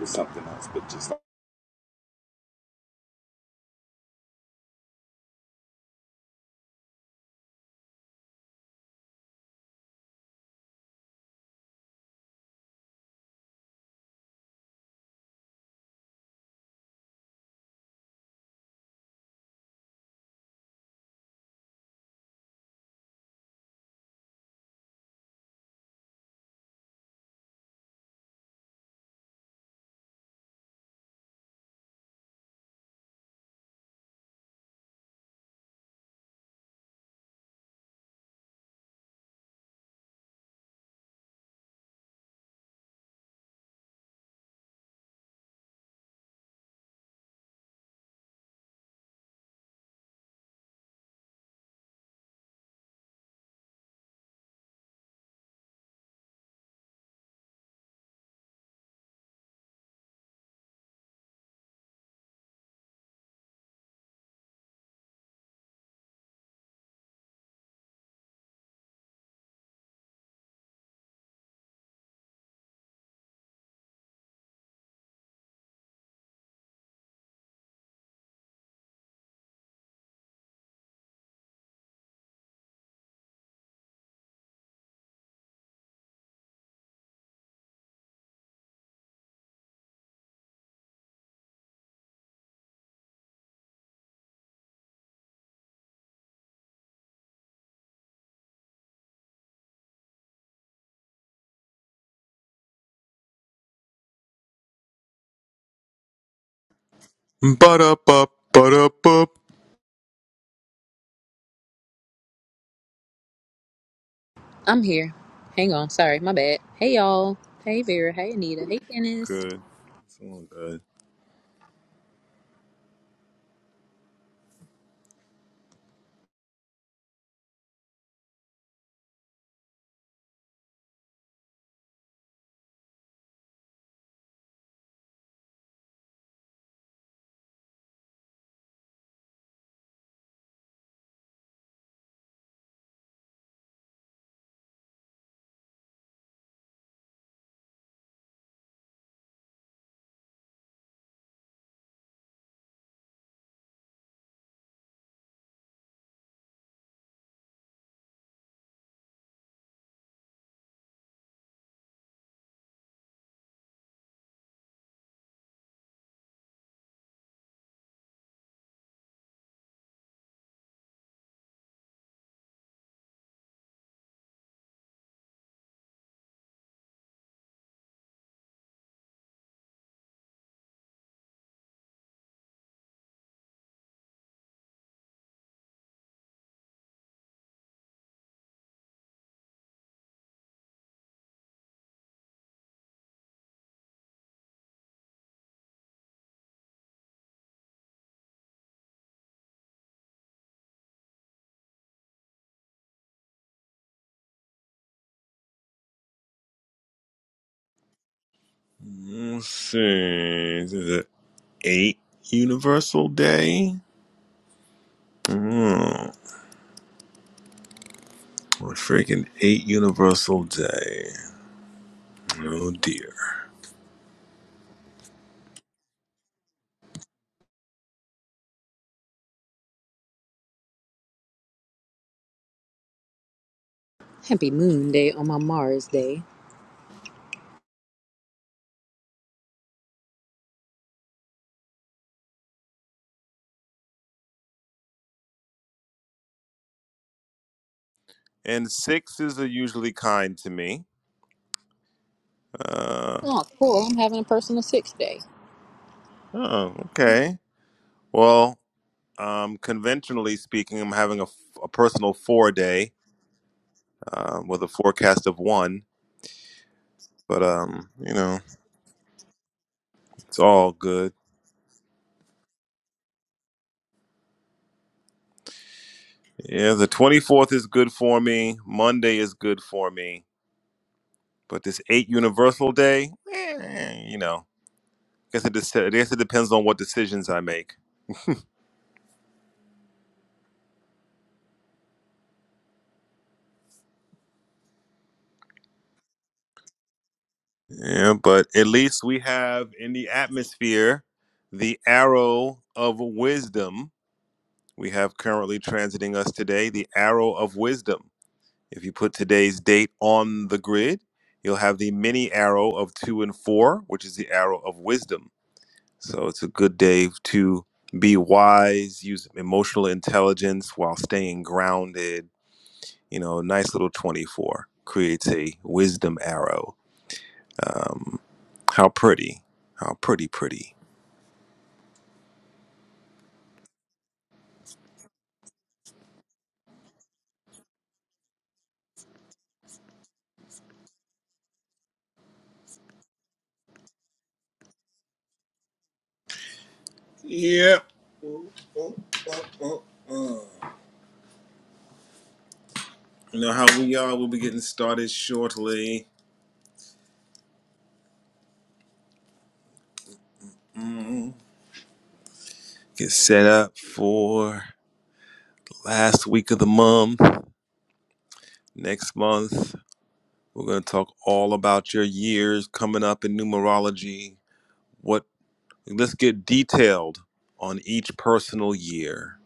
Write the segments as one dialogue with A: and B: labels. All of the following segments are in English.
A: with something else, but just like
B: Ba-da-ba, ba-da-ba.
A: I'm here. Hang on. Sorry, my bad. Hey, y'all. Hey, Vera. Hey, Anita. Hey, Dennis.
B: Good. It's all good. Let's see. This is it eight Universal Day. Mm. A freaking eight Universal Day. Oh dear.
A: Happy Moon Day on my Mars day.
B: And sixes are usually kind to me. Uh,
A: Oh, cool. I'm having a personal six day.
B: oh, okay. Well, um, conventionally speaking, I'm having a, a personal four day um, with a forecast of one. But um, you know, it's all good. Yeah, the 24th is good for me. Monday is good for me. But this 8 Universal Day, eh, you know, I guess, it, dec- I guess it depends on what decisions I make. Yeah, but at least we have in the atmosphere the arrow of wisdom. We have currently transiting us today the arrow of wisdom. If you put today's date on the grid, you'll have the mini arrow of 2 and 4, which is the arrow of wisdom. So it's a good day to be wise, use emotional intelligence while staying grounded. You know, nice little 24 creates a wisdom arrow. Um, how pretty. How pretty, pretty. Yeah. Oh, oh, oh. You know how we are. We'll be getting started shortly. Mm. Get set up for last week of the month. Next month, we're going to talk all about your years coming up in numerology. What Let's get detailed on each personal year.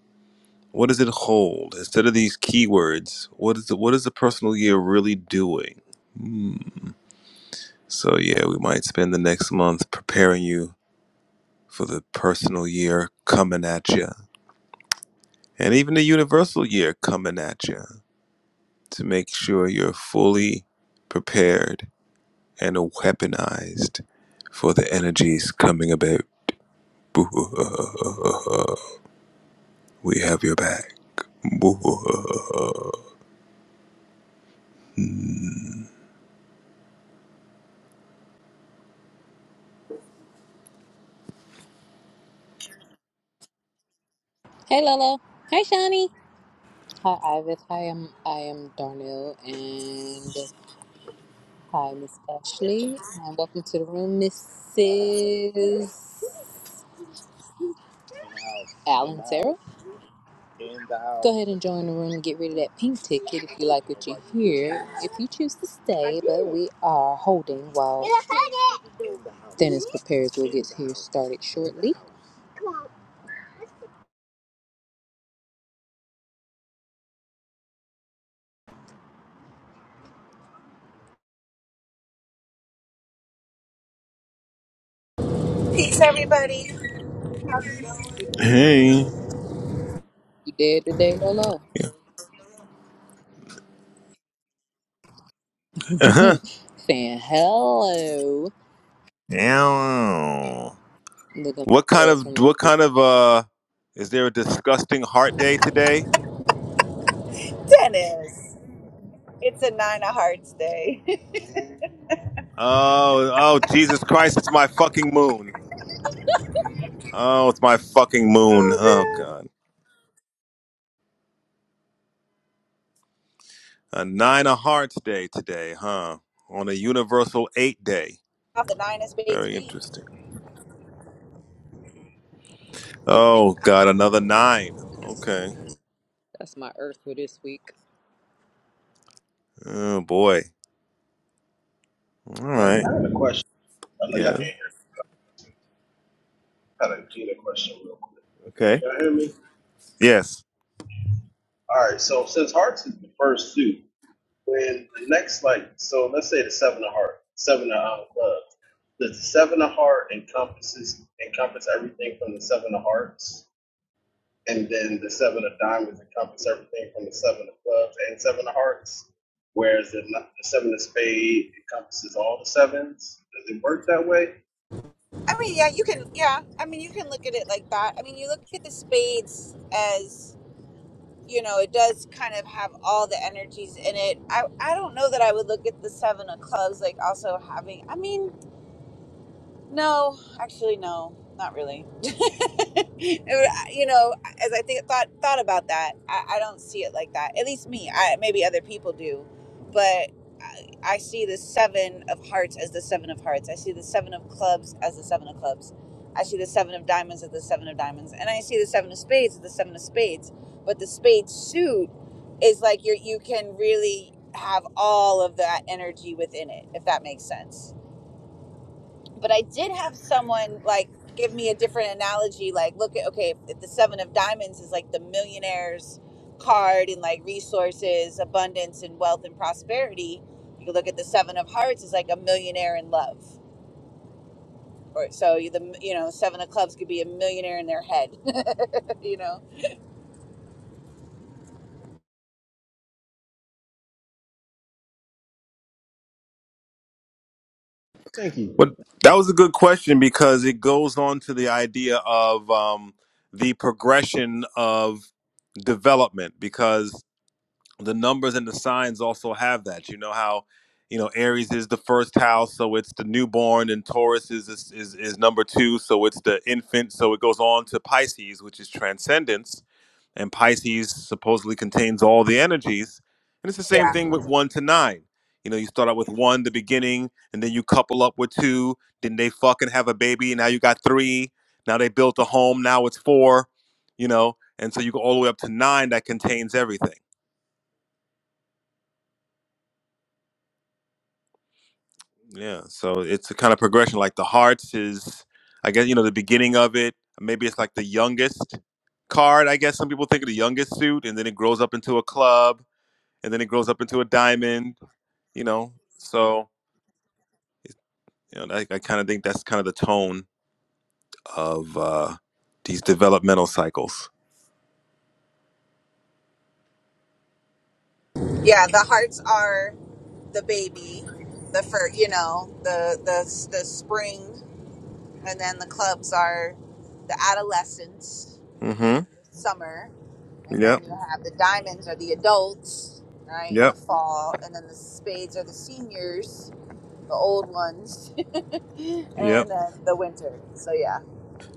B: What does it hold? Instead of these keywords, what is the, what is the personal year really doing? Hmm. So yeah, we might spend the next month preparing you for the personal year coming at you, and even the universal year coming at you to make sure you're fully prepared and weaponized for the energies coming about. We have your back.
A: Hey, Lolo. Hey, Shani. Hi, Ivis. Hi, I'm I am Darnell, and hi, Miss Ashley, and welcome to the room, Mrs. Alan Sarah. Go ahead and join the room and get rid of that pink ticket if you like what you hear. If you choose to stay, but we are holding while Dennis prepares. We'll get here started shortly.
C: Peace, everybody.
B: Hey.
A: You did today, Lolo?
B: Uh-huh.
A: Saying hello.
B: Ow.
A: Look at
B: What kind
A: us
B: of
A: from
B: what kind of uh is there a disgusting heart day today?
C: Dennis, it's a nine of hearts day.
B: Oh, oh Jesus Christ, it's my fucking moon. Oh, it's my fucking moon. Oh god. A nine of hearts day today, huh? On a universal eight day.
C: Off the nine of spades
B: Very
C: week.
B: interesting. Oh god, another nine. Okay.
A: that's my Earth for this week.
B: Oh boy. All right. Yeah. Okay. Yes.
C: I mean, yeah, you can, yeah. I mean, you can look at it like that. I mean, you look at the spades as, you know, it does kind of have all the energies in it. I, I don't know that I would look at the seven of clubs like also having. I mean. No, actually, no, not really. you know, as I think thought thought about that, I, I don't see it like that. At least me. I maybe other people do, but I, I see the seven of hearts as the seven of hearts. I see the seven of clubs as the seven of clubs. I see the seven of diamonds as the seven of diamonds, and I see the seven of spades as the seven of spades. But the spade suit is like you you can really have all of that energy within it, if that makes sense but I did have someone like give me a different analogy. Like, look at okay, if the seven of diamonds is like the millionaire's card and like resources, abundance, and wealth and prosperity. You could look at the seven of hearts is like a millionaire in love, or so you the you know seven of clubs could be a millionaire in their head, you know.
B: Well, that was a good question because it goes on to the idea of um, the progression of development because the numbers and the signs also have that. You know how you know Aries is the first house, so it's the newborn, and Taurus is is, is is number two, so it's the infant. So it goes on to Pisces, which is transcendence and Pisces supposedly contains all the energies. And it's the same
C: Yeah.
B: thing with one to nine. You know, you start out with one, the beginning, and then you couple up with two. Then they fucking have a baby. And Now you got three. Now they built a home. Now it's four. You know, and so you go all the way up to nine that contains everything. Yeah. So it's a kind of progression. Like the hearts is, I guess, you know, the beginning of it. Maybe it's like the youngest card. I guess some people think of the youngest suit, and then it grows up into a club, and then it grows up into a diamond, you know so you know i, I kind of think that's kind of the tone of uh these developmental cycles
C: Yeah. The hearts are the baby, the fur, you know, the, the, the spring, and then the clubs are the adolescence,
B: mm-hmm
C: summer. and
B: yep
C: then you have the diamonds are the adults, right, in the
B: yep
C: fall, and then the spades are the seniors, the old ones,
B: yep
C: and then the winter. So yeah.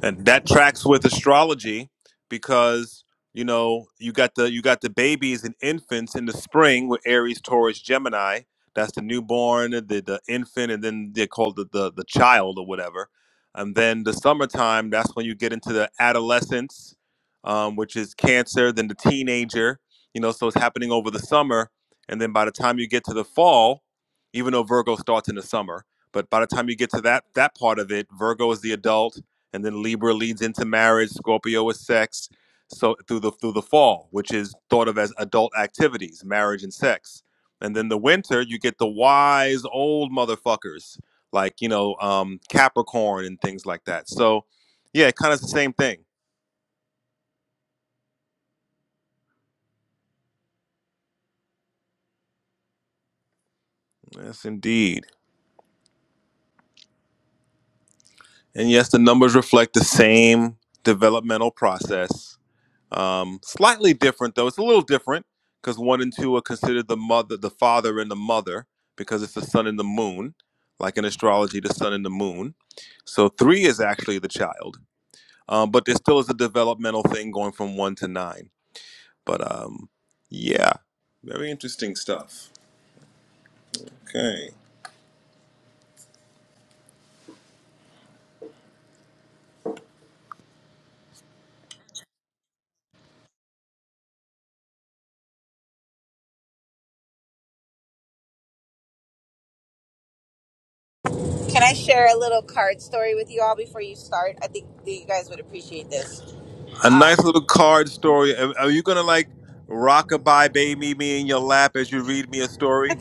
B: and that tracks with astrology because you know you got the you got the babies and infants in the spring with aries taurus gemini that's the newborn the, the infant and then they're called the, the the child or whatever and then the summertime that's when you get into the adolescence um, which is cancer then the teenager you know so it's happening over the summer and then by the time you get to the fall even though virgo starts in the summer but by the time you get to that that part of it virgo is the adult and then Libra leads into marriage, Scorpio is sex. So through the through the fall, which is thought of as adult activities, marriage and sex. And then the winter, you get the wise old motherfuckers like, you know, um Capricorn and things like that. So, yeah, kind of the same thing. Yes, indeed. And yes, the numbers reflect the same developmental process Um, slightly different though. It's a little different because one and two are considered the mother, the father and the mother because it's the sun and the moon, like in astrology, the sun and the moon. So three is actually the child, um, but there still is a developmental thing going from one to nine. But um, yeah, very interesting stuff. Okay,
C: Can I share a little card story with you all before you start? I think that you guys would appreciate this,
B: a
C: um,
B: nice little card story. Are, are you gonna like rock a bye, baby, me in your lap as you read me a story?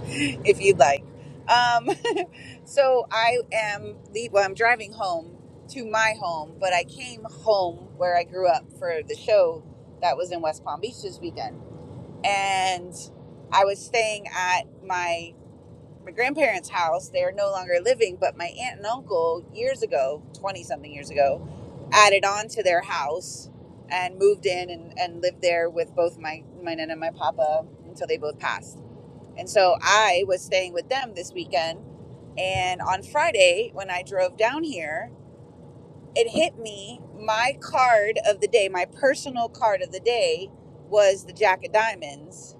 C: if you'd like. Um, so I am the well, I'm driving home to my home, but I came home where I grew up for the show that was in West Palm Beach this weekend and I was staying at my my grandparents' house. They are no longer living, but my aunt and uncle years ago, twenty something years ago, added on to their house and moved in and, and lived there with both my my nana and my papa until they both passed. And so I was staying with them this weekend. And on Friday, when I drove down here, it hit me my card of the day, my personal card of the day was the Jack of Diamonds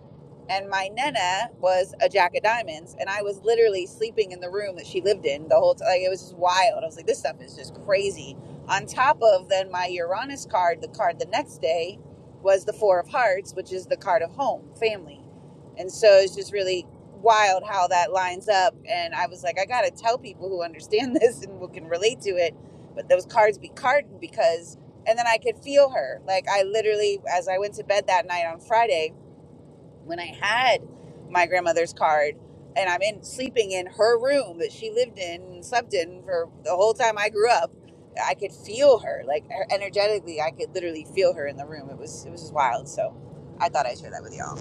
C: and my nana was a jack of diamonds and i was literally sleeping in the room that she lived in the whole time like, it was just wild i was like this stuff is just crazy on top of then my uranus card the card the next day was the four of hearts which is the card of home family and so it's just really wild how that lines up and i was like i gotta tell people who understand this and who can relate to it but those cards be carding because and then i could feel her like i literally as i went to bed that night on friday when I had my grandmother's card and I'm in sleeping in her room that she lived in and slept in for the whole time I grew up, I could feel her like her- energetically. I could literally feel her in the room. It was it was just wild. So I thought I'd share that with y'all.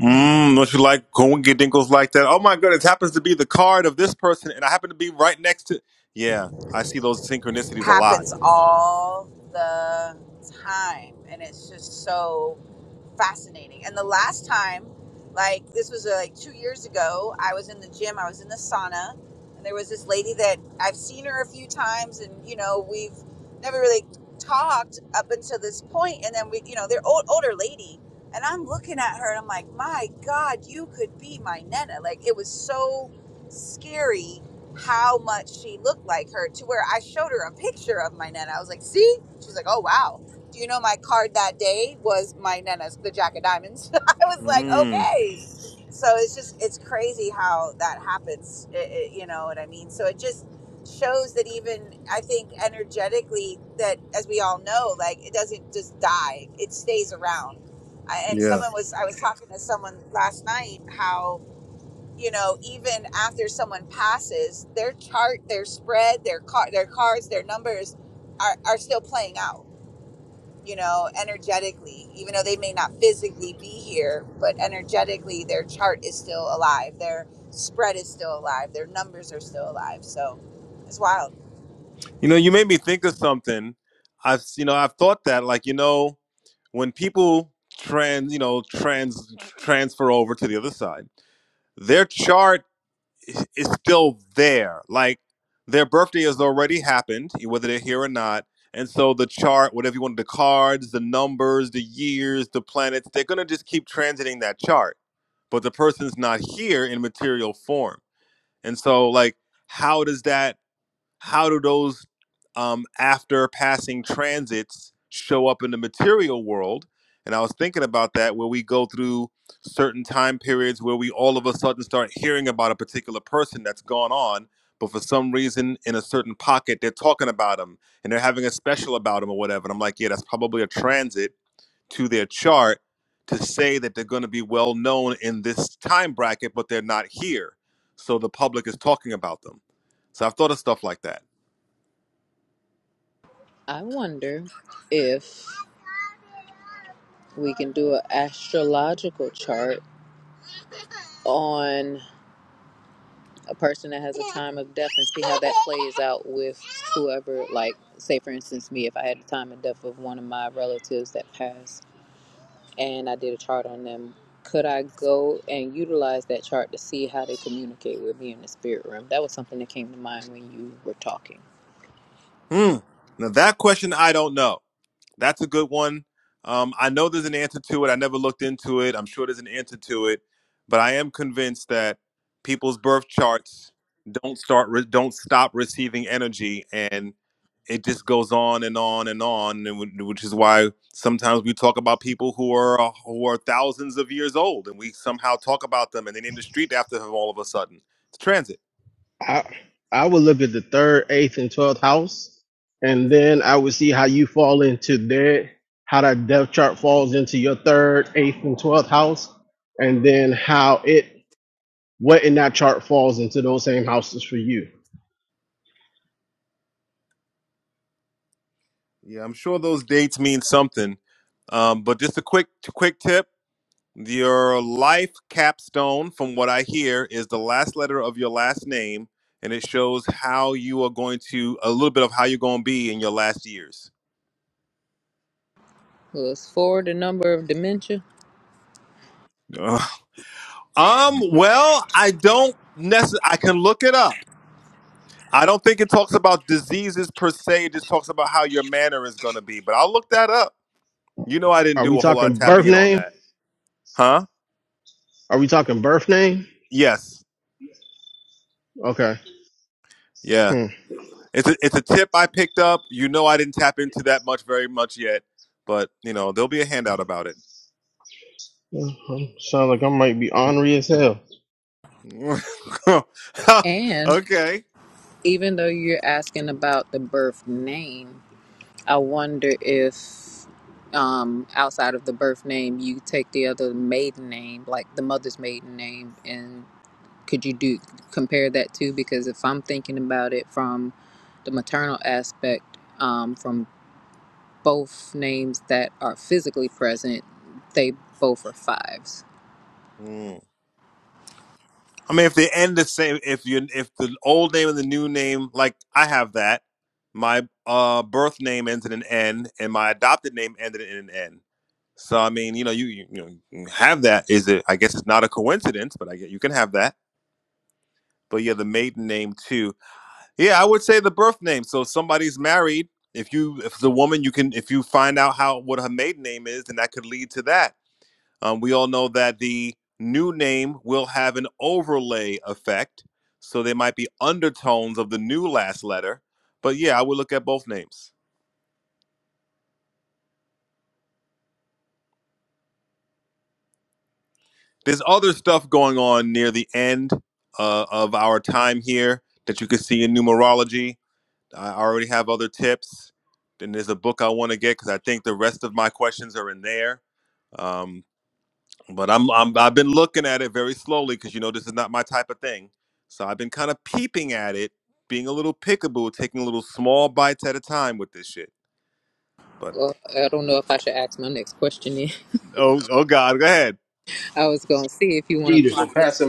B: Mm, don't you like coinkydingles like that? Oh my goodness, happens to be the card of this person, and I happen to be right next to. Yeah, I see those synchronicities a lot.
C: Happens all the time, and it's just so. fascinating. And the last time, like this was uh, like two years ago, I was in the gym, I was in the sauna, and there was this lady that I've seen her a few times, and you know we've never really talked up until this point, point. and then we, you know, they're old, older lady, and I'm looking at her, and I'm like, my God, you could be my nana. Like it was so scary how much she looked like her to where I showed her a picture of my nana. I was like, see? She's like, oh wow do you know my card that day was my Nana's, the Jack of Diamonds? I was like,
B: Mm,
C: okay. So it's just, it's crazy how that happens. It, it- you know what I mean? So it just shows that even, I think, energetically, that as we all know, like it doesn't just die, it stays around. I, and
B: yeah.
C: someone was, I was talking to someone last night how, you know, even after someone passes, their chart, their spread, their car, their cards, their numbers are, are still playing out you know, energetically, even though they may not physically be here, but energetically, their chart is still alive. Their spread is still alive. Their numbers are still alive. So it's wild.
B: You know, you made me think of something. I've you know I've thought that like you know when people trans you know trans transfer over to the other side, their chart i- is still there. Like their birthday has already happened, whether they're here or not. And so the chart, whatever you want, the cards, the numbers, the years, the planets, they're gonna just keep transiting that chart. But the person's not here in material form. And so like, how does that? how do those um, after passing transits show up in the material world? And I was thinking about that where we go through certain time periods where we all of a sudden start hearing about a particular person that's gone on, but for some reason in a certain pocket, they're talking about them and they're having a special about them or whatever. And I'm like, yeah, that's probably a transit to their chart to say that they're going to be well known in this time bracket, but they're not here. So the public is talking about them. So I've thought of stuff like that.
A: I wonder if we can do an astrological chart on. a person that has a time of death and see how that plays out with whoever like say for instance me if i had the time of death of one of my relatives that passed and i did a chart on them could i go and utilize that chart to see how they communicate with me in the spirit realm that was something that came to mind when you were talking
B: Hmm. Now that question I don't know. That's a good one. Um, I know there's an answer to it. I never looked into it. I'm sure there's an answer to it, but I am convinced that people's birth charts don't start re- don't stop receiving energy, and it just goes on and on and on, and wh- which is why sometimes we talk about people who are uh, who are thousands of years old, and we somehow talk about them and they name the street after them all of a sudden. It's transit.
D: I I would look at the third, eighth, and twelfth house, and then I would see how you fall into their how that death chart falls into your third, eighth, and twelfth house, and then how it what in that chart falls into those same houses for you.
B: Yeah, I'm sure those dates mean something. Um, but just a quick quick tip. Your life capstone, from what I hear, is the last letter of your last name, and it shows how you are going to a little bit of how you're going to be in your last years.
A: was forward the number of dementia
B: Ugh. Um, well, I don't necessarily. I can look it up. I don't think it talks about diseases per se. It just talks about how your manner is going to be. But I'll look that up. You know, I didn't
D: Are
B: do
D: we
B: a whole lot of
D: talking birth
B: tapping in on
D: name?
B: that, huh?
D: Are we talking birth name?
B: Yes.
D: Okay.
B: Yeah.
D: Hmm.
B: It's a, it's a tip I picked up. You know, I didn't tap into that much very much yet, but you know, there'll be a handout about it.
D: Sounds like I might be ornery as hell.
A: and
B: okay.
A: even though you're asking about the birth name I wonder if um, outside of the birth name, you take the other maiden name, like the mother's maiden name, and could you do compare that too? Because if I'm thinking about it from the maternal aspect, um, from both names that are physically present, they both are fives.
B: Hmm. I mean, if they end the same, if you if the old name and the new name, like I have that, my uh birth name ends in an N, and my adopted name ended in an N. So I mean, you know, you you, you know, you have that. Is it? I guess it's not a coincidence, but I get you can have that. But yeah, the maiden name too. Yeah, I would say the birth name. So if somebody's married. If you, if the woman, you can, if you find out how what her maiden name is, then that could lead to that. Um, we all know that the new name will have an overlay effect, so there might be undertones of the new last letter. But yeah, I would look at both names. There's other stuff going on near the end uh, of our time here that you could see in numerology. I already have other tips. Then there's a book I want to get because I think the rest of my questions are in there. Um, but I'm, I'm I've been looking at it very slowly because you know this is not my type of thing. So I've been kind of peeping at it, being a little pickable, taking little small bites at a time with this shit. But
A: Well, I don't know if I should ask my next question. In.
B: oh oh God, go ahead.
A: I was gonna see if you want to clock this.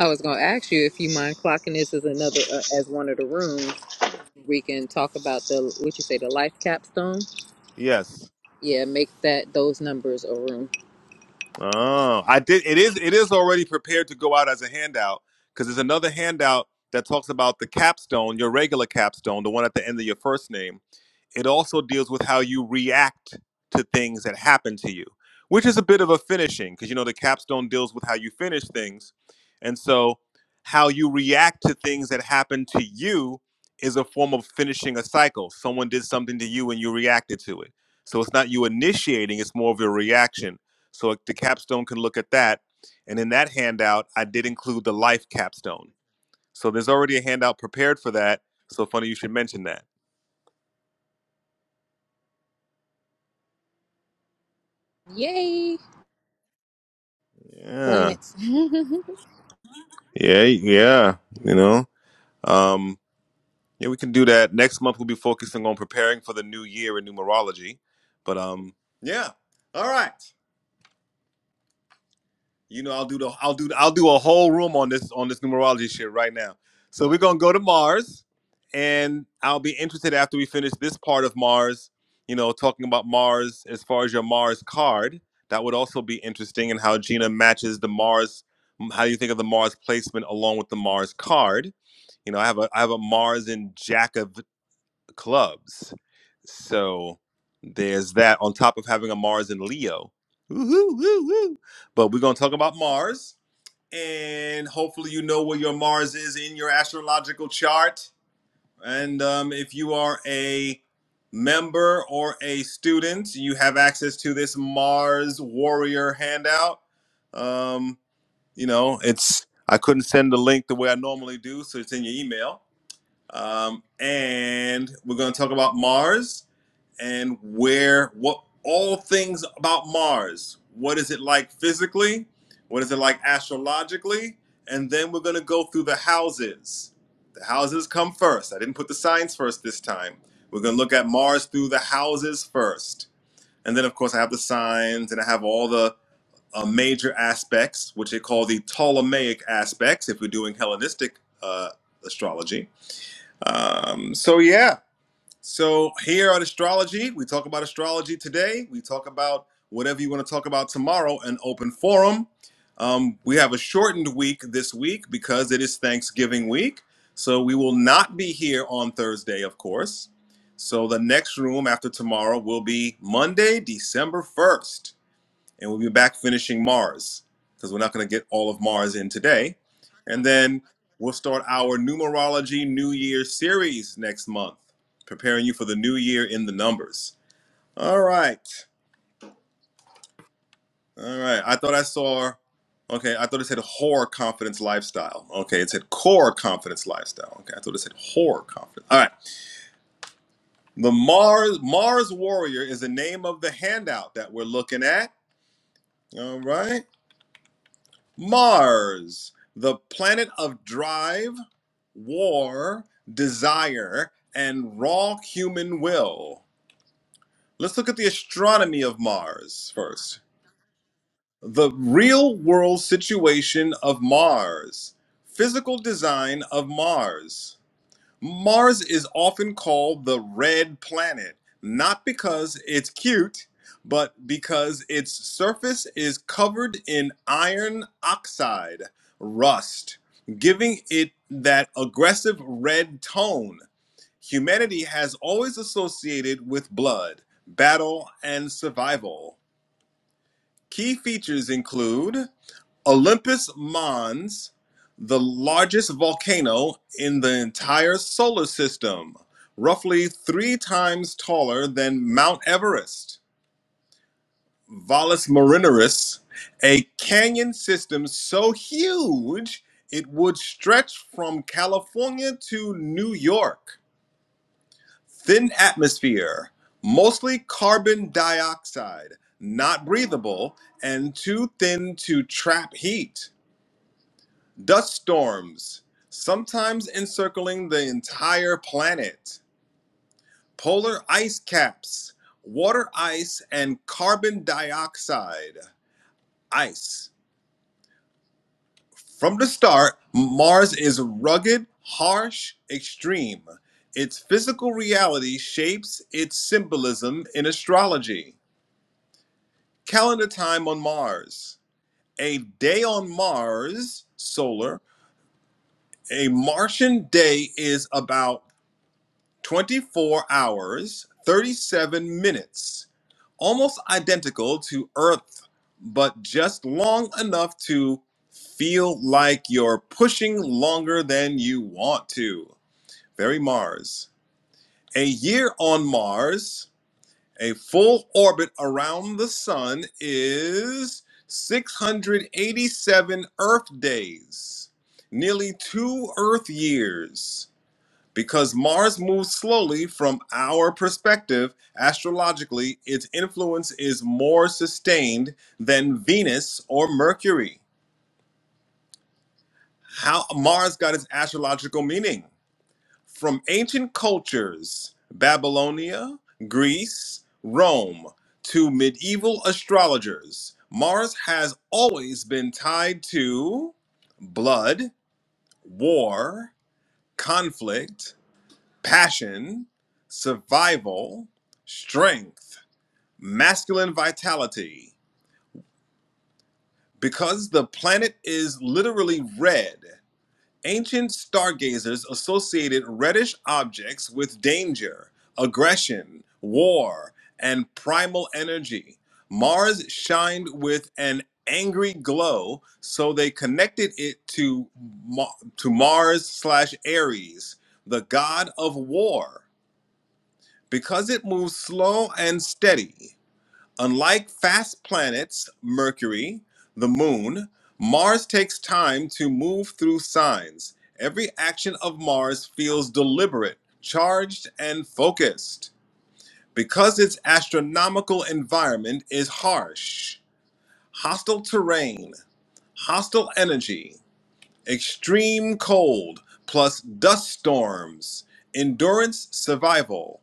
A: I was gonna ask you if you mind clocking this as another uh, as one of the rooms we can talk about the what you say the life capstone
B: Yes.
A: yeah make that those numbers a room
B: Oh, I did. It is. It is already prepared to go out as a handout because there's another handout that talks about the capstone, your regular capstone, the one at the end of your first name. It also deals with how you react to things that happen to you, which is a bit of a finishing because you know the capstone deals with how you finish things, and so how you react to things that happen to you is a form of finishing a cycle. Someone did something to you and you reacted to it. So it's not you initiating; it's more of a reaction so the capstone can look at that. And in that handout, I did include the life capstone. So there's already a handout prepared for that. So funny you should mention that.
A: yay
B: Yeah.
A: planets now
B: Yeah. Yeah. You know, um, yeah, we can do that. Next month, we'll be focusing on preparing for the new year in numerology. But um, yeah. All right. You know, I'll do the I'll do I'll do a whole room on this on this numerology shit right now. So we're gonna go to Mars, and I'll be interested after we finish this part of Mars. You know, talking about Mars as far as your Mars card, that would also be interesting, and how Gina matches the Mars. How you think of the Mars placement along with the Mars card? You know, I have a I have a Mars in Jack of clubs. So there's that on top of having a Mars in Leo. Woo-hoo, woo-hoo. But we're going to talk about Mars. And hopefully, you know where your Mars is in your astrological chart. And um, if you are a member or a student, you have access to this Mars Warrior handout. Um, you know, it's I couldn't send the link the way I normally do, so it's in your email. Um, and we're going to talk about Mars and where, what, all things about Mars. What is it like physically? What is it like astrologically? And then we're going to go through the houses. The houses come first. I didn't put the signs first this time. We're going to look at Mars through the houses first. And then, of course, I have the signs and I have all the uh, major aspects, which they call the Ptolemaic aspects if we're doing Hellenistic uh, astrology um, so yeah, so here at astrology, we talk about astrology today. We talk about whatever you want to talk about tomorrow, an open forum. Um, we have a shortened week this week because it is Thanksgiving week. So we will not be here on Thursday, of course. So the next room after tomorrow will be Monday, December 1st and we'll be back finishing Mars because we're not going to get all of Mars in today. And then we'll start our numerology New Year series next month, preparing you for the new year in the numbers. All right. All right. I thought I saw, okay, I thought it said horror confidence lifestyle. Okay, it said core confidence lifestyle. Okay, I thought it said horror confidence. All right. The Mars Mars Warrior is the name of the handout that we're looking at. All right. Mars, the planet of drive, war, desire, and raw human will. Let's look at the astronomy of Mars first. The real world situation of Mars, physical design of Mars. Mars is often called the red planet, not because it's cute, but because its surface is covered in iron oxide, rust, giving it that aggressive red tone humanity has always associated with blood, battle, and survival. Key features include Olympus Mons, the largest volcano in the entire solar system, roughly three times taller than Mount Everest. Valles Marineris, a canyon system so huge it would stretch from California to New York. Thin atmosphere, mostly carbon dioxide, not breathable, and too thin to trap heat Dust storms, sometimes encircling the entire planet. Polar ice caps, water ice, and carbon dioxide. Ice. From the start, Mars is rugged, harsh, extreme. Its physical reality shapes its symbolism in astrology. Calendar time on Mars. A day on Mars, solar, a Martian day is about 24 hours, 37 minutes, almost identical to Earth, but just long enough to feel like you're pushing longer than you want to. Very Mars. A year on Mars, a full orbit around the sun is 687 Earth days, nearly two Earth years. Because Mars moves slowly from our perspective, astrologically, its influence is more sustained than Venus or Mercury. How Mars got its astrological meaning? From ancient cultures, Babylonia, Greece, Rome, to medieval astrologers, Mars has always been tied to blood, war, conflict, passion, survival, strength, masculine vitality. Because the planet is literally red, ancient stargazers associated reddish objects with danger, aggression, war, and primal energy. Mars shined with an angry glow, so they connected it to Ma- to Mars slash Ares, the god of war. Because it moves slow and steady, unlike fast planets, Mercury, the Moon, Mars takes time to move through signs. Every action of Mars feels deliberate, charged, and focused. Because its astronomical environment is harsh, hostile terrain, hostile energy, extreme cold plus dust storms, endurance survival,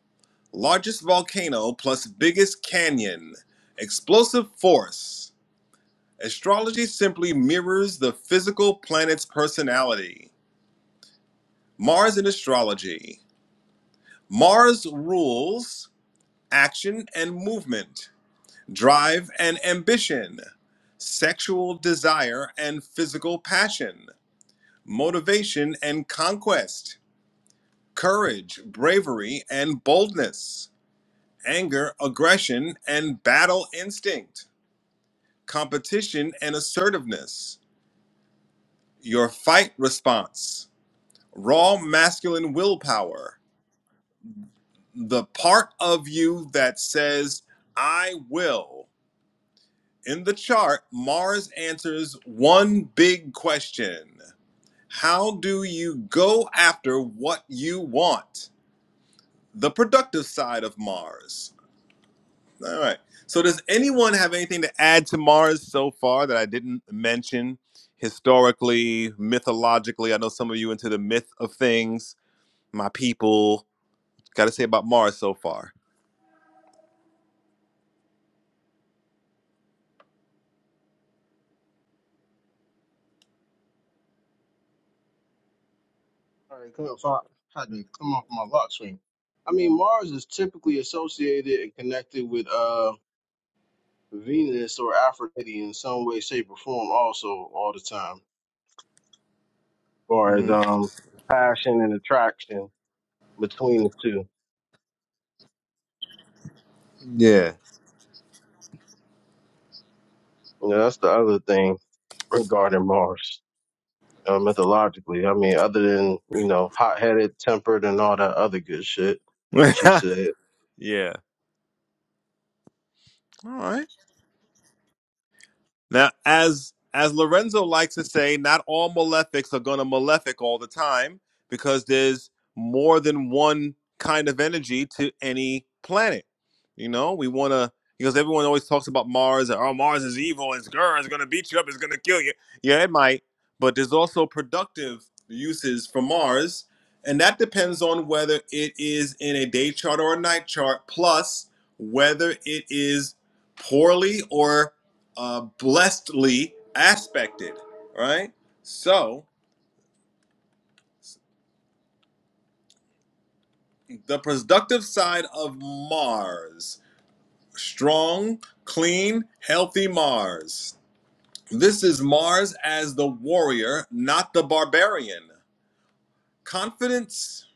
B: largest volcano plus biggest canyon, explosive force. Astrology simply mirrors the physical planet's personality. Mars in astrology. Mars rules action and movement, drive and ambition, sexual desire and physical passion, motivation and conquest courage, bravery, and boldness, anger, aggression, and battle instinct, competition and assertiveness, your fight response, raw masculine willpower, the part of you that says, I will. In the chart, Mars answers one big question How do you go after what you want? The productive side of Mars All right. So, does anyone have anything to add to Mars so far that I didn't mention historically, mythologically? I know some of you into the myth of things. My people got to say about Mars so far.
D: Sorry, come so I had to come off my lock screen. I mean, Mars is typically associated and connected with uh Venus or Aphrodite in some way, shape, or form. Also, all the time, as far as
B: hmm
D: um the passion and attraction between the two.
B: Yeah.
D: You know, that's the other thing regarding Mars. Uh, mythologically, I mean, other than you know, hot-headed, tempered, and all that other good shit that you said.
B: yeah. All right. Now, as as Lorenzo likes to say, not all malefics are going to malefic all the time because there's more than one kind of energy to any planet. You know, we want to because everyone always talks about Mars. and, Oh, Mars is evil. It's girl. It's going to beat you up. It's going to kill you. Yeah, it might, but there's also productive uses for Mars, and that depends on whether it is in a day chart or a night chart, plus whether it is poorly or uh, blessedly aspected, right? So, the productive side of Mars strong, clean, healthy Mars. This is Mars as the warrior, not the barbarian. Confidence.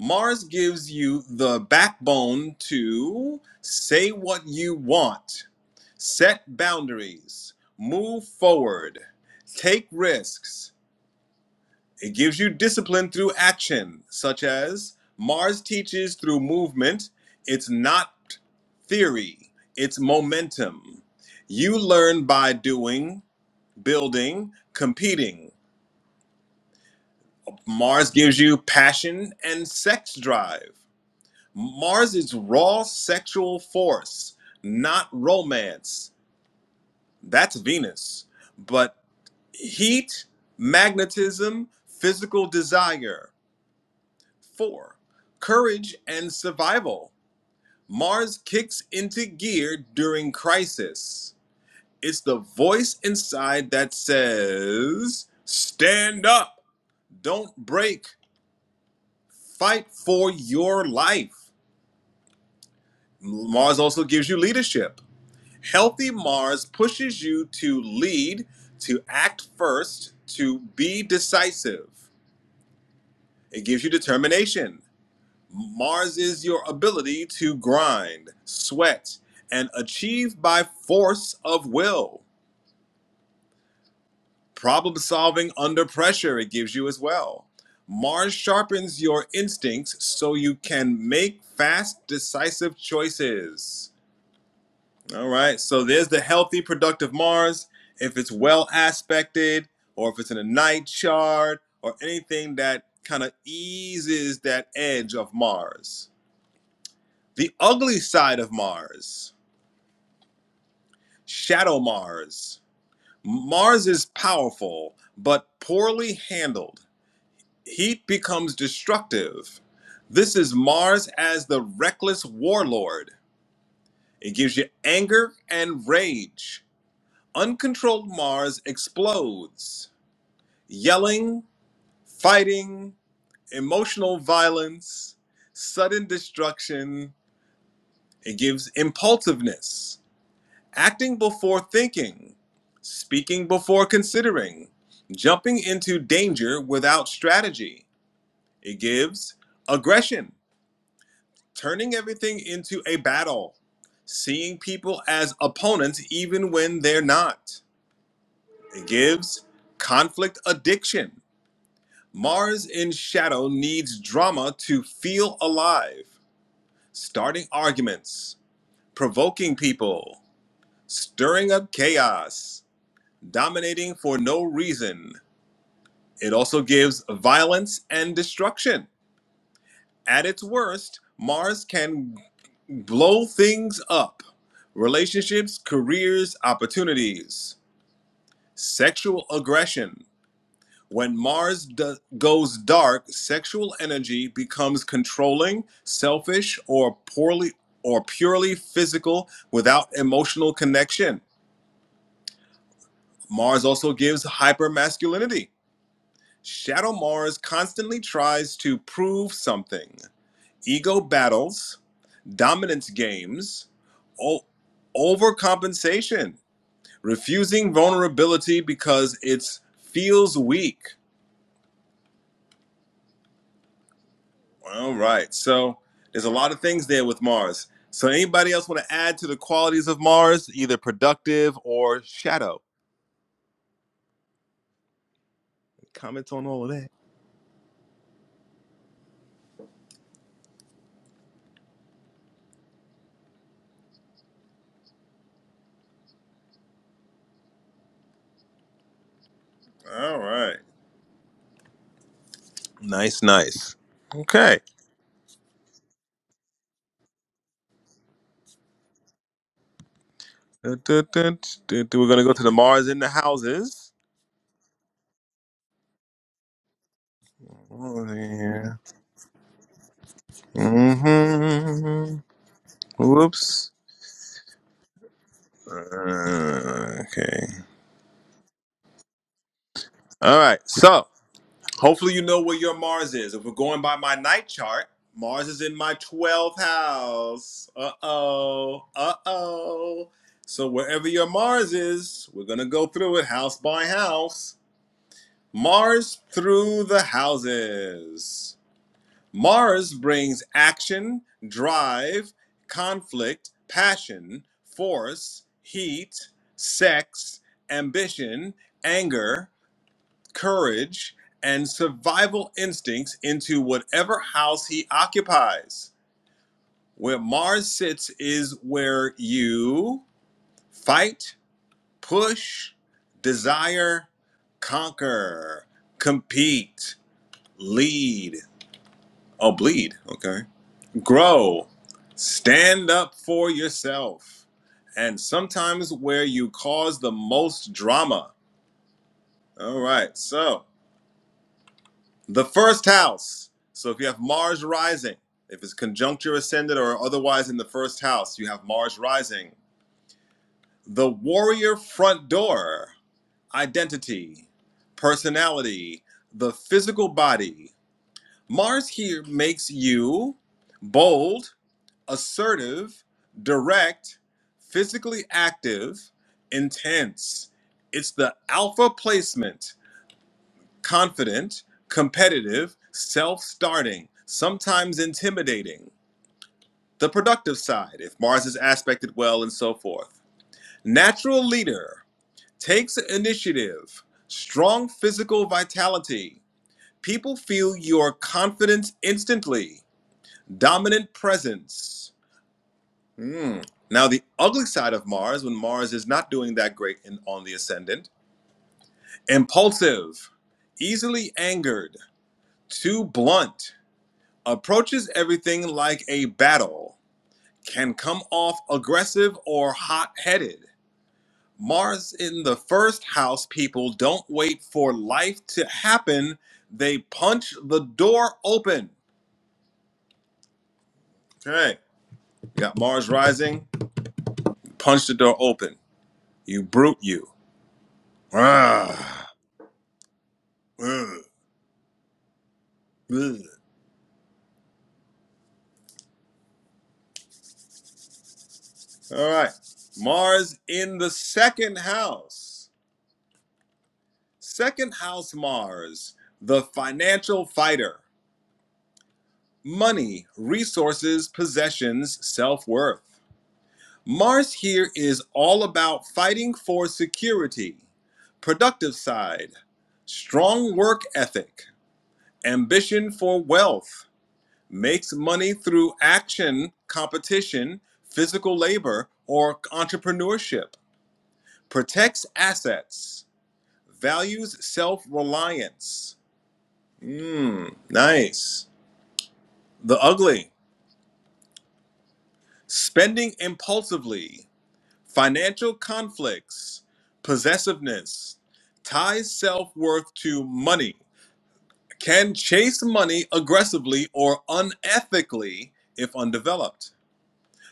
B: Mars gives you the backbone to say what you want, set boundaries, move forward, take risks, It gives you discipline through action, such as Mars teaches through movement. It's not theory, it's momentum. You learn by doing, building, competing. Mars gives you passion and sex drive. Mars is raw sexual force, not romance. That's Venus. But heat, magnetism, physical desire. Four, courage and survival. Mars kicks into gear during crisis. It's the voice inside that says, Stand up, don't break, fight for your life. Mars also gives you leadership. Healthy Mars pushes you to lead, to act first, to be decisive. It gives you determination. Mars is your ability to grind, sweat, and achieve by force of will. Problem solving under pressure, it gives you as well. Mars sharpens your instincts so you can make fast, decisive choices. All right, so there's the healthy, productive Mars. If it's well aspected, or if it's in a night chart, or anything that kind of eases that edge of Mars. The ugly side of Mars. Shadow Mars. Mars is powerful, but poorly handled. Heat becomes destructive. This is Mars as the reckless warlord. It gives you anger and rage. Uncontrolled Mars explodes. Yelling, fighting, emotional violence, sudden destruction. It gives impulsiveness. acting before thinking, speaking before considering, jumping into danger without strategy. It gives aggression, turning everything into a battle, seeing people as opponents even when they're not. It gives conflict addiction. Mars in shadow needs drama to feel alive, starting arguments, provoking people, stirring up chaos. dominating for no reason. It also gives violence and destruction. At its worst, Mars can blow things up relationships, careers, opportunities, sexual aggression. When Mars do- goes dark, sexual energy becomes controlling, selfish, or poorly or purely physical without emotional connection. Mars also gives hypermasculinity Shadow Mars constantly tries to prove something. Ego battles, dominance games, o- overcompensation, refusing vulnerability because it feels weak. All right. So there's a lot of things there with Mars. So anybody else want to add to the qualities of Mars, either productive or shadow? Comments on all of that. All right. Nice, nice. Okay. Dun, dun, dun, dun, dun. We're going to go to the Mars in the houses. Oh, Yeah. hmm Whoops. Uh, okay. All right. So hopefully you know where your Mars is. If we're going by my night chart, Mars is in my 12th house. Uh oh. Uh oh. So wherever your Mars is, we're gonna go through it house by house. Mars through the houses. Mars brings action, drive, conflict, passion, force, heat, sex, ambition, anger, courage, and survival instincts into whatever house he occupies. Where Mars sits is where you fight, push, desire, conquer, compete, lead. or bleed. Okay. grow, stand up for yourself, and sometimes where you cause the most drama. All right, so the first house. So if you have Mars rising, if it's conjuncture ascendant or otherwise in the first house, you have Mars rising. The warrior front door, identity, personality, the physical body. Mars here makes you bold, assertive, direct, physically active, intense. It's the alpha placement, confident, competitive, self starting, sometimes intimidating. The productive side, if Mars is aspected well, and so forth. Natural leader takes initiative, strong physical vitality. People feel your confidence instantly, dominant presence Hmm. Now, the ugly side of Mars, when Mars is not doing that great in, on the ascendant, impulsive, easily angered, too blunt, approaches everything like a battle, can come off aggressive or hot headed. Mars in the first house, people don't wait for life to happen, they punch the door open. Okay, you got Mars rising, punch the door open. You brute, you. Ah. ugh. All right. Mars in the second house. Second house Mars, the financial fighter. Money, resources, possessions, self worth. Mars here is all about fighting for security, productive side, strong work ethic, ambition for wealth, makes money through action, competition, physical labor, or entrepreneurship Protects assets. Values self reliance. Mmm, nice. The ugly. Spending impulsively. Financial conflicts. Possessiveness. Ties self worth to money. Can chase money aggressively or unethically if undeveloped.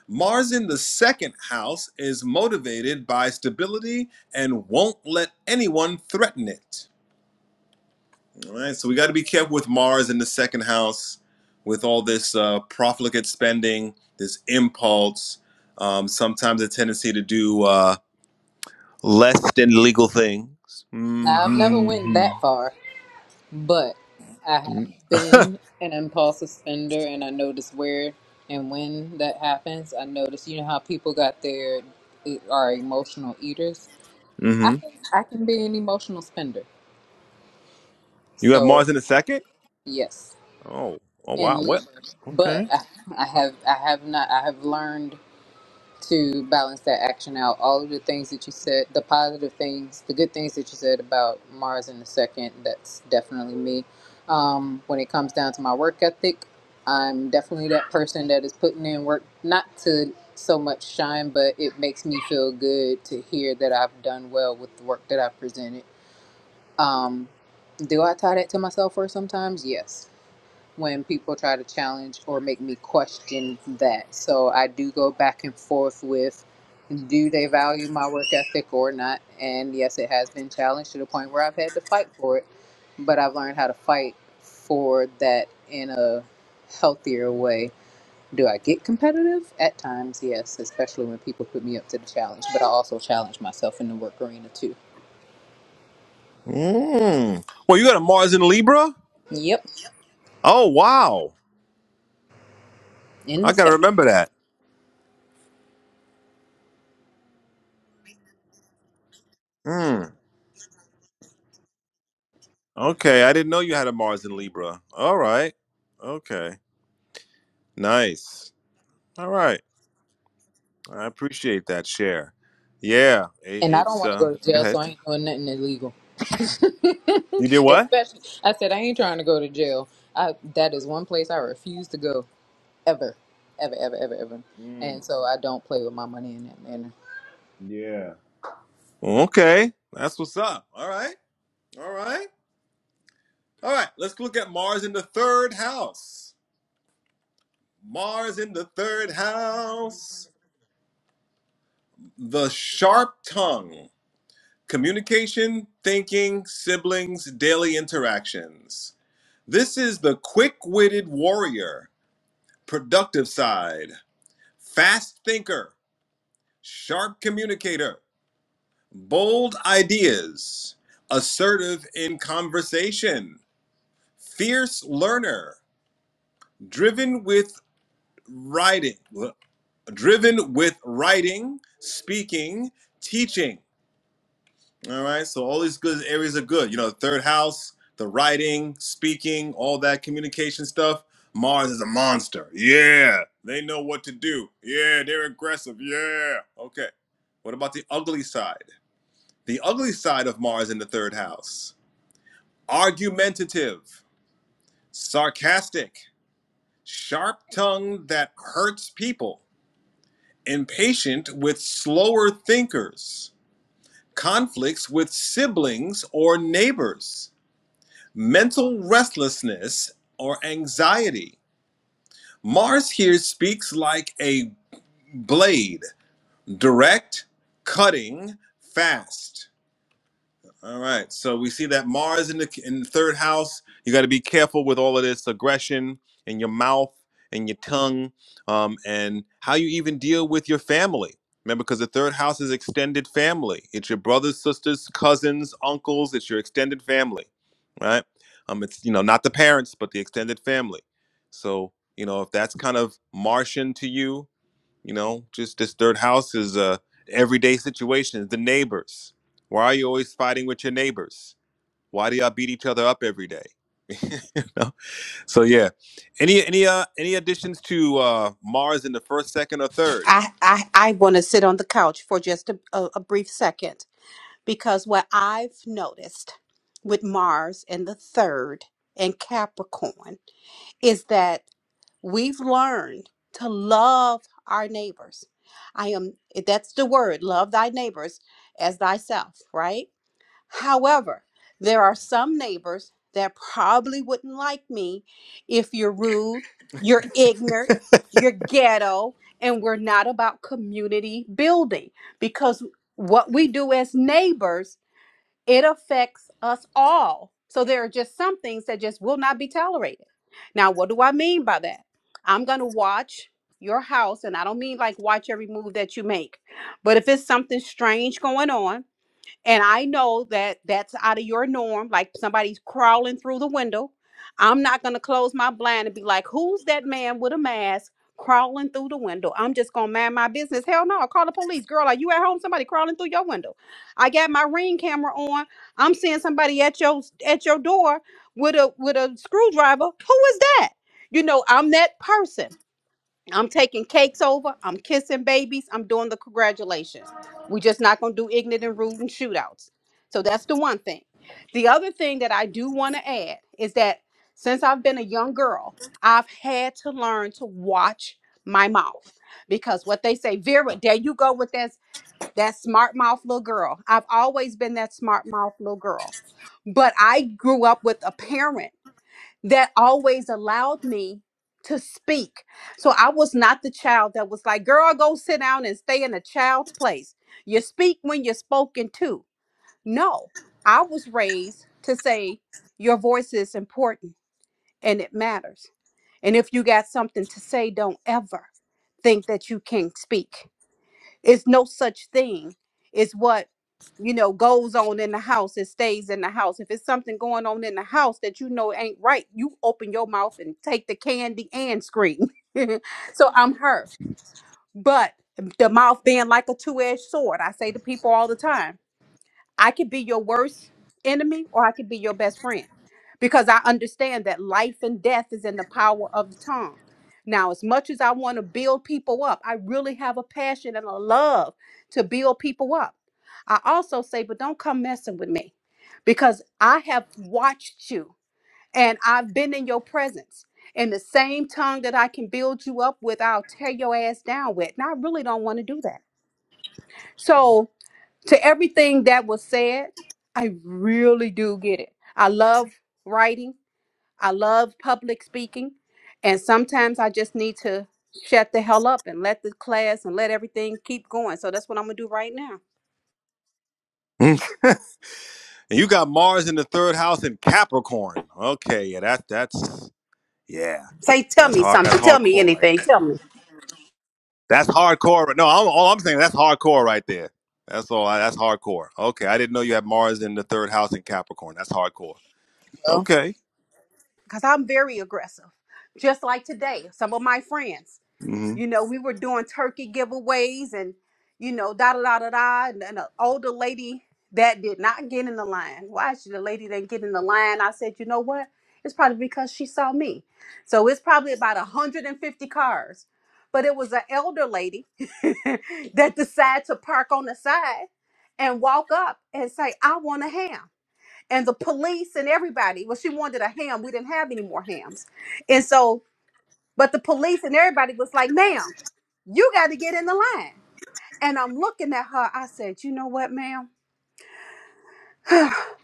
B: Mars in the second house is motivated by stability and won't let anyone threaten it. All right, so we got to be careful with Mars in the second house, with all this uh, profligate spending, this impulse, um, sometimes a tendency to do uh, less than legal things.
A: i've never
B: Mm-hmm.
A: went that
B: mm
A: far but i have been an impulse spender and i notice where and when that happens i notice you know how people got their e, are emotional eaters i
B: hmm
A: can, I can be an emotional spender
B: You have
A: so
B: Mars in the second?
A: yes
B: Oh, oh
A: and
B: wow. What?
A: Libra. but
B: Okay.
A: I, I have i have not i have learned to balance that action out. All of the things that you said, the positive things, the good things that you said about Mars in the second, that's definitely me. Um, when it comes down to my work ethic, I'm definitely that person that is putting in work, not to so much shine, but it makes me feel good to hear that I've done well with the work that I've presented. Um, do I tie that to myself for sometimes? Yes when people try to challenge or make me question that. So I do go back and forth with do they value my work ethic or not? And yes, it has been challenged to the point where I've had to fight for it, but I've learned how to fight for that in a healthier way. Do I get competitive? At times, yes, especially when people put me up to the challenge, but I also challenge myself in the work arena too.
B: Mm. Well, you got a Mars in Libra?
A: Yep,
B: Oh wow.
A: in
B: I
A: the
B: gotta
A: same.
B: remember that. Mm. Okay, I didn't know you had a Mars in Libra. All right. Okay. Nice. All right. I appreciate that share. Yeah, it,
A: And I don't
B: it's.
A: want to go
B: Um,
A: to
B: Go
A: jail, so
B: ahead.
A: I ain't doing nothing illegal.
B: You did what?
A: Especially, I said I ain't trying to go to jail. I that is one place I refuse to go ever, ever, ever, ever, ever.
B: Mm,
A: And so I don't play with my money in that manner.
B: yeah. Okay, that's what's up. All right, all right, all right. Let's look at Mars in the third house. Mars in the third house. The sharp tongue. Communication, thinking, siblings, daily interactions. This is the quick witted warrior, productive side, fast thinker, sharp communicator bold ideas, assertive in conversation, fierce learner, driven with writing, driven with writing, speaking, teaching. All right, so all these good areas are good. You know, third house, the writing, speaking, all that communication stuff. Mars is a monster. Yeah, they know what to do. Yeah, they're aggressive. Yeah. Okay. What about the ugly side? The ugly side of Mars in the third house argumentative, sarcastic, sharp tongued that hurts people, impatient with slower thinkers, conflicts with siblings or neighbors, mental restlessness or anxiety. Mars here speaks like a blade, direct, cutting, fast. All right. So we see that Mars in the in the third house. You got to be careful with all of this aggression in your mouth and your tongue, um, and how you even deal with your family. Remember, because the third house is extended family. It's your brothers, sisters, cousins, uncles. It's your extended family, right? Um, it's you know not the parents, but the extended family. So you know if that's kind of Martian to you, you know, just this third house is uh, everyday situations. The neighbors. Why are you always fighting with your neighbors? Why do y'all beat each other up every day? you know? So yeah. Any any uh any additions to uh Mars in the first, second, or third?
E: I, I, I want to sit on the couch for just a, a, a brief second because what I've noticed with Mars and the third and Capricorn is that we've learned to love our neighbors. I am, that's the word, love thy neighbors as thyself, right? However, there are some neighbors that probably wouldn't like me if you're rude, you're ignorant, you're ghetto, and we're not about community building because what we do as neighbors, it affects us all. So there are just some things that just will not be tolerated. Now, what do I mean by that? I'm going to watch your house and I don't mean like watch every move that you make. But if it's something strange going on, and I know that that's out of your norm, like somebody's crawling through the window. I'm not going to close my blind and be like, who's that man with a mask crawling through the window? I'm just going to mind my business. Hell no, I'll call the police. Girl, are you at home? Somebody crawling through your window. I got my ring camera on. I'm seeing somebody at your at your door with a with a screwdriver. Who is that? You know, I'm that person. I'm taking cakes over. I'm kissing babies. I'm doing the congratulation. We're just not going to do ignorant and rude and shootouts. So that's the one thing. The other thing that I do want to add is that since I've been a young girl, I've had to learn to watch my mouth because what they say, Vera, there you go with that, that smart mouth little girl. I've always been that smart mouth little girl. But I grew up with a parent that always allowed me to speak. So I was not the child that was like, girl, go sit down and stay in a child's place. You speak when you're spoken to. No, I was raised to say, your voice is important and it matters. And if you got something to say, don't ever think that you can't speak. It's no such thing. It's what you know goes on in the house. It stays in the house. If it's something going on in the house that you know ain't right, you open your mouth and take the candy and scream. so I'm her. But the mouth being like a two-edged sword. I say to people all the time I could be your worst enemy or I could be your best friend because I understand that life and death is in the power of the tongue. Now, as much as I want to build people up, I really have a passion and a love to build people up. I also say, but don't come messing with me because I have watched you and I've been in your presence. And the same tongue that I can build you up with, I'll tear your ass down with. And I really don't want to do that. So to everything that was said, I really do get it. I love writing, I love public speaking, and sometimes I just need to shut the hell up and let the class and let everything keep going. So that's what I'm gonna do right now.
B: Mm. And you got Mars in the third house in Capricorn. Okay, yeah, that that's yeah,
E: Say, tell
B: that's
E: me
B: hard. That's
E: something, tell me
B: hardcore right
E: anything, tell me.
B: That's hardcore. No, I'm, all I'm saying that's hardcore right there. That's all. That's hardcore. Okay, I didn't know you had Mars in the third house in Capricorn. That's hardcore.
A: Well,
B: Okay.
E: Because I'm very aggressive, just like today, some of my friends.
B: hmm
E: You know, we were doing turkey giveaways and, you know, da da da da da. And then an older lady that did not get in the line. Why should the lady didn't get in the line? I said, you know what? It's probably because she saw me. So it's probably about 150 cars. But it was an elder lady that decided to park on the side and walk up and say, I want a ham. And the police and everybody, well, she wanted a ham. We didn't have any more hams. And so, but the police and everybody was like, ma'am you got to get in the line. And I'm looking at her. I said, You know what, ma'am? we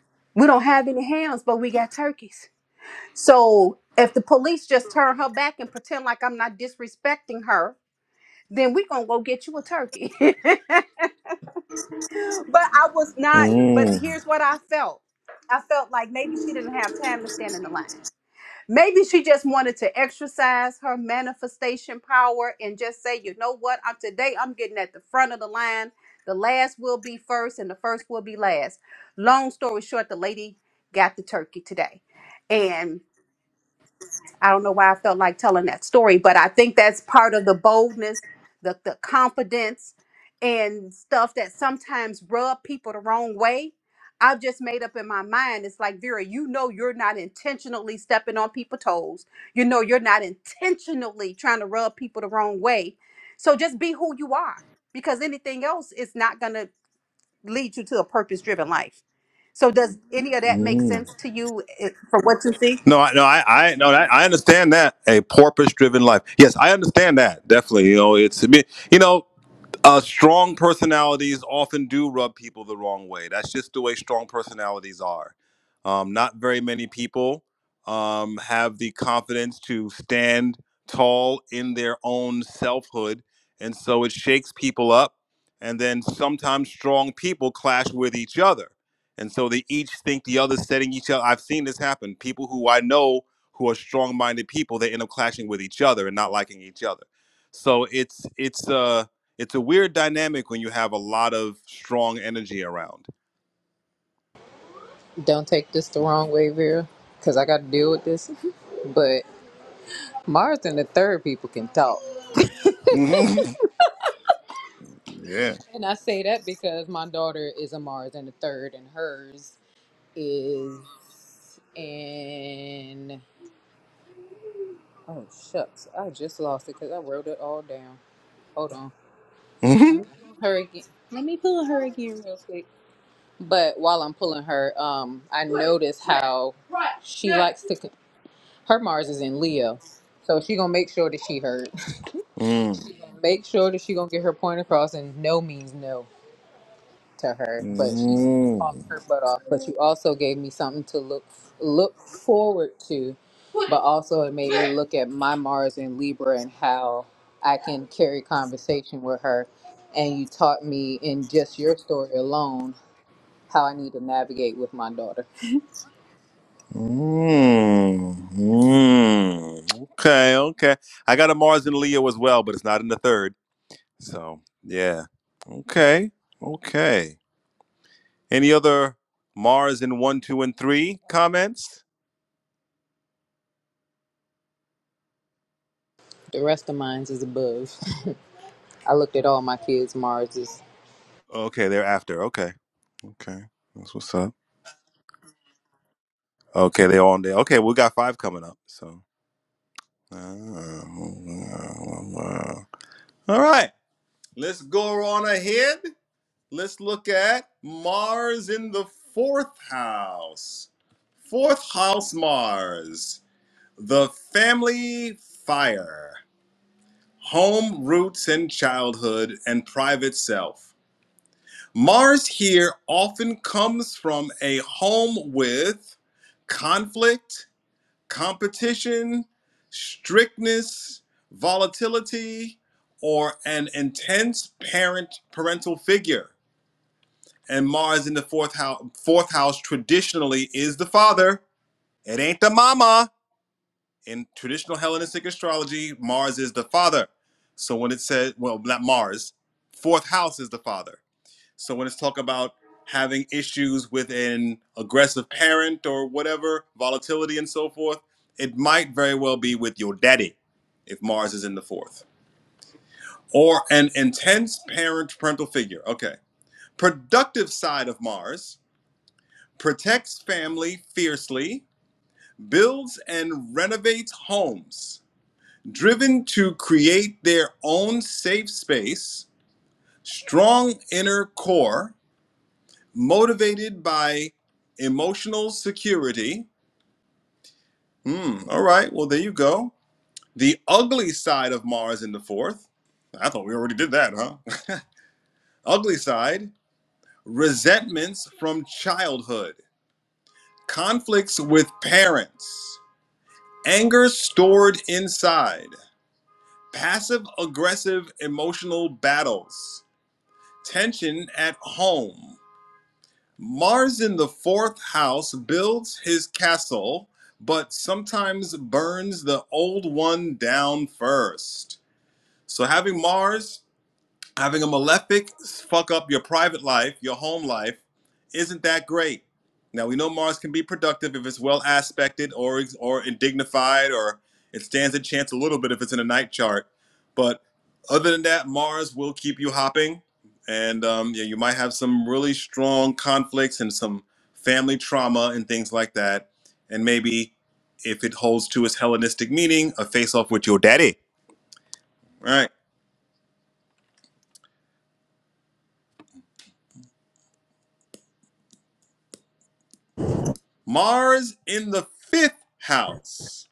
E: don't have any hams, but we got turkeys. So if the police just turn her back and pretend like I'm not disrespecting her, then we gonna go get you a turkey. but I was not, but
B: mm
E: here's what I felt. I felt like maybe she didn't have time to stand in the line. Maybe she just wanted to exercise her manifestation power and just say, you know what, I'm today I'm getting at the front of the line. The last will be first and the first will be last. Long story short, the lady got the turkey today. And I don't know why I felt like telling that story, but I think that's part of the boldness, the, the confidence, and stuff that sometimes rub people the wrong way. I've just made up in my mind. It's like, Vera, you know, you're not intentionally stepping on people's toes. You know, you're not intentionally trying to rub people the wrong way. So just be who you are because anything else is not going to lead you to a purpose driven life. So, does any of that make
B: Mm.
E: sense to you eh, from what you see?
B: No, I, no, I, I, no, I, I understand that a porpoise-driven life. Yes, I understand that definitely. You know, it's I mean, you know. uh, strong personalities often do rub people the wrong way. That's just the way strong personalities are. Um, not very many people um, have the confidence to stand tall in their own selfhood. And so it shakes people up. And then sometimes strong people clash with each other. And so they each think the other's setting each other. I've seen this happen. People who I know who are strong minded people, they end up clashing with each other and not liking each other. So it's, it's, uh, it's a weird dynamic when you have a lot of strong energy around.
A: don't take this the wrong way, Vera, because I got to deal with this. But Mars and the third people can talk,
B: Mhm. Yeah.
A: and I say that because my daughter is a Mars and the third, and hers is in. Oh shucks, I just lost it because I wrote it all down. Hold on.
B: Mhm.
A: Let me pull her again. Let me pull her again real quick. But while I'm pulling her, um, I notice how she likes to. Her Mars is in Leo, so she gonna make sure that she heard.
B: Mm.
A: Make sure that she gonna get her point across, and no means no. to her, but she talked
B: Mm.
A: her butt off. But you also gave me something to look look forward to, but also it made me look at my Mars in Libra and how I can carry conversation with her. And you taught me in just your story alone how I need to navigate with my daughter.
B: Mm. Mm. Okay, okay. I got a Mars and Leo as well, but it's not in the third. So, yeah. Okay, okay. Any other Mars in one, two, and three comments?
A: The rest of mine is above. I looked at all my kids' Marses.
B: Okay, they're after. Okay, okay. That's what's up. Okay, they're all on there. Okay, we got five coming up. So. Wow, wow, wow. All right, let's go on ahead. Let's look at Mars in the fourth house. Fourth house Mars, the family fire, home roots and childhood and private self. Mars here often comes from a home with conflict, competition, strictness, volatility, or an intense parent parental figure. And Mars in the fourth house, fourth house traditionally is the father. It ain't the mama. In traditional Hellenistic astrology, Mars is the father. So when it said, well, not Mars, fourth house is the father. So when it's talk about having issues with an aggressive parent or whatever, volatility and so forth, it might very well be with your daddy if Mars is in the fourth. Or an intense parent parental figure. Okay. Productive side of Mars protects family fiercely, builds and renovates homes, driven to create their own safe space, strong inner core, motivated by emotional security. Hmm, all right, well, there you go. The ugly side of Mars in the fourth. I thought we already did that, huh? ugly side, resentments from childhood, conflicts with parents, anger stored inside, passive aggressive emotional battles, tension at home. Mars in the fourth house builds his castle, but sometimes burns the old one down first. So having Mars Having a malefic fuck up your private life, your home life, isn't that great? Now we know Mars can be productive if it's well aspected or or dignified, or it stands a chance a little bit if it's in a night chart. But other than that, Mars will keep you hopping, and um, yeah, you might have some really strong conflicts and some family trauma and things like that. And maybe if it holds to its Hellenistic meaning, a face off with your daddy. All Right. Mars in the fifth house.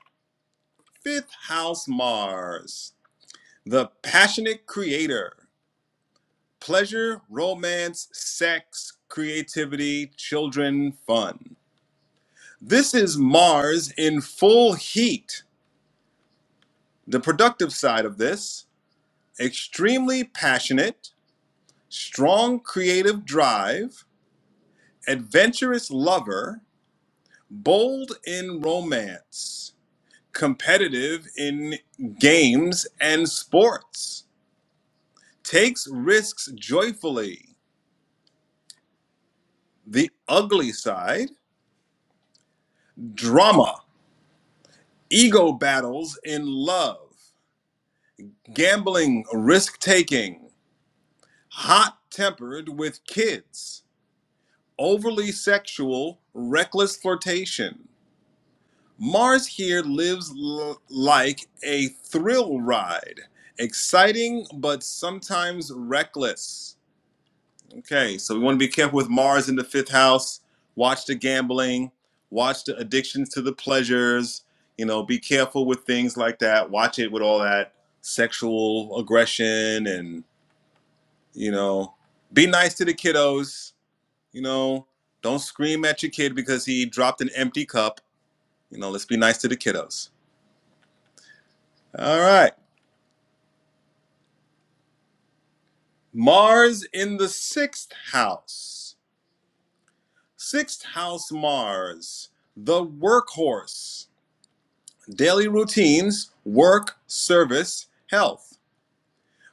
B: Fifth house Mars. The passionate creator. Pleasure, romance, sex, creativity, children, fun. This is Mars in full heat. The productive side of this extremely passionate, strong creative drive, adventurous lover, bold in romance. competitive in games and sports, takes risks joyfully, the ugly side, drama, ego battles in love, gambling, risk taking, hot tempered with kids, overly sexual, reckless flirtation. Mars here lives l- like a thrill ride, exciting but sometimes reckless Okay, so we want to be careful with Mars in the fifth house. Watch the gambling, watch the addictions to the pleasures. You know, be careful with things like that. Watch it with all that sexual aggression and, you know, be nice to the kiddos. You know, don't scream at your kid because he dropped an empty cup. You know, let's be nice to the kiddos. All right, Mars in the sixth house. Sixth house Mars, the workhorse daily routines, work, service, health.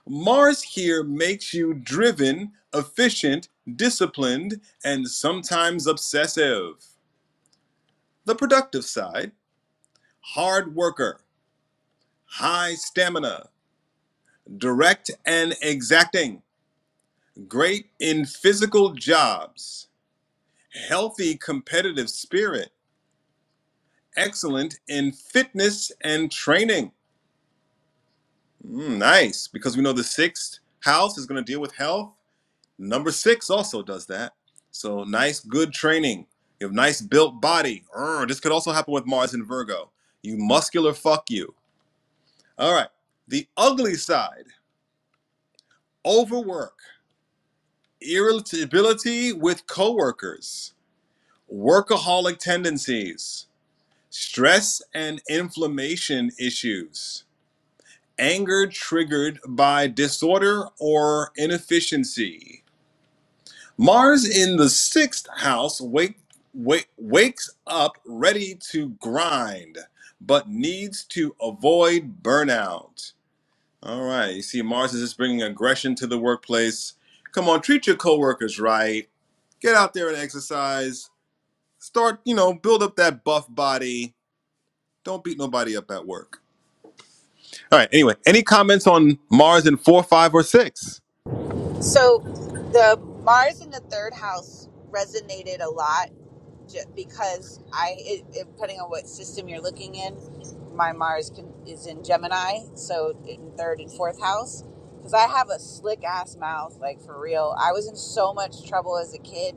B: Mars here makes you driven, efficient, disciplined, and sometimes obsessive. The productive side, hard worker, high stamina, direct and exacting, great in physical jobs, healthy competitive spirit, excellent in fitness and training. Mm, nice, because we know the sixth house is going to deal with health Number six also does that. So nice, good training. You have nice built body. Urgh, this could also happen with Mars in Virgo. You muscular fuck you. All right. The ugly side: overwork, irritability with coworkers, workaholic tendencies, stress and inflammation issues, anger triggered by disorder or inefficiency Mars in the sixth house wake, wake, wakes up ready to grind, but needs to avoid burnout. All right, you see, Mars is just bringing aggression to the workplace. Come on, treat your coworkers right. Get out there and exercise. Start, you know, build up that buff body. Don't beat nobody up at work. All right, anyway, any comments on Mars in four, five, or six?
C: So the Mars in the third house resonated a lot ju- because I, it, it, depending on what system you're looking in, my Mars can, is in Gemini, so in third and fourth house. Because I have a slick ass mouth, like for real. I was in so much trouble as a kid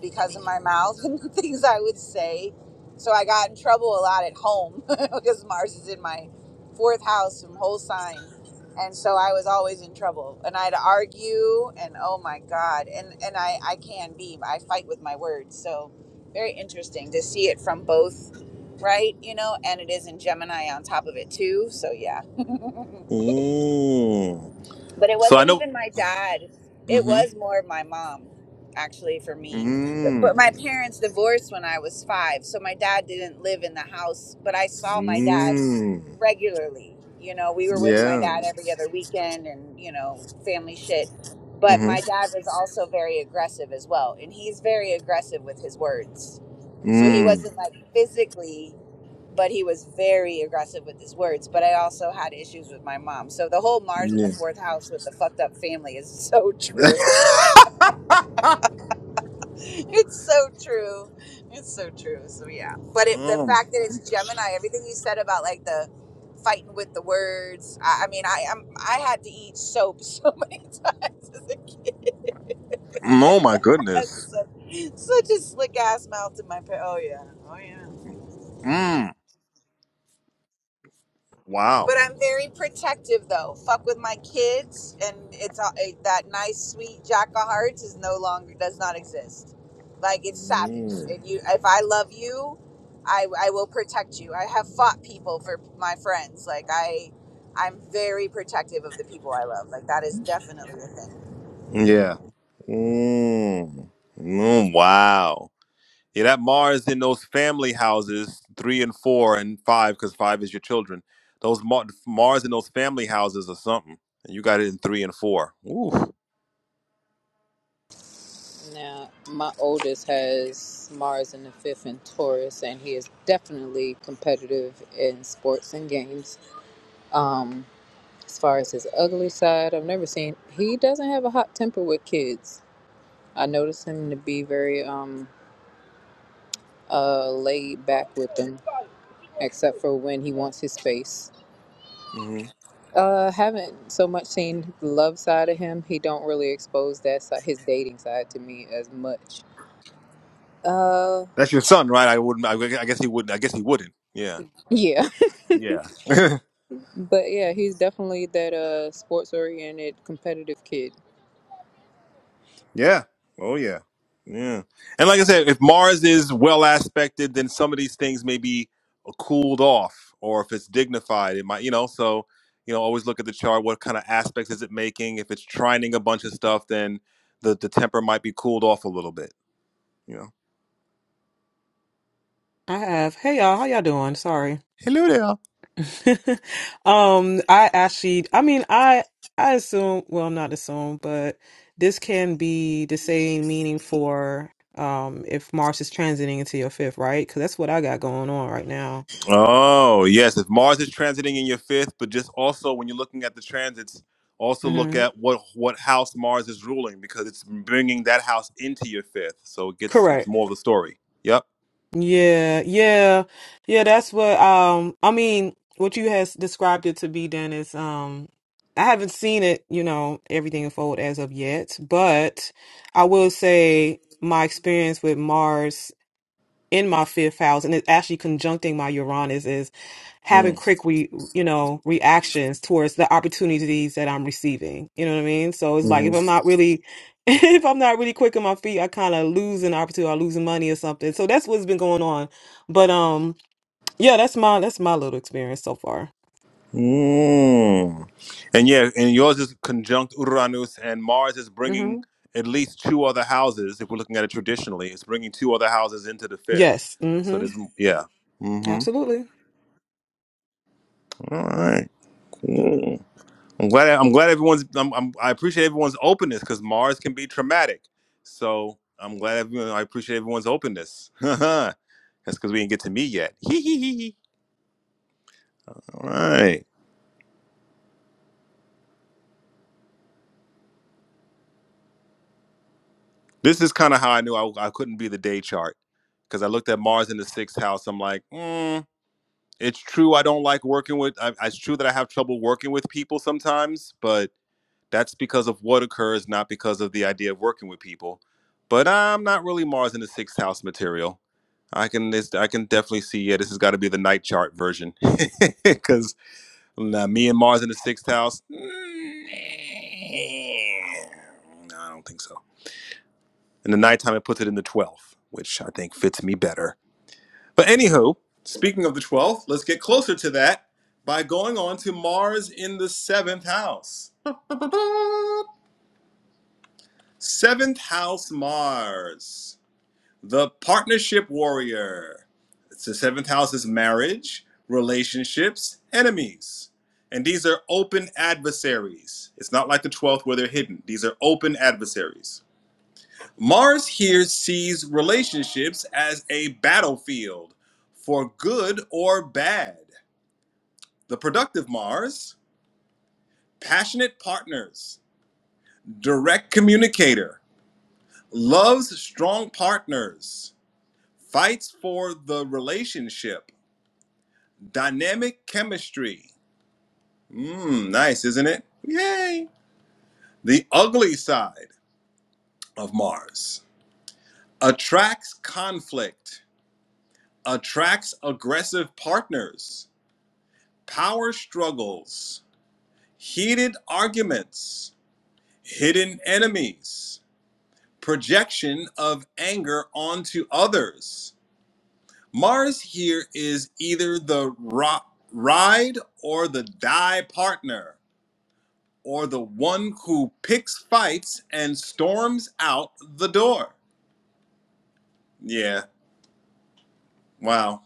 C: because of my mouth and the things I would say. So I got in trouble a lot at home because Mars is in my fourth house from whole sign. And so I was always in trouble. And I'd argue and oh my God. And and I, I can be. I fight with my words. So very interesting to see it from both, right? You know, and it is in Gemini on top of it too. So yeah.
B: Ooh.
C: but it
B: So I
C: wasn't
B: know.
C: even my dad it
B: Mm
C: was more my mom actually for
B: hmm.
C: me
B: Mm.
C: but, but my parents divorced when i was five so my dad didn't live in the house but i saw my dad
B: Mm.
C: regularly you know we were with my
B: Yeah.
C: dad every other weekend and you know family shit but my
B: Mm-hmm.
C: dad was also very aggressive as well and he's very aggressive with his words so he
B: Mm.
C: wasn't like physically but he was very aggressive with his words. But I also had issues with my mom. So the whole Mars in the
B: Yeah.
C: fourth house with the fucked up family is so true. It's so true. It's so true. So yeah. But it, the
B: um.
C: fact that it's Gemini, everything you said about like the fighting with the words. I, I mean, I am I had to eat soap so many times as a kid.
B: Oh my
C: I had
B: goodness.
C: such, such a slick ass mouth in my pa- oh yeah, oh yeah.
B: Mm.
C: But
B: Wow.
C: I'm very protective though. Fuck with my kids, and it's all- it, that nice, sweet jack of hearts is no longer does not exist. Like it's savage.
B: Mm.
C: If you, if I love you, I I will protect you. I have fought people for my friends. Like I, I'm very protective of the people I love. Like that is definitely a thing.
B: Yeah. Mm. Mm, wow. Yeah, that Mars in those family houses, three and four and five, because five is your children. Those Mar- Mars in those family houses or something. And you got it in three and four. Ooh.
A: Now, my oldest has Mars in the fifth in Taurus, and he is definitely competitive in sports and games Um, as far as his ugly side, I've never seen. He doesn't have a hot temper with kids. I notice him to be very um uh laid back with them, except for when he wants his space.
B: hmm
A: Uh, haven't so much seen the love side of him. He don't really expose that side, his dating side to me as much. Uh,
B: That's your son, right? I wouldn't. I, gu- I guess he wouldn't. I guess he wouldn't. Yeah.
A: yeah,
B: Yeah.
A: but yeah, he's definitely that uh sports oriented competitive kid.
B: Yeah. Oh yeah. Yeah. And like I said, if Mars is well aspected, then some of these things may be cooled off, or if it's dignified, it might, you know. So, you know, always look at the chart. What kind of aspects is it making? If it's trining a bunch of stuff, then the the temper might be cooled off a little bit. You know.
F: I have. Hey y'all, how y'all doing? Sorry.
B: Hello there.
F: um, I actually, I mean, I I assume, well, not assume, but this can be the same meaning for um if Mars is transiting into your fifth, right? Because that's what I got going on right now.
B: Oh, yes. If Mars is transiting in your fifth, but just also when you're looking at the transits, also look
F: hmm
B: at what what house Mars is ruling because it's bringing that house into your fifth. So it gets
F: Correct.
B: it's more of the story. Yep.
F: Yeah, yeah, yeah. That's what um. I mean, what you has described it to be, Dennis. Um, I haven't seen it, you know, everything unfold as of yet, but I will say my experience with Mars in my fifth house and it's actually conjuncting my Uranus is having
B: Mm.
F: quick re, you know reactions towards the opportunities that I'm receiving. You know what I mean? So it's like
B: hmm
F: if I'm not really if I'm not really quick on my feet, I kind of lose an opportunity or I lose money or something. So that's what's been going on. But um yeah, that's my that's my little experience so far.
B: Mm. And yeah, and yours is conjunct Uranus, and Mars is bringing
F: Mhm.
B: at least two other houses. If we're looking at it traditionally, it's bringing two other houses into the fifth.
F: Yes.
B: So
F: Mhm.
B: there's yeah. Mm-hmm.
F: Absolutely.
B: All right. Cool. I'm glad. I'm glad everyone's. I'm, I'm, I appreciate everyone's openness because Mars can be traumatic. So I'm glad. Everyone, I appreciate everyone's openness. That's because we didn't get to me yet. All right. This is kind of how I knew I, I couldn't be the day chart because I looked at Mars in the sixth house. I'm like, mm, it's true. I don't like working with. I, it's true that I have trouble working with people sometimes, but That's because of what occurs, not because of the idea of working with people. But I'm not really Mars in the sixth house material. I can this I can definitely see yeah this has got to be the night chart version because me and Mars in the sixth house. No, I don't think so. In the nighttime, it puts it in the twelfth, which I think fits me better. But anywho, speaking of the twelfth, let's get closer to that by going on to Mars in the seventh house. Seventh house Mars, the partnership warrior. It's the seventh house is marriage, relationships, enemies. And these are open adversaries. It's not like the 12th where they're hidden. These are open adversaries. Mars here sees relationships as a battlefield for good or bad. The productive Mars, passionate partners, direct communicator, loves strong partners Fights for the relationship. Dynamic chemistry. Mmm, nice, isn't it? Yay. The ugly side of Mars. Attracts conflict. Attracts aggressive partners. Power struggles. Heated arguments. Hidden enemies. Projection of anger onto others. Mars here is either the ro- ride or the die partner. or the one who picks fights and storms out the door. Yeah, wow.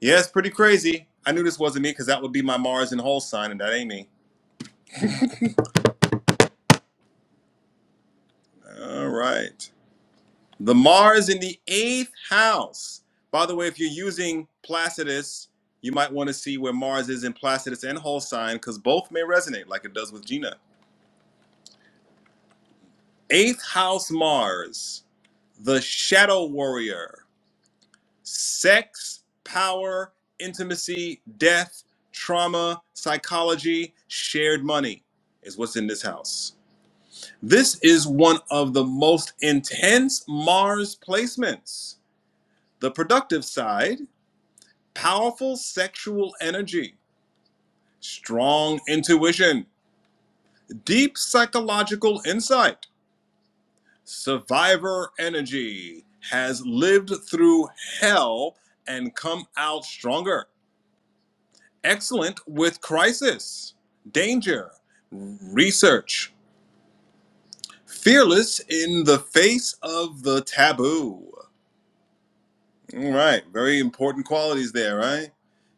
B: Yeah, it's pretty crazy. I knew this wasn't me because that would be my Mars in whole sign, and that ain't me. All right. The Mars in the eighth house. By the way, if you're using Placidus, you might want to see where Mars is in Placidus and whole sign because both may resonate like it does with Gina. Eighth house Mars, the shadow warrior. sex, power, intimacy, death, trauma, psychology, shared money is what's in this house. This is one of the most intense Mars placements. The productive side, powerful sexual energy, strong intuition, deep psychological insight, survivor energy, has lived through hell and come out stronger excellent with crisis, danger, research, fearless in the face of the taboo. All right, very important qualities there, right?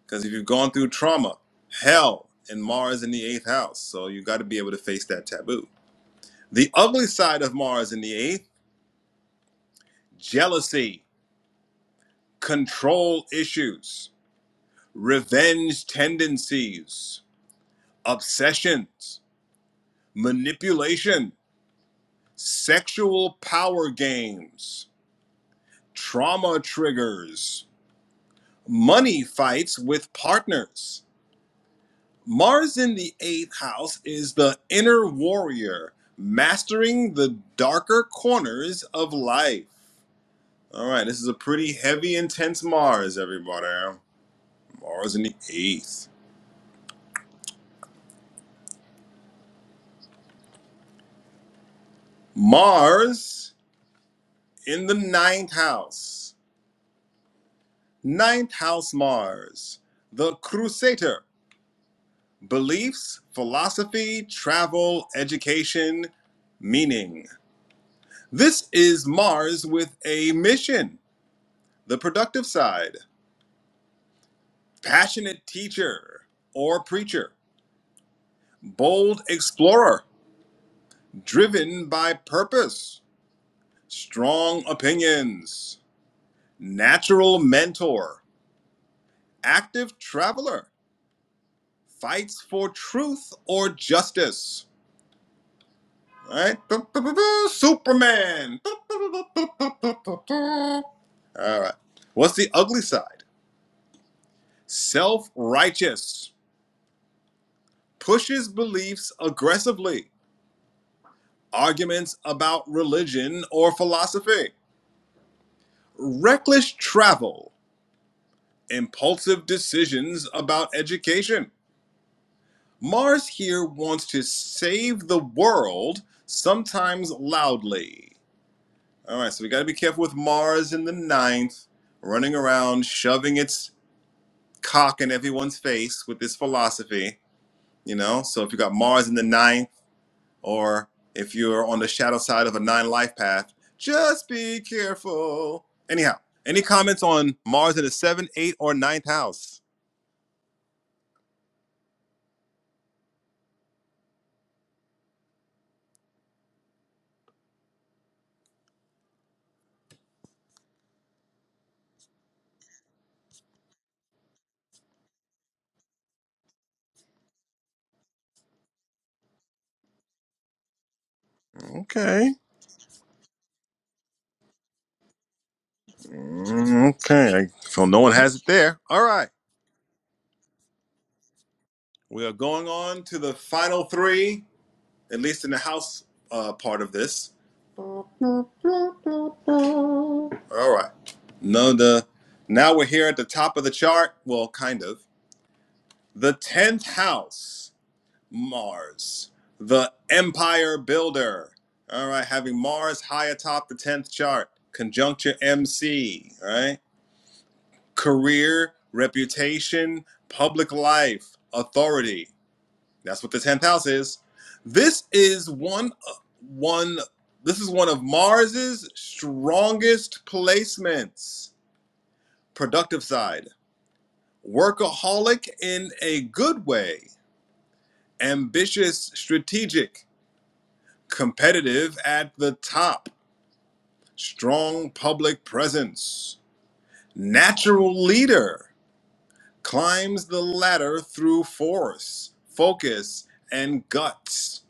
B: Because if you've gone through trauma, hell, and Mars in the eighth house, so you got to be able to face that taboo. The ugly side of Mars in the eighth jealousy, control issues, revenge tendencies, obsessions, manipulation. sexual power games, trauma triggers, money fights with partners. Mars in the eighth house is the inner warrior, mastering the darker corners of life. All right, this is a pretty heavy, intense Mars, everybody. Mars in the eighth. Mars in the ninth house. Ninth house Mars, the crusader beliefs, philosophy, travel, education, meaning. This is Mars with a mission, the productive side, passionate teacher or preacher, bold explorer, driven by purpose, strong opinions, natural mentor, active traveler, fights for truth or justice Right? Superman. All right. What's the ugly side? Self righteous. Pushes beliefs aggressively. Arguments about religion or philosophy. Reckless travel. Impulsive decisions about education. Mars here wants to save the world, sometimes loudly. All right, so we got to be careful with Mars in the ninth, running around shoving its cock in everyone's face with this philosophy, you know. So if you got Mars in the ninth, or if you're on the shadow side of a nine life path, just be careful. Anyhow, any comments on Mars in the seventh, eighth, or ninth house? Okay, Mm, okay. So no one has it there. All right, we are going on to the final three, at least in the house uh, part of this. All right. No, the now we're here at the top of the chart. Well, kind of. The tenth house, Mars, the Empire Builder. All right, having Mars high atop the tenth chart, conjuncture MC. All right, career, reputation, public life, authority. That's what the tenth house is. This is one one. This is one of Mars's strongest placements. Productive side. workaholic in a good way, ambitious, strategic, competitive at the top, strong public presence, natural leader, climbs the ladder through force, focus, and guts,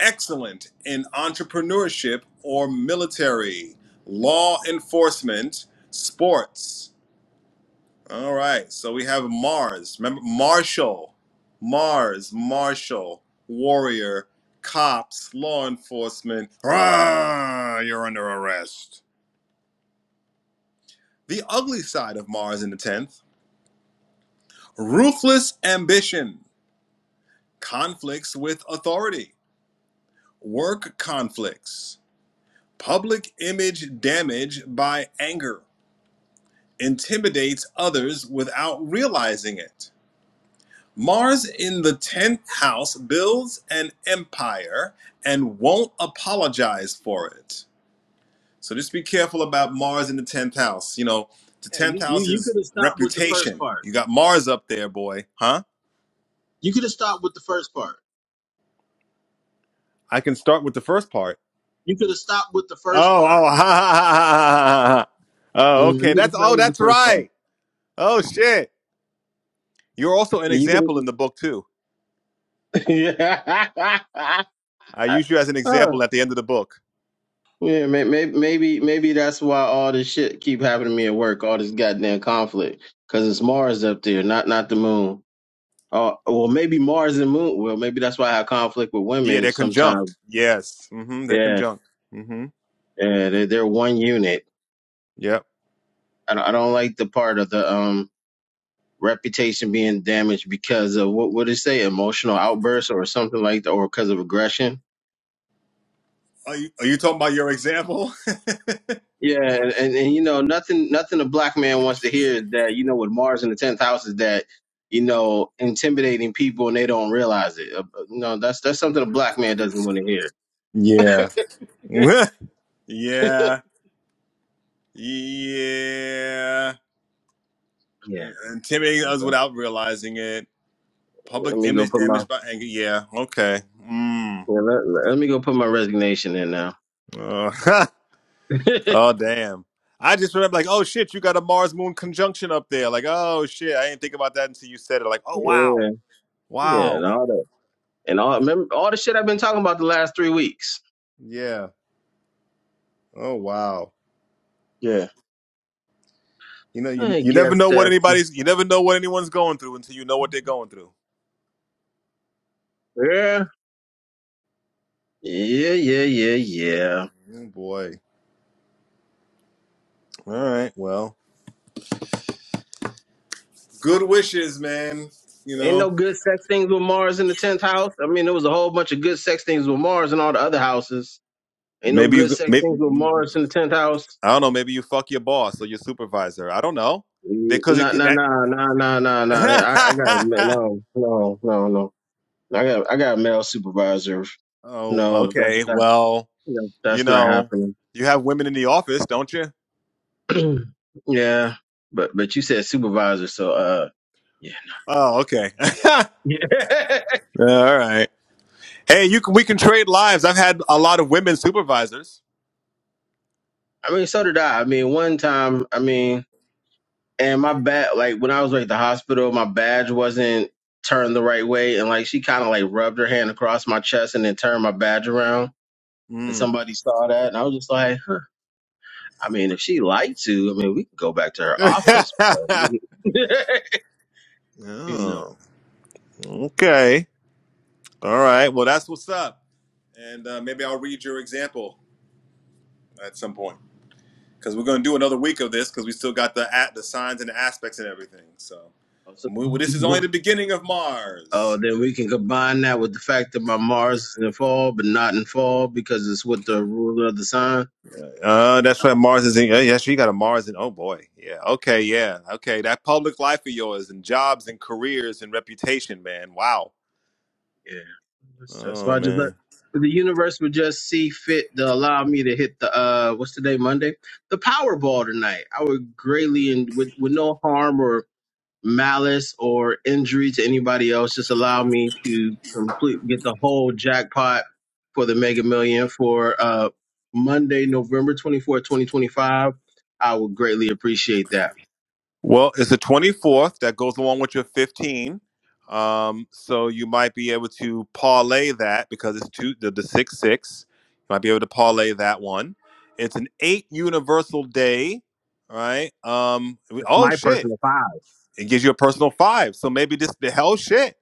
B: excellent in entrepreneurship or military, law enforcement, sports All right. So we have Mars. Remember Marshall. Mars, Marshall, warrior, cops, law enforcement. Rah, you're under arrest. The ugly side of Mars in the 10th. Ruthless ambition, conflicts with authority, work conflicts, public image damage by anger, intimidates others without realizing it. Mars in the 10th house builds an empire and won't apologize for it. So just be careful about Mars in the 10th house. You know, the 10th house is reputation. You got Mars up there, boy, huh? I can start with the first part. Oh, oh, ha, ha, ha, ha, ha, ha. Oh, okay. That's oh, that's right. Oh shit. You're also an example in the book too.
D: Yeah,
B: I use you as an example at the end of the book.
D: Yeah, maybe maybe maybe that's why all this shit keep happening to me at work. All this goddamn conflict because it's Mars up there, not not the moon. Oh, well, maybe Mars and moon. Well, maybe that's why I have conflict with
B: Yeah,
D: women
B: they're
D: sometimes.
B: conjunct. Yes. Mhm, they're
D: Yeah,
B: conjunct. Mhm.
D: yeah, they're, they're one unit.
B: Yep.
D: I don't, I don't like the part of the um reputation being damaged because of what would it say, emotional outbursts or something like that, or because of aggression.
B: Are you, are you talking about your example?
D: Yeah, and, and, and you know nothing nothing a black man wants to hear is that you know with Mars in the tenth house is that you know intimidating people and they don't realize it. Uh, you know that's that's something a black man doesn't want to hear.
B: Yeah.
D: yeah.
B: yeah, yeah.
D: Okay. Let
B: Intimidating
D: me
B: us
D: go.
B: without realizing it.
D: Let
B: Public
D: me go
B: image
D: put my
B: damaged by anger. Yeah, okay. Mm.
D: yeah, let, let let me go put my resignation in now.
B: Uh,
D: yeah.
B: oh, damn. I just remember, like, oh shit, you got a Mars Moon conjunction up there. Like, oh shit, I didn't think about that until you said it. Like, oh wow,
D: Yeah, and
B: wow,
D: all that and all remember all the shit I've been talking about the last three weeks.
B: yeah, oh wow.
D: Yeah.
B: You know, you
D: I
B: you never
D: guess
B: know what
D: that's
B: anybody's, you never know what anyone's going through until you know what they're going through.
D: yeah. Yeah. Yeah. Yeah. Yeah.
B: Oh, boy. All right. Well, good wishes, man. You
D: Ain't no
B: know,
D: good sex things with Mars in the tenth house. I mean, there was a whole bunch of good sex things with Mars in all the other houses. Ain't no
B: maybe
D: good
B: you,
D: sex
B: maybe
D: things with Mars in the tenth house.
B: I don't know. Maybe you fuck your boss or your supervisor. I don't know.
D: Mm,
B: Because it
D: Nah,
B: could
D: nah,
B: that.
D: nah, nah, nah, nah, nah. I, I got a ma- no, no, no, no. I got, I got a male supervisor.
B: oh,
D: No, that's
B: okay.
D: not,
B: Well,
D: no,
B: you
D: that's not
B: know,
D: happening.
B: you have women in the office, don't you?
D: yeah, but but you said supervisor, so uh, yeah.
B: Oh, okay. All right. Hey, you can we can trade lives. I've had a lot of women supervisors.
D: I mean, so did I. I mean, one time, I mean. and my bad like when I was like at the hospital, my badge wasn't turned the right way, and like she kind of like rubbed her hand across my chest and then turned my badge around, and
B: Mm.
D: somebody saw that, and I was just like, huh. I mean, if she liked to, I mean, we could go back to her office, but you know.
B: oh, okay. All right. Well, that's what's up. And uh, maybe I'll read your example. at some point because we're going to do another week of this because we still got the at the signs and the aspects and everything. So
D: So,
B: we, well, this is only the beginning of
D: oh,
B: Mars.
D: then we can combine that with the fact that my Mars is in fall, but not in fall because it's with the ruler of the sign.
B: Uh, that's right. Mars is in. Uh, yes, you got a Mars in. Oh boy, yeah. Okay, yeah. Okay, that public life of yours and jobs and careers and reputation, man. Wow.
D: Yeah, that's, that's
B: Oh
D: why I just let
B: man.
D: the universe would just see fit to allow me to hit the uh, what's today Monday, the Powerball tonight. I would greatly and with with no harm or malice or injury to anybody else, just allow me to complete get the whole jackpot for the Mega Million for uh Monday, November twenty fourth, twenty twenty five. I would greatly appreciate that.
B: Well, it's the 24th that goes along with your 15. Um, so you might be able to parlay that because it's two the, the six six. You might be able to parlay that one. It's an eight universal day, all right? Um,
D: But
B: we-
D: it's
B: oh
D: my
B: shit,
D: personal five.
B: it gives you a personal five. So maybe this the hell shit,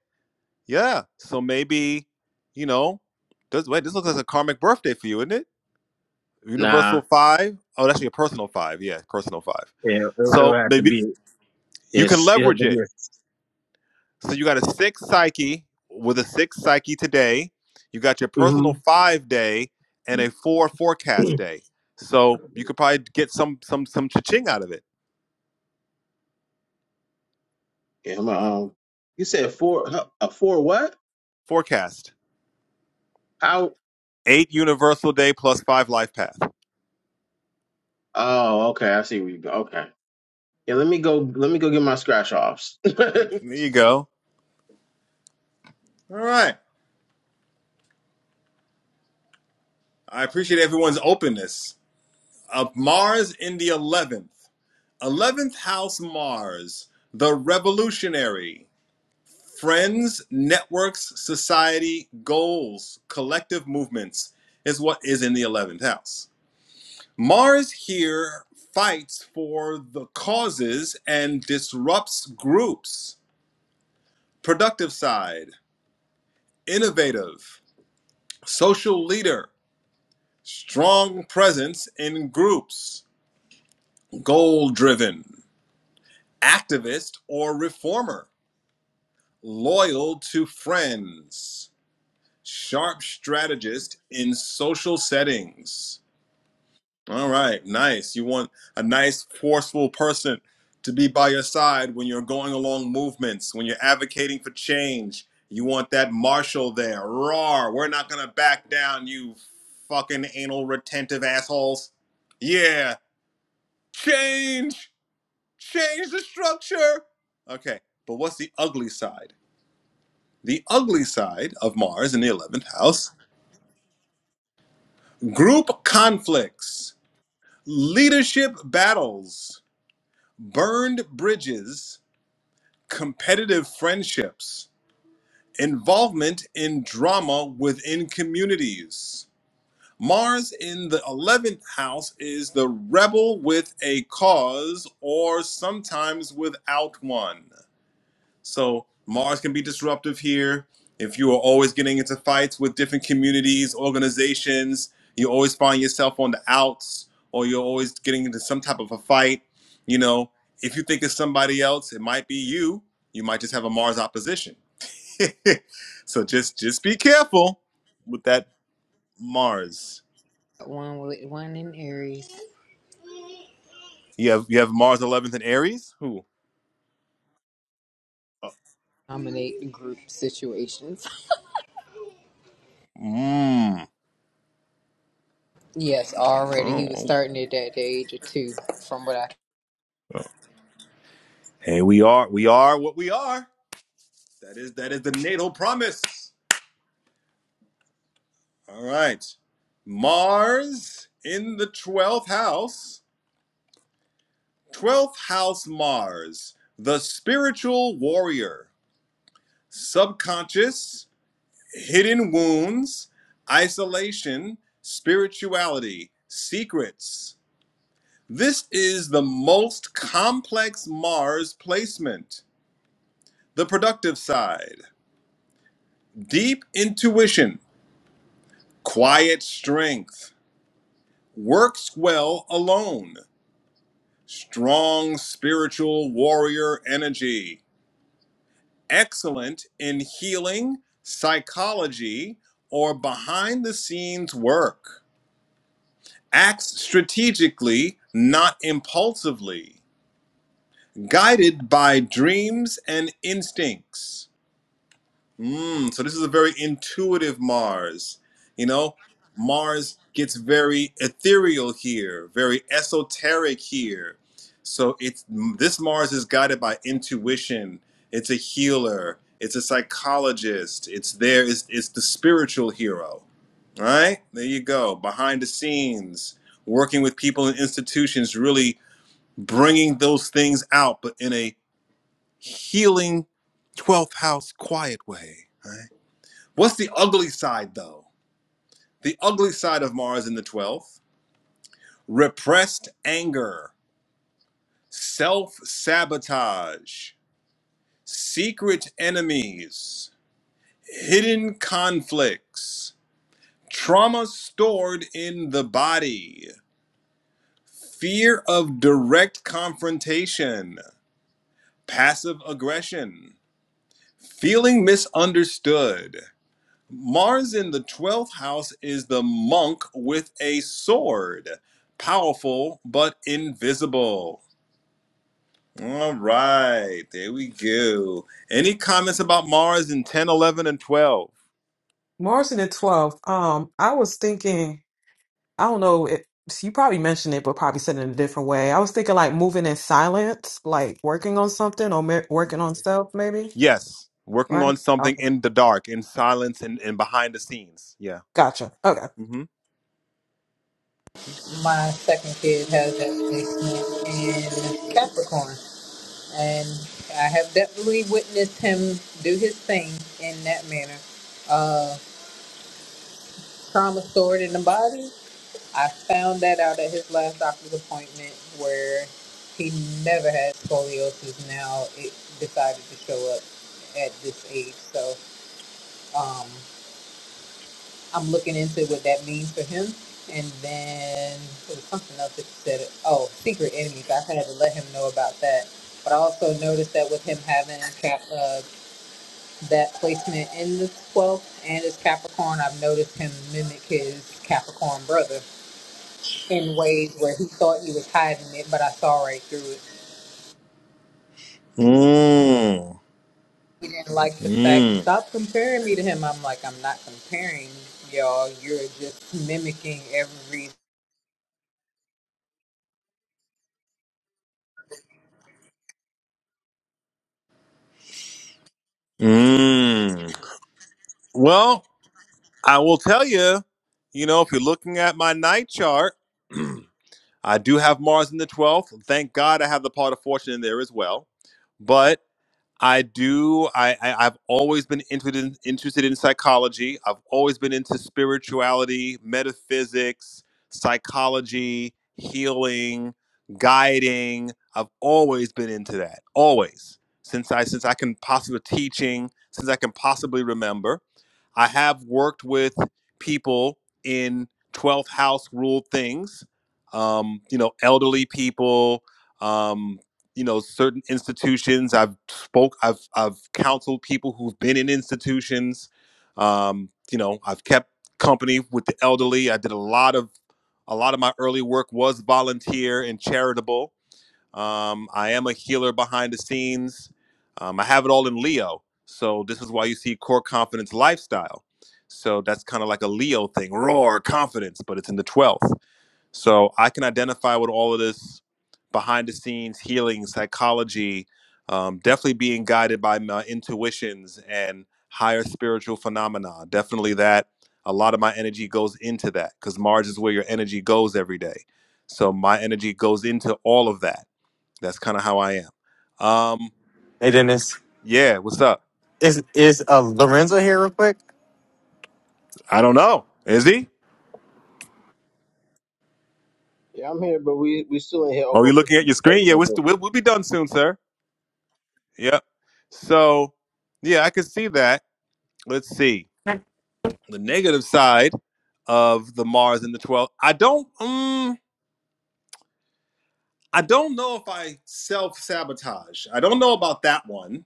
B: yeah. So maybe you know, does wait? This looks like a karmic birthday for you, isn't it?
D: Nah,
B: Universal five. Oh, that's your personal five. Yeah, personal five.
D: yeah, it'll, it'll
B: So
D: have to
B: maybe
D: be.
B: you can
D: It's it had
B: leverage
D: to be
B: it.
D: a.
B: So you got a six psyche with a six psyche today. You got your
D: Mhm.
B: personal five day and a four forecast day. So you could probably get some some some cha-ching out of it.
D: Yeah, I'm, um, you said four, huh, a four what?
B: Forecast.
D: How?
B: Eight universal day plus five life path.
D: Oh, okay. I see where you go. Okay. Yeah, let me go. Let me go get my scratch offs. Don't
B: There you go. All right. I appreciate everyone's openness. Of Mars in the eleventh. Eleventh house Mars, the revolutionary. Friends, networks, society, goals, collective movements is what is in the 11th house. Mars here fights for the causes and disrupts groups. Productive side, innovative, social leader, strong presence in groups, goal driven, activist or reformer, loyal to friends, sharp strategist in social settings All right, nice. You want a nice, forceful person to be by your side when you're going along movements, when you're advocating for change. You want that marshal there. Roar, we're not going to back down, you fucking anal retentive assholes. Yeah, change, change the structure. Okay, but what's the ugly side? The ugly side of Mars in the 11th house group conflicts, leadership battles Burned bridges, competitive friendships, involvement in drama within communities. Mars in the 11th house is the rebel with a cause or sometimes without one. So Mars can be disruptive here. If you are always getting into fights with different communities, organizations, you always find yourself on the outs, or you're always getting into some type of a fight. You know, if you think it's somebody else, it might be you. You might just have a Mars opposition. so just just be careful with that Mars.
A: One with- one in Aries
B: You have you have Mars 11th in Aries. Who? Oh,
A: dominate group situations.
B: mm.
A: Yes, already. He was
B: oh.
A: starting it at the age of two, from what I.
B: Hey, we are we are what we are. That is that is the natal promise. All right. Mars in the 12th house. 12th house Mars, the spiritual warrior, subconscious, hidden wounds, isolation, spirituality, secrets. This is the most complex Mars placement. The productive side, deep intuition, quiet strength, works well alone. strong spiritual warrior energy, excellent in healing, psychology, or behind the scenes work, acts strategically, not impulsively, guided by dreams and instincts. Mm, so this is a very intuitive Mars. You know, Mars gets very ethereal here, very esoteric here. So it's this Mars is guided by intuition. It's a healer. It's a psychologist. It's there. It's, it's the spiritual hero. All right, there you go. Behind the scenes, working with people and institutions, really bringing those things out, but in a healing 12th house quiet way. Right? What's the ugly side, though? The ugly side of Mars in the 12th repressed anger, self sabotage, secret enemies, hidden conflicts, trauma stored in the body, fear of direct confrontation, passive aggression, feeling misunderstood, Mars in the 12th house is the monk with a sword, powerful but invisible. All right, there we go. Any comments about Mars in 10, 11, and 12?
F: March the 12th. Um, I was thinking I don't know. It, you probably mentioned it, but probably said it in a different way. I was thinking like moving in silence, like working on something or mer- working on self, maybe.
B: Yes, working
F: Right?
B: on something
F: Okay.
B: in the dark, in silence, and, and behind the scenes. Yeah.
F: Gotcha. Okay.
B: Mm-hmm.
A: My second kid has that placement in Capricorn, and I have definitely witnessed him do his thing in that manner. Uh, trauma stored in the body. I found that out at his last doctor's appointment, where he never had scoliosis. Now it decided to show up at this age. So, um, I'm looking into what that means for him. And then there was something else that you said. Oh, secret enemies. I had to let him know about that. But I also noticed that with him having cap, uh, that placement in the 12th and his Capricorn, I've noticed him mimic his Capricorn brother in ways where he thought he was hiding it, but I saw right through it.
B: Mm,
A: He didn't like the fact,
B: mm,
A: stop comparing me to him. I'm like, I'm not comparing y'all. You're just mimicking every
B: mm. Well, I will tell you, you know, if you're looking at my night chart, I do have Mars in the 12th. Thank God I have the part of fortune in there as well. But I do. I, I I've always been interested in, interested in psychology. I've always been into spirituality, metaphysics, psychology, healing, guiding. I've always been into that. Always since I since I can possibly teaching since I can possibly remember. I have worked with people in 12th house ruled things, um, you know, elderly people, um, you know certain institutions i've spoke i've i've counseled people who've been in institutions um you know i've kept company with the elderly i did a lot of a lot of my early work was volunteer and charitable um i am a healer behind the scenes um i have it all in leo so this is why you see core confidence lifestyle so that's kind of like a leo thing roar confidence but it's in the 12th so I can identify with all of this behind the scenes healing, psychology, um, definitely being guided by my intuitions and higher spiritual phenomena. Definitely that. A lot of my energy goes into that because Mars is where your energy goes every day. So my energy goes into all of that. That's kind of how I am. Um,
G: Hey Dennis,
B: yeah, what's up?
G: is is uh, Lorenzo here real quick?
B: I don't know. Is he?
D: yeah, I'm here, but we we still in here
B: Are
D: open
B: you
D: for
B: looking at your screen? Yeah,
D: him.
B: we'll, we'll we'll be done soon, sir. Yep. So, yeah, I can see that. Let's see. the negative side of the Mars and the 12. I don't um I don't know if I self-sabotage. I don't know about that one.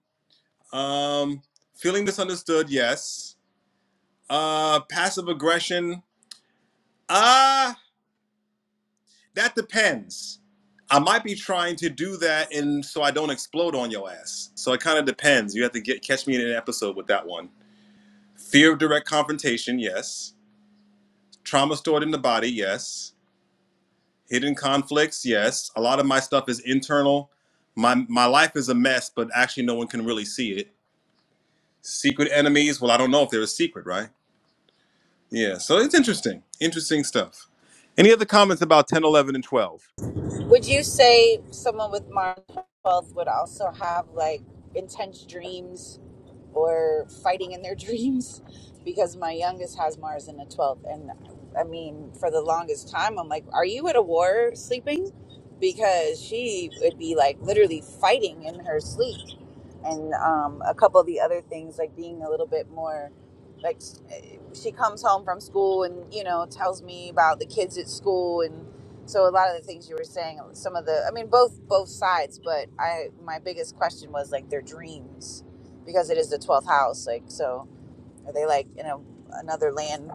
B: Um feeling misunderstood, yes. Uh passive aggression, ah, uh that depends. I might be trying to do that and so I don't explode on your ass. So it kind of depends. You have to get catch me in an episode with that one. Fear of direct confrontation, yes. Trauma stored in the body, yes. Hidden conflicts, yes. A lot of my stuff is internal. My my life is a mess, but actually no one can really see it. Secret enemies, well, I don't know if they're a secret, right? Yeah, so it's interesting. Interesting stuff. Any other comments about 10, 11, and 12?
C: Would you say someone with Mars 12th would also have like intense dreams? or fighting in their dreams because my youngest has Mars in the 12th. And I mean, for the longest time, I'm like, are you at a war sleeping? Because she would be like literally fighting in her sleep and um, a couple of the other things like being a little bit more like eh, she comes home from school and you know tells me about the kids at school and so a lot of the things you were saying some of the i mean both both sides but i my biggest question was like their dreams because it is the 12th house like so are they like in a, another land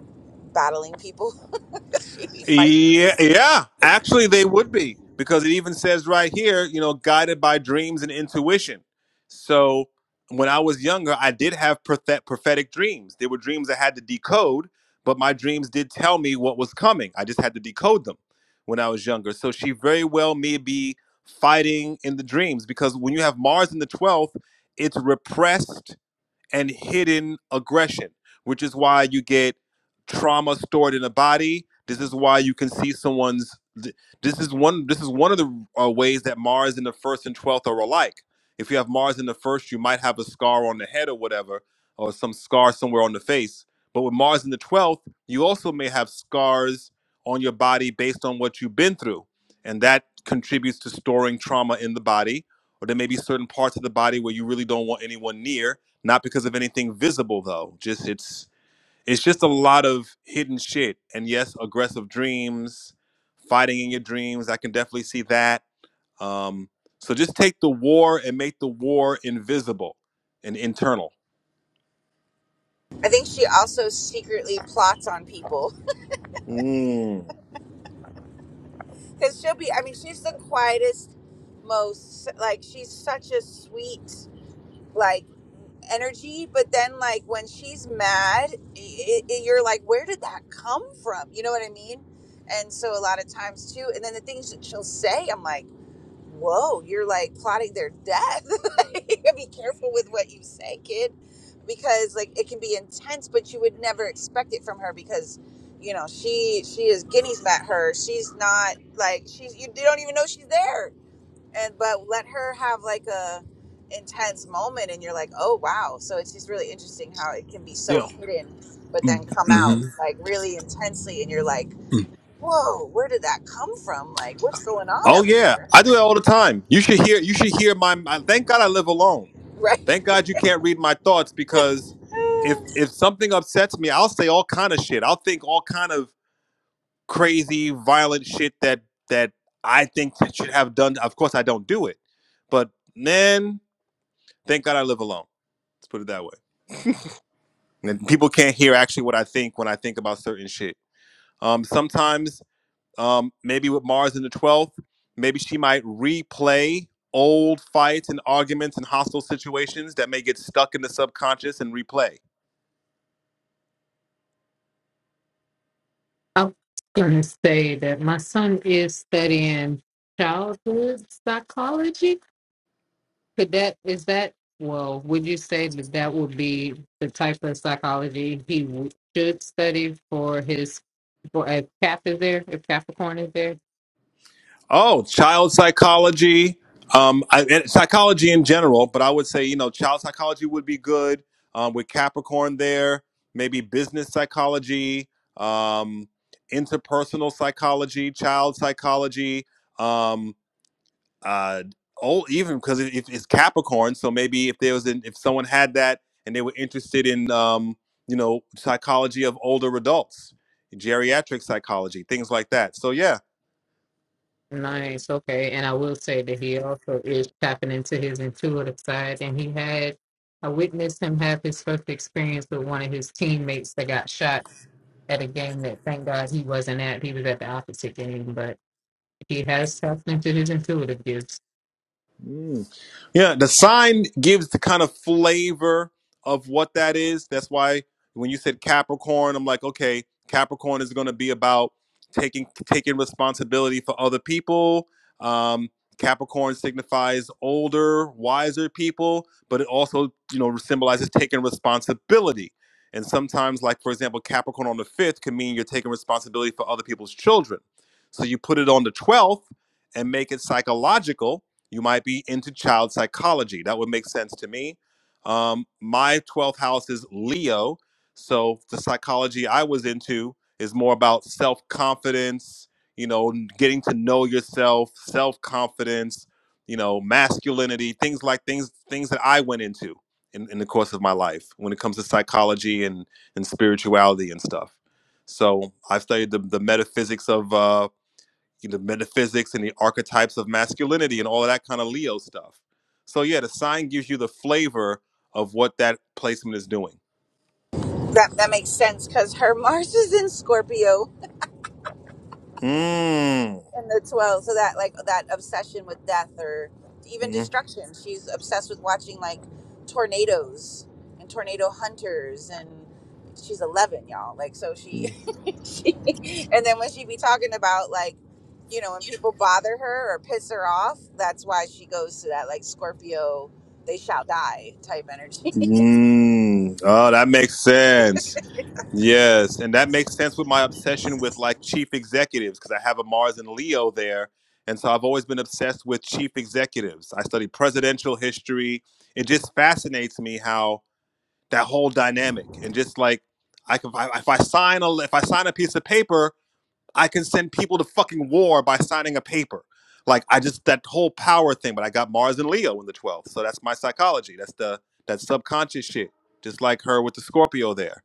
C: battling people she'd be fighting her
B: Yeah, yeah. Actually, they would be because it even says right here, you know, guided by dreams and intuition. So when I was younger, I did have prophet- prophetic dreams. They were dreams I had to decode, but my dreams did tell me what was coming. I just had to decode them when I was younger. So she very well may be fighting in the dreams because when you have Mars in the 12th, it's repressed and hidden aggression, which is why you get trauma stored in the body. This is why you can see someone's. This is one. This is one of the uh, ways that Mars in the first and twelfth are alike. If you have Mars in the first, you might have a scar on the head or whatever, or some scar somewhere on the face. But with Mars in the twelfth, you also may have scars on your body based on what you've been through, and that contributes to storing trauma in the body. Or there may be certain parts of the body where you really don't want anyone near, not because of anything visible though just it's it's just a lot of hidden shit and yes aggressive dreams fighting in your dreams i can definitely see that um so just take the war and make the war invisible and internal
C: i think she also secretly plots on people
B: mm.
C: Because she'll be, I mean, she's the quietest, most, like, she's such a sweet, like, energy. But then, like, when she's mad, it, it, you're like, where did that come from? You know what I mean? And so, a lot of times, too. And then the things that she'll say, I'm like, whoa, you're like plotting their death. like, you gotta be careful with what you say, kid, because like it can be intense, but you would never expect it from her because, you know, she she is guineas met her. She's not like she's you don't even know she's there, and but let her have like a intense moment, and you're like, oh wow. So it's just really interesting how it can be so
B: yeah
C: hidden, but then come
B: hmm
C: out like really intensely, and you're like. Whoa, where did that come from? Like, what's going on
B: oh
C: up
B: yeah
C: there?
B: i do that all the time you should hear you should hear my, my thank god i live alone
C: Right?
B: thank god you can't read my thoughts because if if something upsets me i'll say all kind of shit i'll think all kind of crazy violent shit that that I think that should have done. Of course, I don't do it, but man, thank God I live alone. Let's put it that way. And people can't hear actually what I think when I think about certain shit. Um, sometimes, um, maybe with Mars in the twelfth, maybe she might replay old fights and arguments and hostile situations that may get stuck in the subconscious and replay.
A: I was going to say that my son is studying childhood psychology. Could that is that well? Would you say that that would be the type of psychology he w- should study for his for if Cap is there, if Capricorn is there?
B: Oh, child psychology, um, I, and psychology in general, but I would say, you know, child psychology would be good um, with Capricorn there, maybe business psychology, um, interpersonal psychology, child psychology, um, uh, oh, even because it, it- it's Capricorn. So maybe if there was, an, if someone had that and they were interested in, um, you know, psychology of older adults, geriatric psychology, things like that. So, yeah
A: Nice, okay. And I will say that he also is tapping into his intuitive side, and he had I witnessed him have his first experience with one of his teammates that got shot at a game that thank God he wasn't at. He was at the opposite game, but he has tapped into his intuitive gifts.
B: Mm. Yeah, the sign gives the kind of flavor of what that is. That's why when you said Capricorn, I'm like, okay, Capricorn is going to be about taking taking responsibility for other people. Um, Capricorn signifies older, wiser people, but it also, you know, symbolizes taking responsibility. And sometimes, like for example, Capricorn on the fifth can mean you're taking responsibility for other people's children. So you put it on the twelfth and make it psychological you might be into child psychology. That would make sense to me. Um, my 12th house is Leo. So the psychology I was into is more about self confidence, you know, getting to know yourself, self confidence, you know, masculinity, things like things, things that I went into in, in the course of my life when it comes to psychology and, and spirituality and stuff. So I've studied the, the metaphysics of uh, you know, metaphysics and the archetypes of masculinity and all of that kind of Leo stuff. So yeah, the sign gives you the flavor of what that placement is doing.
C: that that makes sense because her Mars is in Scorpio
B: Mm.
C: in the 12, so that like that obsession with death or even
B: Mm.
C: destruction. She's obsessed with watching like tornadoes and tornado hunters, and she's 11, y'all. Like so she, she and then when she be talking about like you know when people bother her or piss her off, that's why she goes to that like Scorpio they shall die type energy.
B: Mm. Oh, that makes sense. Yes, and that makes sense with my obsession with like chief executives because I have a Mars and Leo there, and so I've always been obsessed with chief executives. I study presidential history. It just fascinates me how that whole dynamic and just like I can if I sign a if I sign a piece of paper, I can send people to fucking war by signing a paper. Like I just that whole power thing, but I got Mars and Leo in the 12th. So that's my psychology. That's the that subconscious shit. Just like her with the Scorpio there.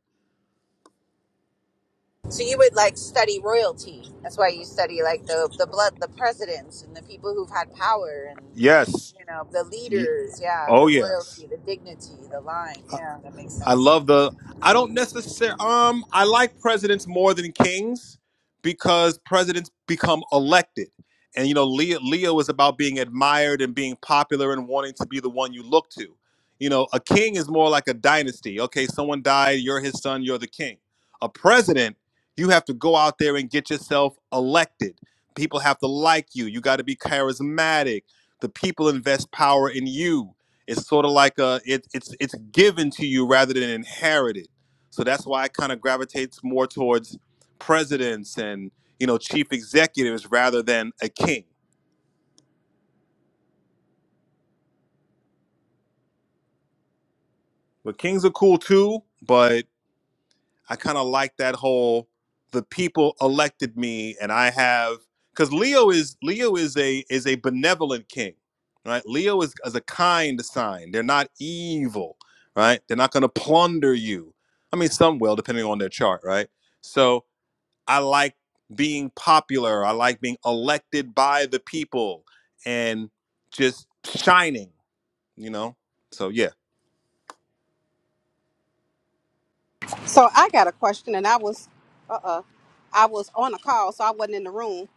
C: So you would like study royalty. That's why you study like the the blood, the presidents, and the people who've had power, and
B: Yes.
C: you know the leaders. Yeah,
B: Oh
C: the
B: yes.
C: royalty, the dignity, the line. Yeah, that makes
B: I
C: sense.
B: love the. I don't necessarily. Um, I like presidents more than kings because presidents become elected, and you know, Leo, Leo is about being admired and being popular and wanting to be the one you look to. You know, a king is more like a dynasty. Okay, someone died, you're his son, you're the king. A president, you have to go out there and get yourself elected. People have to like you. You got to be charismatic. The people invest power in you it's sort of like a it, it's it's given to you rather than inherited so that's why it kind of gravitates more towards presidents and you know chief executives rather than a king but kings are cool too but i kind of like that whole the people elected me and i have because leo is leo is a is a benevolent king right leo is, is a kind sign they're not evil right they're not going to plunder you i mean some will depending on their chart right so I like being popular. I like being elected by the people and just shining, you know? So, yeah.
E: So I got a question, and I was, uh, uh I was on a call, so I wasn't in the room.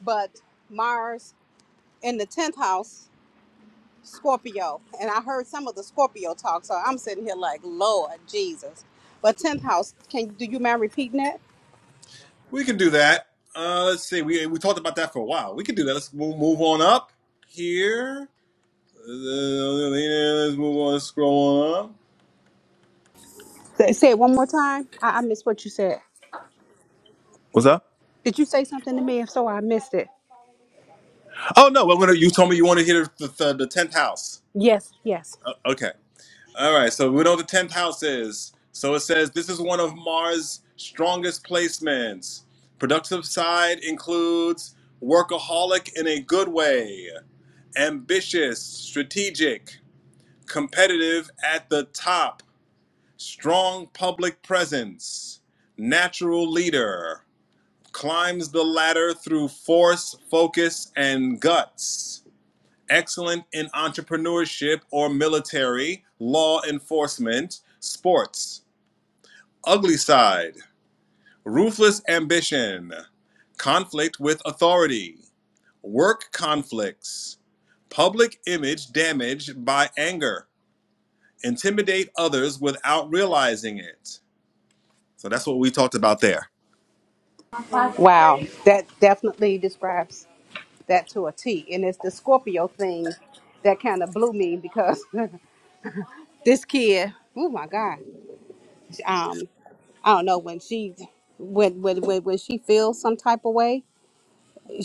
E: But Mars in the tenth house, Scorpio, and I heard some of the Scorpio talk. So I'm sitting here like, Lord Jesus. But tenth house, can do you mind repeating that?
B: We can do that. Uh, let's see. We we talked about that for a while. We can do that. Let's move, move on up here. Uh, Let's move on. Let's scroll on up.
E: Say say it one more time. I, I missed what you said.
B: What's up?
E: Did you say something to me? If so, I missed it.
B: Oh no, we're gonna. You told me you want to hear the the, the tenth house.
E: Yes, yes.
B: Okay. All right, so we know the tenth house is. So it says this is one of Mars' strongest placements. Productive side includes workaholic in a good way, ambitious, strategic, competitive at the top, strong public presence, natural leader, climbs the ladder through force, focus, and guts excellent in entrepreneurship or military, law enforcement, sports. Ugly side, ruthless ambition, conflict with authority, work conflicts, public image damaged by anger, intimidate others without realizing it. So that's what we talked about there.
E: Wow, that definitely describes that to a T, and it's the Scorpio thing that kind of blew me because this kid oh my god um i don't know when she when when when, when she feels some type of way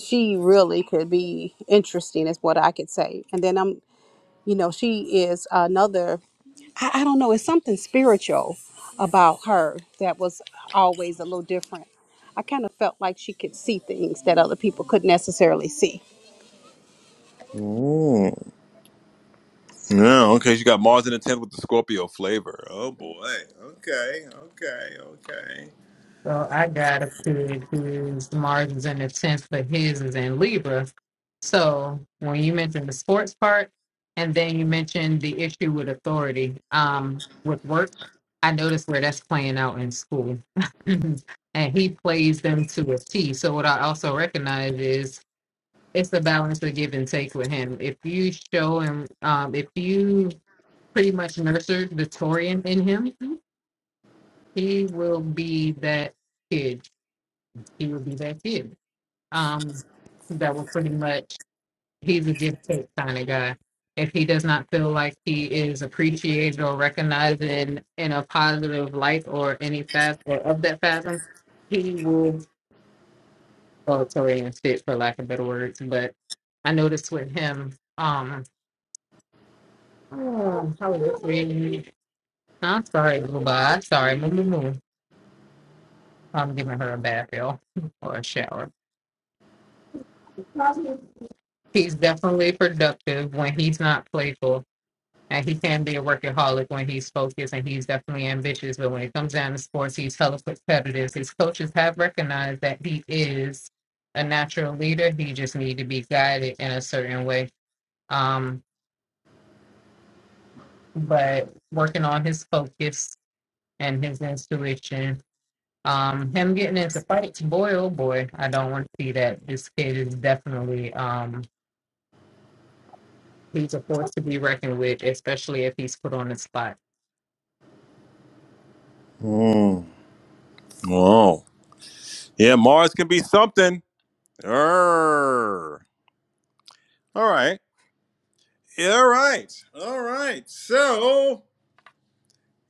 E: she really could be interesting is what i could say and then i'm you know she is another i, I don't know it's something spiritual about her that was always a little different I kind of felt like she could see things that other people couldn't necessarily see.
B: Ooh. Yeah, okay. She got Mars in the 10th with the Scorpio flavor. Oh boy. Okay, okay, okay.
A: So I got a kid whose Mars in the tenth, but his is in Libra. So when you mentioned the sports part, and then you mentioned the issue with authority, um, with work, I noticed where that's playing out in school, and he plays them to a T. So what I also recognize is it's the balance of give and take with him. If you show him, um, if you pretty much nurtured the Torian in him, he will be that kid. He will be that kid. Um, that will pretty much he's a give take kind of guy. If he does not feel like he is appreciated or recognized in, in a positive light or any facet or of that fathom, he will oh Torian shit for lack of better words. But I noticed with him, um oh, how was it? I'm sorry, Booba. I'm sorry, Moo Moo Moo. I'm giving her a bath, y'all, or a shower. He's definitely productive when he's not playful, and he can be a workaholic when he's focused, and he's definitely ambitious. But when it comes down to sports, he's hella competitive. His coaches have recognized that he is a natural leader. He just needs to be guided in a certain way. Um, but working on his focus and his intuition. Um, him getting into fights, boy, oh boy, I don't want to see that. This kid is definitely um He's a force to be reckoned with, especially if he's put on the spot.
B: Mm. Wow. Yeah, Mars can be something. Err. All right. Yeah, All right. All right. So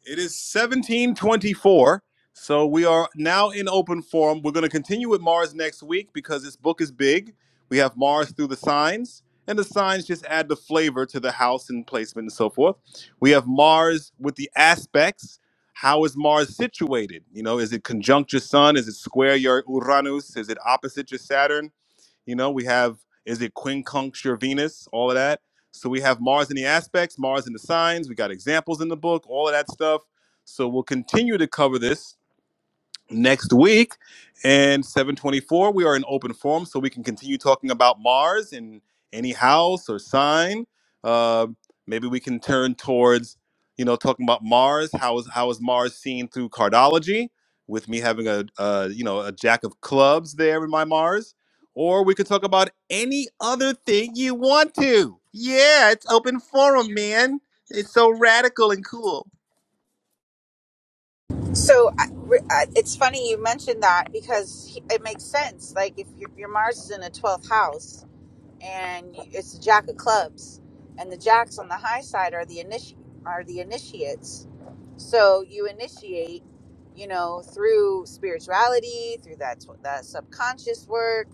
B: it is 1724. So we are now in open forum. We're going to continue with Mars next week because this book is big. We have Mars through the signs, and the signs just add the flavor to the house and placement and so forth. We have Mars with the aspects. How is Mars situated? You know, is it conjunct your sun? Is it square your Uranus? Is it opposite your Saturn? You know, we have is it quincunxure Venus, all of that. So we have Mars in the aspects, Mars in the signs. We got examples in the book, all of that stuff. So we'll continue to cover this next week and 724 we are in open forum so we can continue talking about mars in any house or sign uh, maybe we can turn towards you know talking about mars how is how is mars seen through cardology with me having a, a you know a jack of clubs there in my mars or we could talk about any other thing you want to yeah it's open forum man it's so radical and cool
C: So I, re- I, it's funny you mentioned that because he- it makes sense. Like if your, your Mars is in a twelfth house. and it's the Jack of Clubs, and the Jacks on the high side are the initi- are the initiates. So you initiate, you know, through spirituality, through that that subconscious work,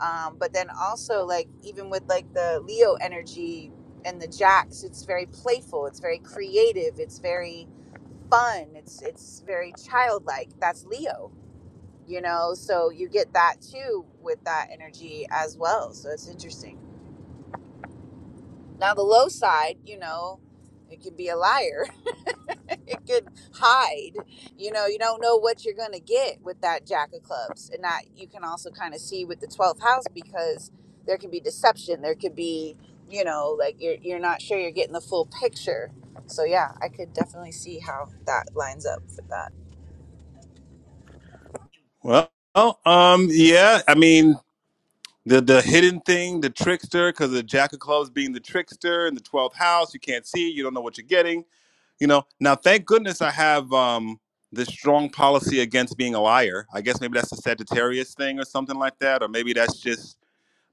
C: um, but then also like even with like the Leo energy and the Jacks, it's very playful, it's very creative, it's very fun, it's it's very childlike. That's Leo, you know. So you get that too with that energy as well. So it's interesting. Now, the low side, you know, it could be a liar. It could hide. You know, you don't know what you're going to get with that Jack of Clubs. And that you can also kind of see with the 12th house because there can be deception. There could be, you know, like you're, you're not sure you're getting the full picture. So, yeah, I could definitely see how that lines up for that.
B: well, well um yeah i mean the the hidden thing, the trickster, because the Jack of Clubs being the trickster in the twelfth house, you can't see, it, you don't know what you're getting. You know. Now, thank goodness I have um this strong policy against being a liar. I guess maybe that's a Sagittarius thing or something like that, or maybe that's just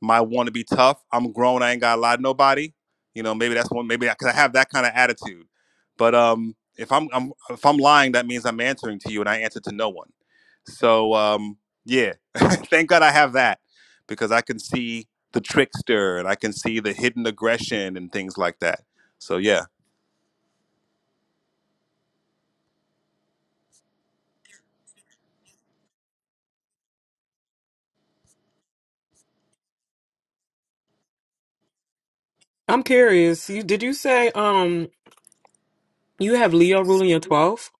B: my want to be tough. I'm grown. I ain't got to lie to nobody. You know, maybe that's one. Maybe I, cause I have that kind of attitude. But um, if I'm, I'm if I'm lying, that means I'm answering to you, and I answer to no one. So um, yeah, thank God I have that because I can see the trickster and I can see the hidden aggression and things like that. So yeah,
F: I'm curious. You, did you say um you have Leo ruling your 12th?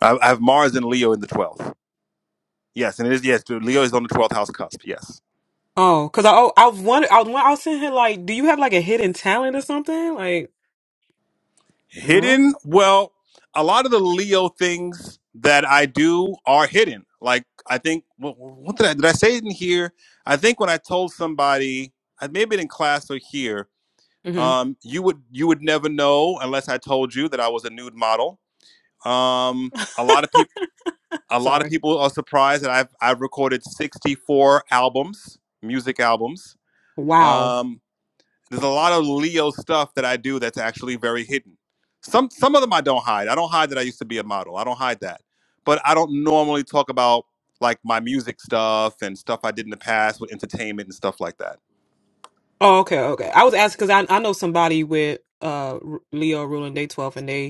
B: I, I have Mars and Leo in the twelfth. Yes, and it is yes. Leo is on the twelfth house cusp. Yes.
F: Oh, because I oh, I was wondering. I was, won- I was sitting here like, do you have like a hidden talent or something? Like, no.
B: Hidden? Well, a lot of the Leo things that I do are hidden. Like I think what, what did I did I say it in here? I think when I told somebody, I maybe in class or here,
F: Mm-hmm.
B: um, you would you would never know unless I told you that I was a nude model. Um, a lot of people a lot of
F: Sorry.
B: people are surprised that I've I've recorded 64 albums, music albums.
F: Wow.
B: Um, there's a lot of Leo stuff that I do that's actually very hidden. Some some of them I don't hide. I don't hide that I used to be a model. I don't hide that. But I don't normally talk about like my music stuff and stuff I did in the past with entertainment and stuff like that.
F: Oh, okay, okay. I was asking because I I know somebody with uh r- Leo ruling day 12th and they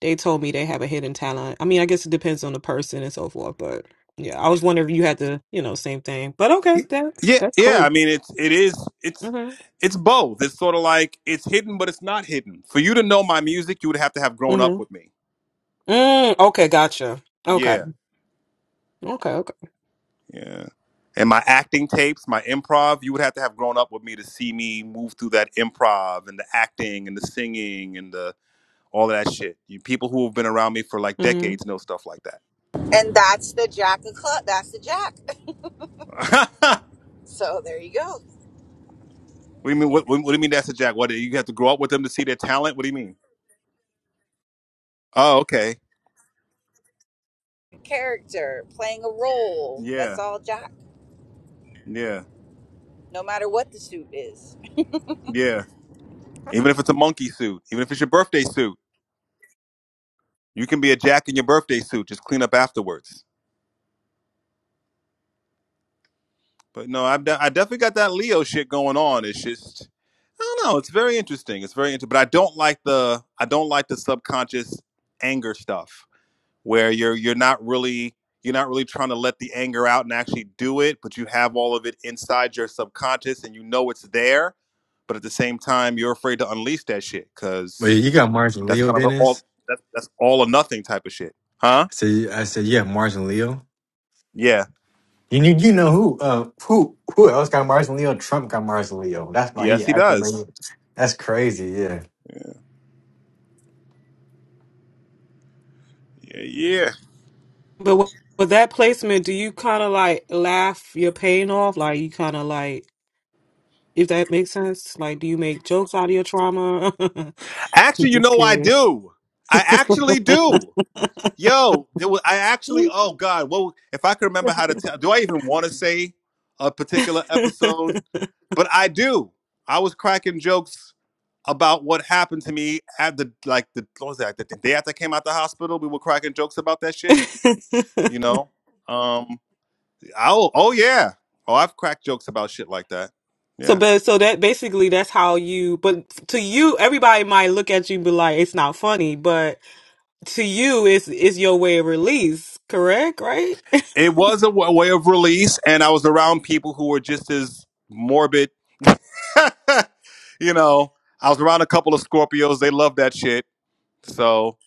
F: They told me they have a hidden talent. I mean, I guess it depends on the person and so forth, but yeah, I was wondering if you had the, you know, same thing. But
B: Y-
F: okay, that
B: Yeah,
F: that's
B: yeah. I
F: cool.
B: mean, it's it is it's
F: hmm
B: it's both. It's sort of like it's hidden, but it's not hidden. For you to know my music, you would have to have grown up
F: hmm
B: with me.
F: Mm, okay, gotcha.
B: Yeah.
F: Okay. Okay, okay.
B: Yeah. And my acting tapes, my improv, you would have to have grown up with me to see me move through that improv and the acting and the singing and the all of that shit. You people who have been around me for like
F: Mm.
B: decades know stuff like that.
C: And that's the Jack of Clubs. That's the Jack.
B: what
C: So, there you go.
B: do you mean? What, what, what do you mean that's a jack? What do you have to grow up with them to see their talent? What do you mean? Oh, okay.
C: Character, playing a role.
B: Yeah,
C: That's all Jack,
B: yeah,
C: no matter what the suit is.
B: yeah. Even if it's a monkey suit, even if it's your birthday suit, you can be a jack in your birthday suit. Just clean up afterwards. But no, I've de- I definitely got that Leo shit going on. It's just I don't know. It's very interesting. It's very interesting, but I don't like the I don't like the subconscious anger stuff where you're you're not really you're not really trying to let the anger out and actually do it, but you have all of it inside your subconscious and you know it's there, but at the same time you're afraid to unleash that shit
G: But
B: because
G: you got Mars and
B: that's
G: Leo,
B: kind of an
G: Dennis.
B: all that's that's all or nothing type of shit, huh?
G: So you- I said, yeah, Mars and Leo.
B: Yeah.
G: You need, you know who, uh, who, who else got Mars and Leo? Trump got Mars and Leo. That's why
B: Yes,
G: he
B: he
G: acting.
B: does.
G: like- That's crazy. Yeah.
B: Yeah. yeah.
F: But with, with that placement, do you kind of like laugh your pain off? Like you kind of like, if that makes sense, like do you make jokes out of your trauma? I'm
B: Actually, you
F: just
B: know I
F: curious.
B: do. I actually do. Yo, there was, I actually. Oh God, well, if I could remember how to tell, do I even want to say a particular episode? But I do. I was cracking jokes about what happened to me at the like the what was that the, the day after I came out the hospital. We were cracking jokes about that shit. You know. Um. Oh. Oh yeah. Oh, I've cracked jokes about shit like that.
F: So,
B: Yeah.
F: but so that basically that's how you. But to you, everybody might look at you and be like, "It's not funny," but to you, it's it's your way of release. Correct, right?
B: It was a w- way of release, and I was around people who were just as morbid you know, I was around a couple of Scorpios. They love that shit. So,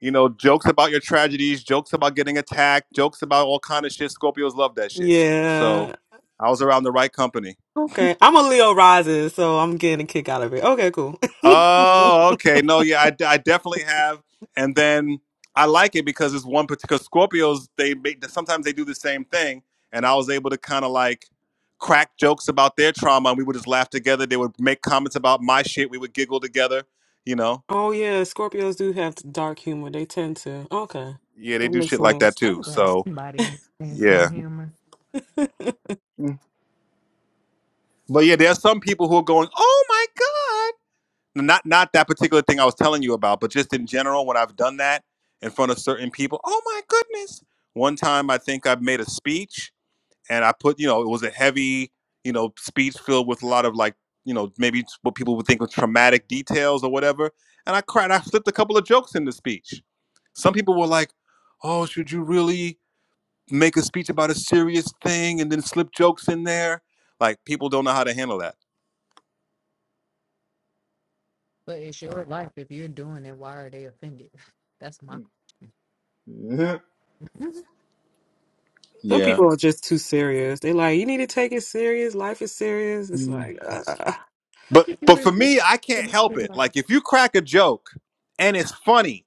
B: you know, jokes about your tragedies, jokes about getting attacked, jokes about all kind of shit. Scorpios love that shit.
F: Yeah,
B: So, I was around the right company.
F: Okay. I'm a Leo rising, so I'm getting a kick out of it. Okay, cool.
B: Oh, okay. No, yeah, I, I definitely have. And then I like it because it's one particular Scorpios. They make sometimes they do the same thing, and I was able to kind of like crack jokes about their trauma, and we would just laugh together. They would make comments about my shit. We would giggle together. You know.
F: oh yeah, Scorpios do have dark humor. They tend to. Okay.
B: Yeah, they
F: That
B: do
F: makes
B: shit like that
F: sense.
A: I'm
B: too.
A: glad
B: So
A: somebody understands my
B: yeah,
A: humor.
B: but yeah, there are some people who are going, "Oh my god!" Not not that particular thing I was telling you about, but just in general, when I've done that in front of certain people, "Oh my goodness!" One time, I think I made a speech, and I put, you know, it was a heavy, you know, speech filled with a lot of like, you know, maybe what people would think was traumatic details or whatever, and I cried. I slipped a couple of jokes in the speech. Some people were like, "Oh, should you really?" make a speech about a serious thing and then slip jokes in there. Like people don't know how to handle that.
A: But it's your life. If you're doing it, why are they offended? That's my. question.
F: Some
B: Yeah.
F: people are just too serious. They like, you need to take it serious. Life is serious. It's like,
A: How
B: But
A: could you
B: but for
A: refuse
B: me, I
A: to
B: can't
A: be
B: help it.
A: like this?
B: Like if you crack a joke and it's funny,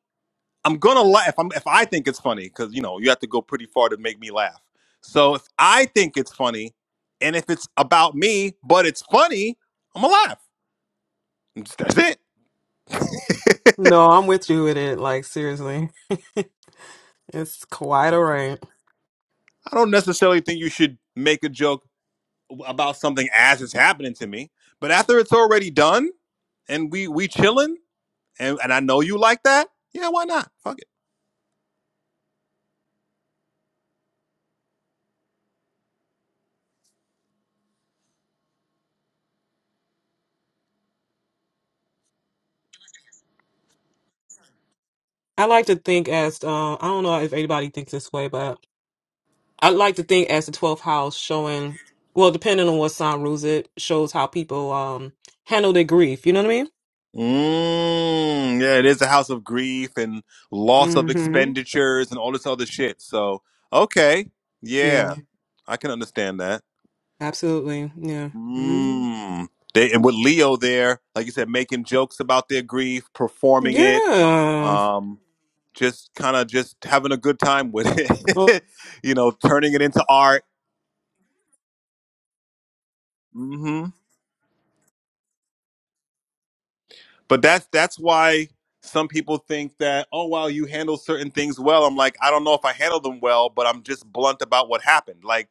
B: I'm gonna laugh. If, I'm, if I think it's funny, because you know you have to go pretty far to make me laugh. So if I think it's funny, and if it's about me but it's funny, I'm gonna laugh. That's it.
F: No, I'm with you with it. Like seriously, it's quite a range.
B: I don't necessarily think you should make a joke about something as it's happening to me. But after it's already done and we we chilling, and, and I know you like that. Yeah, why not? Fuck it.
F: I like to think as uh, I don't know if anybody thinks this way, but I like to think as the 12th house showing. Well, depending on what sign rules it, shows how people um handle their grief. You know what I mean?
B: Mm, yeah, it is a house of grief and loss of
F: Mm-hmm.
B: expenditures and all this other shit. So, okay, yeah,
F: Yeah,
B: I can understand that.
F: absolutely. Yeah. hmm
B: Mm. They, and with Leo there, like you said, making jokes about their grief, performing it,
F: Yeah.
B: um, just kind of just having a good time with
F: Oh,
B: it, you know, turning it into art. Mm-hmm. but that's that's why some people think that oh wow you handle certain things well i'm like i don't know if i handle them well but i'm just blunt about what happened like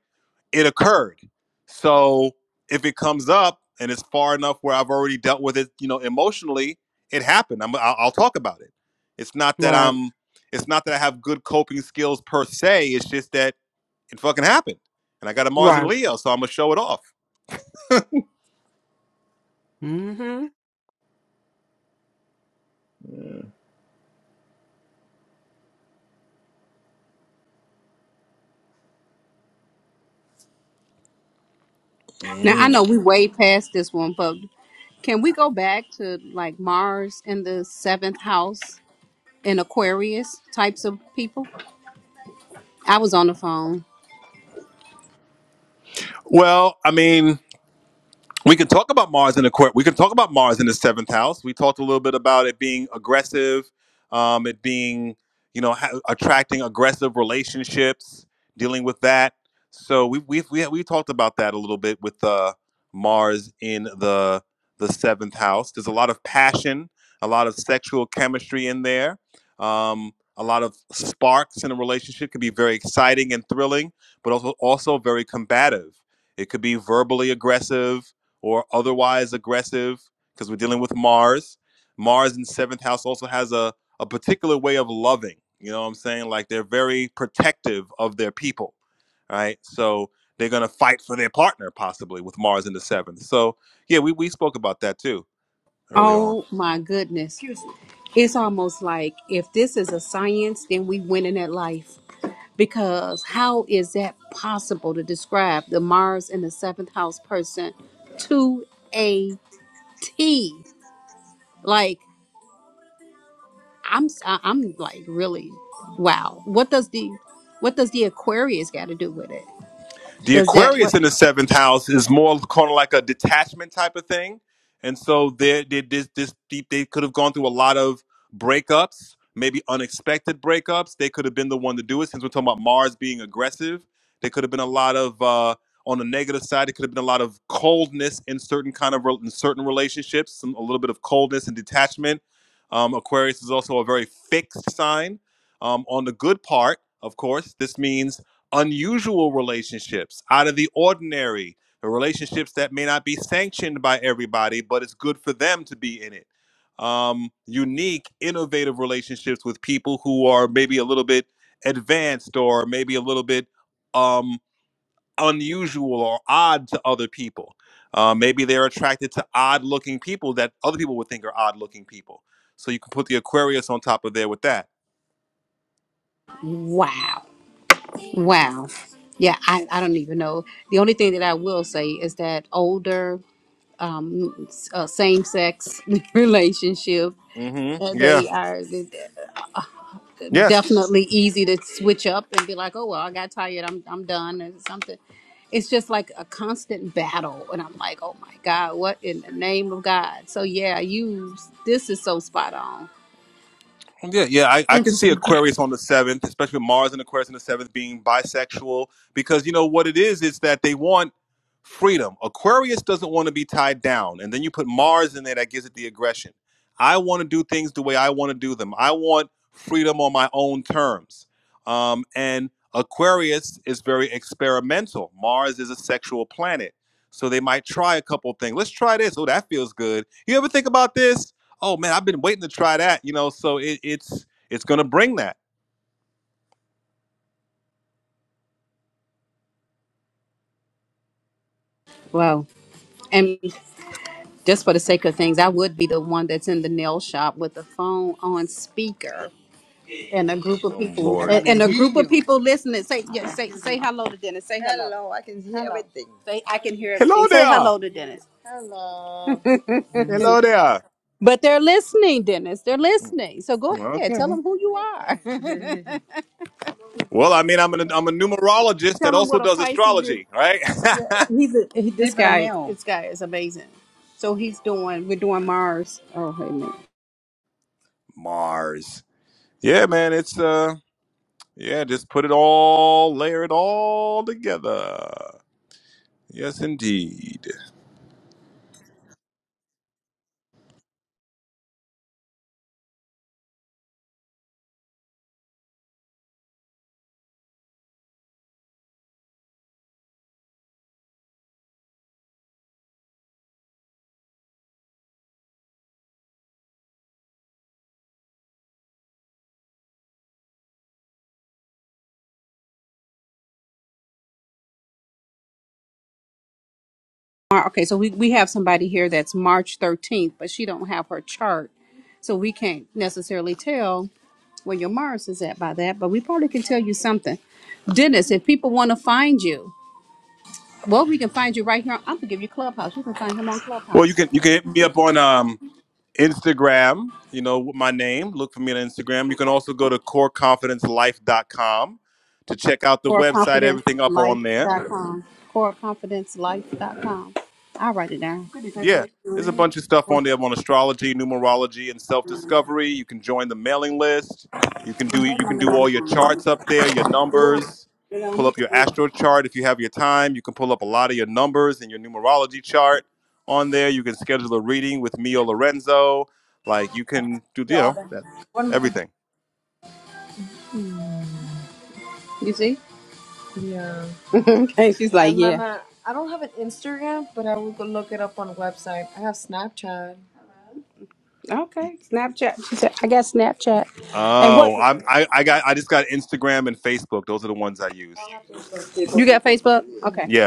B: it occurred so if it comes up and it's far enough where i've already dealt with it you know emotionally it happened I'm, I'll, I'll talk about it it's not that
F: right.
B: i'm it's not that i have good coping skills per se it's just that it fucking happened and i got a mars and
F: Right.
B: leo so i'm gonna show it off
F: Mm-hmm.
E: Now I know we way past this one, but can we go back to like Mars in the seventh house? and Aquarius types of people. I was on the phone.
B: well i mean we can talk about Mars in the court. We can talk about Mars in the seventh house. We talked a little bit about it being aggressive, um, it being, you know, ha- attracting aggressive relationships, dealing with that. So we we we we talked about that a little bit with uh, Mars in the the seventh house. There's a lot of passion, a lot of sexual chemistry in there. Um, a lot of sparks in a relationship can be very exciting and thrilling, but also also very combative. It could be verbally aggressive or otherwise aggressive because we're dealing with Mars. Mars in seventh house also has a, a particular way of loving. You know what I'm saying? Like they're very protective of their people, right? So they're going to fight for their partner possibly with Mars in the seventh. So, yeah, we, we spoke about that too earlier on.
E: Oh my goodness. Excuse me. It's almost like if this is a science, then we win in that life. Because how is that possible to describe the Mars in the seventh house person to a T? Like I'm, s- I- I'm like really, wow. What does the, what does the Aquarius got to do with it?
B: The
E: Does that
B: Aquarius
E: what?
B: in the seventh house is more kind of like a detachment type of thing, and so they they this this they, they could have gone through a lot of breakups, maybe unexpected breakups. They could have been the one to do it since we're talking about Mars being aggressive. There could have been a lot of uh, on the negative side. It could have been a lot of coldness in certain kind of rel- in certain relationships, some, a little bit of coldness and detachment. Um, Aquarius is also a very fixed sign. Um, on the good part, of course, this means unusual relationships, out of the ordinary, the relationships that may not be sanctioned by everybody, but it's good for them to be in it. Um, unique, innovative relationships with people who are maybe a little bit advanced or maybe a little bit um, unusual or odd to other people. Uh, maybe they're attracted to odd looking people that other people would think are odd looking people. So you can put the Aquarius on top of there with that.
E: Wow. Wow. Yeah, I, I don't even know. The only thing that I will say is that older um, s- uh, same sex relationship,
B: hmm
E: uh,
B: Yeah.
E: they are d- d-
B: Yes.
E: definitely easy to switch up and be like, oh, well, I got tired. I'm, I'm done or something. It's just like a constant battle. And I'm like, oh my God, what in the name of God? So, yeah, you, this is so spot on.
B: Yeah, yeah, I, I can see
E: Interesting.
B: Aquarius on the seventh, especially with Mars and Aquarius on the seventh being bisexual, because you know what it is, is that they want freedom. Aquarius doesn't want to be tied down, and then you put Mars in there that gives it the aggression. I want to do things the way I want to do them. I want freedom on my own terms. Um, and Aquarius is very experimental. Mars is a sexual planet, so they might try a couple things. Let's try this. Oh, that feels good. You ever think about this? oh man, I've been waiting to try that, you know. So it, it's it's gonna bring that.
E: Wow. and. just for the sake of things, I would be the one that's in the nail shop with the phone on speaker and a group of
B: Oh
E: people I and,
B: Lord.
E: want to and a hear group of you. people listening. Say yeah, say say hello to Dennis. Say hello. Hello, I can hear Hello. everything. Say I can hear everything.
B: Hello
E: Say
B: there.
E: hello to Dennis. Hello.
B: Hello there.
E: But they're listening, Dennis. They're listening. So go ahead. Tell
B: Okay.
E: them who you are.
B: Well, I mean, I'm an I'm a numerologist that
E: Tell them
B: also
E: what a
B: does
E: Pisces is.
B: astrology, right?
E: Yeah, he's a he, this Deeper guy. now. This guy is amazing. So he's doing. We're doing Mars. Oh, hey man.
B: Mars. Yeah, man. It's uh, yeah. Just put it all, layer it all together. Yes, indeed.
E: Mar- Okay, so we, we have somebody here that's March 13th, but she don't have her chart. So we can't necessarily tell where your Mars is at by that, but we probably can tell you something. Dennis, if people want to find you, well, we can find you right here. I'm going to give you Clubhouse. You can find him on
B: Well, you
E: Clubhouse.
B: can you can hit me up on um, Instagram. You know with my name. Look for me on Instagram. You can also go to core confidence life dot com to check out the website. Everything up on there.
E: CoreConfidenceLife.com. CoreConfidenceLife.com. I'll write it down.
B: Yeah, there's a bunch of stuff on there on astrology, numerology, and self-discovery. You can join the mailing list. You can do you can do all your charts up there, your numbers. Pull up your astro chart if you have your time. You can pull up a lot of your numbers and your numerology chart on there. You can schedule a reading with me or Lorenzo. Like you can do, you know, that, everything.
E: You see? Yeah. and she's like, And then yeah. uh, I don't have an Instagram, but I will go look it up on a website. I have Snapchat. Okay, Snapchat. She said, I got Snapchat. And what
B: Oh, I'm, I I got I just got Instagram and Facebook. Those are the ones I use.
E: you got Facebook? Okay.
B: Yeah.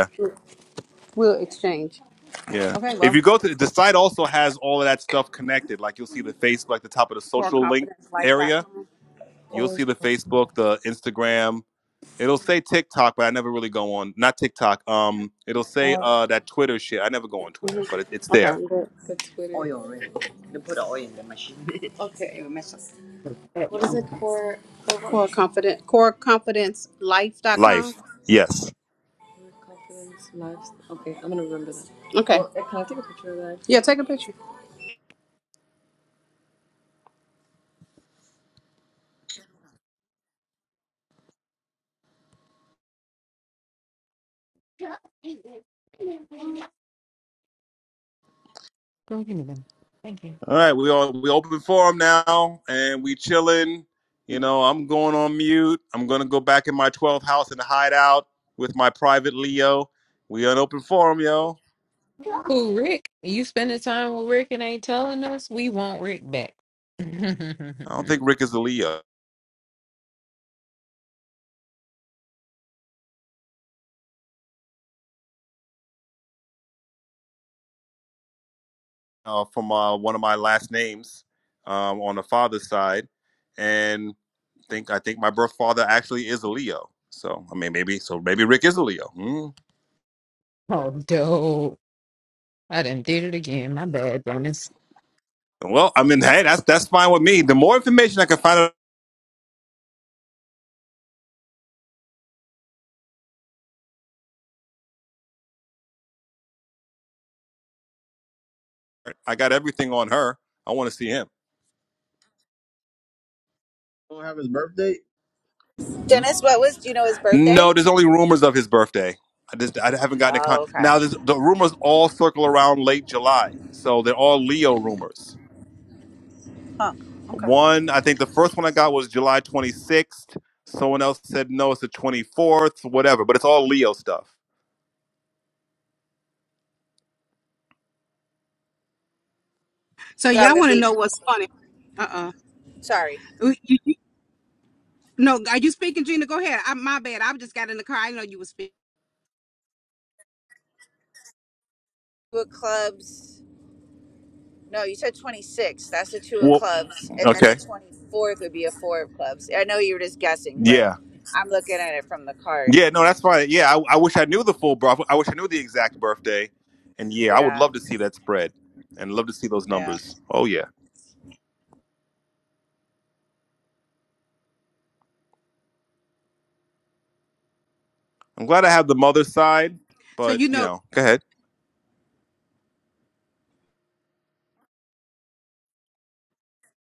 E: We'll exchange.
B: Yeah.
E: Okay,
B: If
E: well,
B: you go to the site, also has all of that stuff connected. Like you'll see the Facebook, like the top of the
E: for
B: social link area.
E: confidencelife.com.
B: You'll
E: Or
B: see the Facebook, the Instagram. It'll say TikTok, but I never really go on. Not TikTok. Um, it'll say uh that Twitter shit. I never go on Twitter, but it, it's
E: Okay,
B: there.
E: I'm good. Twitter. Oil. They put the oil in the machine. Okay. It will mess us What is up. it? Core, core what? Core confident core confidencelife.com. Core
B: Life. Yes.
E: confidence, lives. Okay, I'm gonna remember that. Okay. Well, eh, can I take a picture of that? Yeah, take a picture.
A: Go give me them. Thank you.
B: All right, we all we open forum now, and we chilling. You know, I'm going on mute. I'm gonna go back in my 12th house and hide out with my private Leo. We on open forum, yo.
A: Who, Rick? You spending time with Rick and ain't telling us? We want Rick back.
B: I don't think Rick is a Leo uh, from uh, one of my last names um, on the father's side, and think I think my birth father actually is a Leo. So I mean, maybe so maybe Rick is a Leo. Hmm.
A: oh, dope. I done did it again. My bad, Bonus.
B: Well, I mean, hey, that's that's fine with me. The more information I can find, out, I got everything on her. I want to see him.
D: Don't have his birthday.
C: Dennis, what was do you know his
B: No,
C: birthday?
B: there's only rumors of his birthday. I just I haven't gotten a con.
C: Oh,
B: Now
C: okay.
B: there's, the rumors all circle around late July, so they're all Leo rumors.
C: Huh. Okay.
B: One, I think the first one I got was July 26th. Someone else said no, it's the 24th, whatever. But it's all Leo stuff.
E: So
C: That
E: y'all
C: would
E: want to
C: be
E: know what's funny? Uh uh
C: sorry.
E: You, you- no, are you speaking, Gina? Go ahead. I, my bad. I just got in the car. I didn't know you were speaking.
C: Two of clubs. No, you said twenty six. That's the two of
B: Well,
C: clubs, and then the
B: okay,
C: twenty fourth would be a four of clubs. I know you were just guessing, but
B: yeah,
C: I'm looking at it from the card.
B: yeah, no, that's fine. Yeah, I, I wish I knew the full birth. I wish I knew the exact birthday. And yeah, I would
C: Yeah,
B: love to see that spread, and love to see those
C: yeah.
B: numbers. Oh yeah, I'm glad I have the mother's side,
E: So
B: but
E: you
B: you
E: know
B: know, go ahead.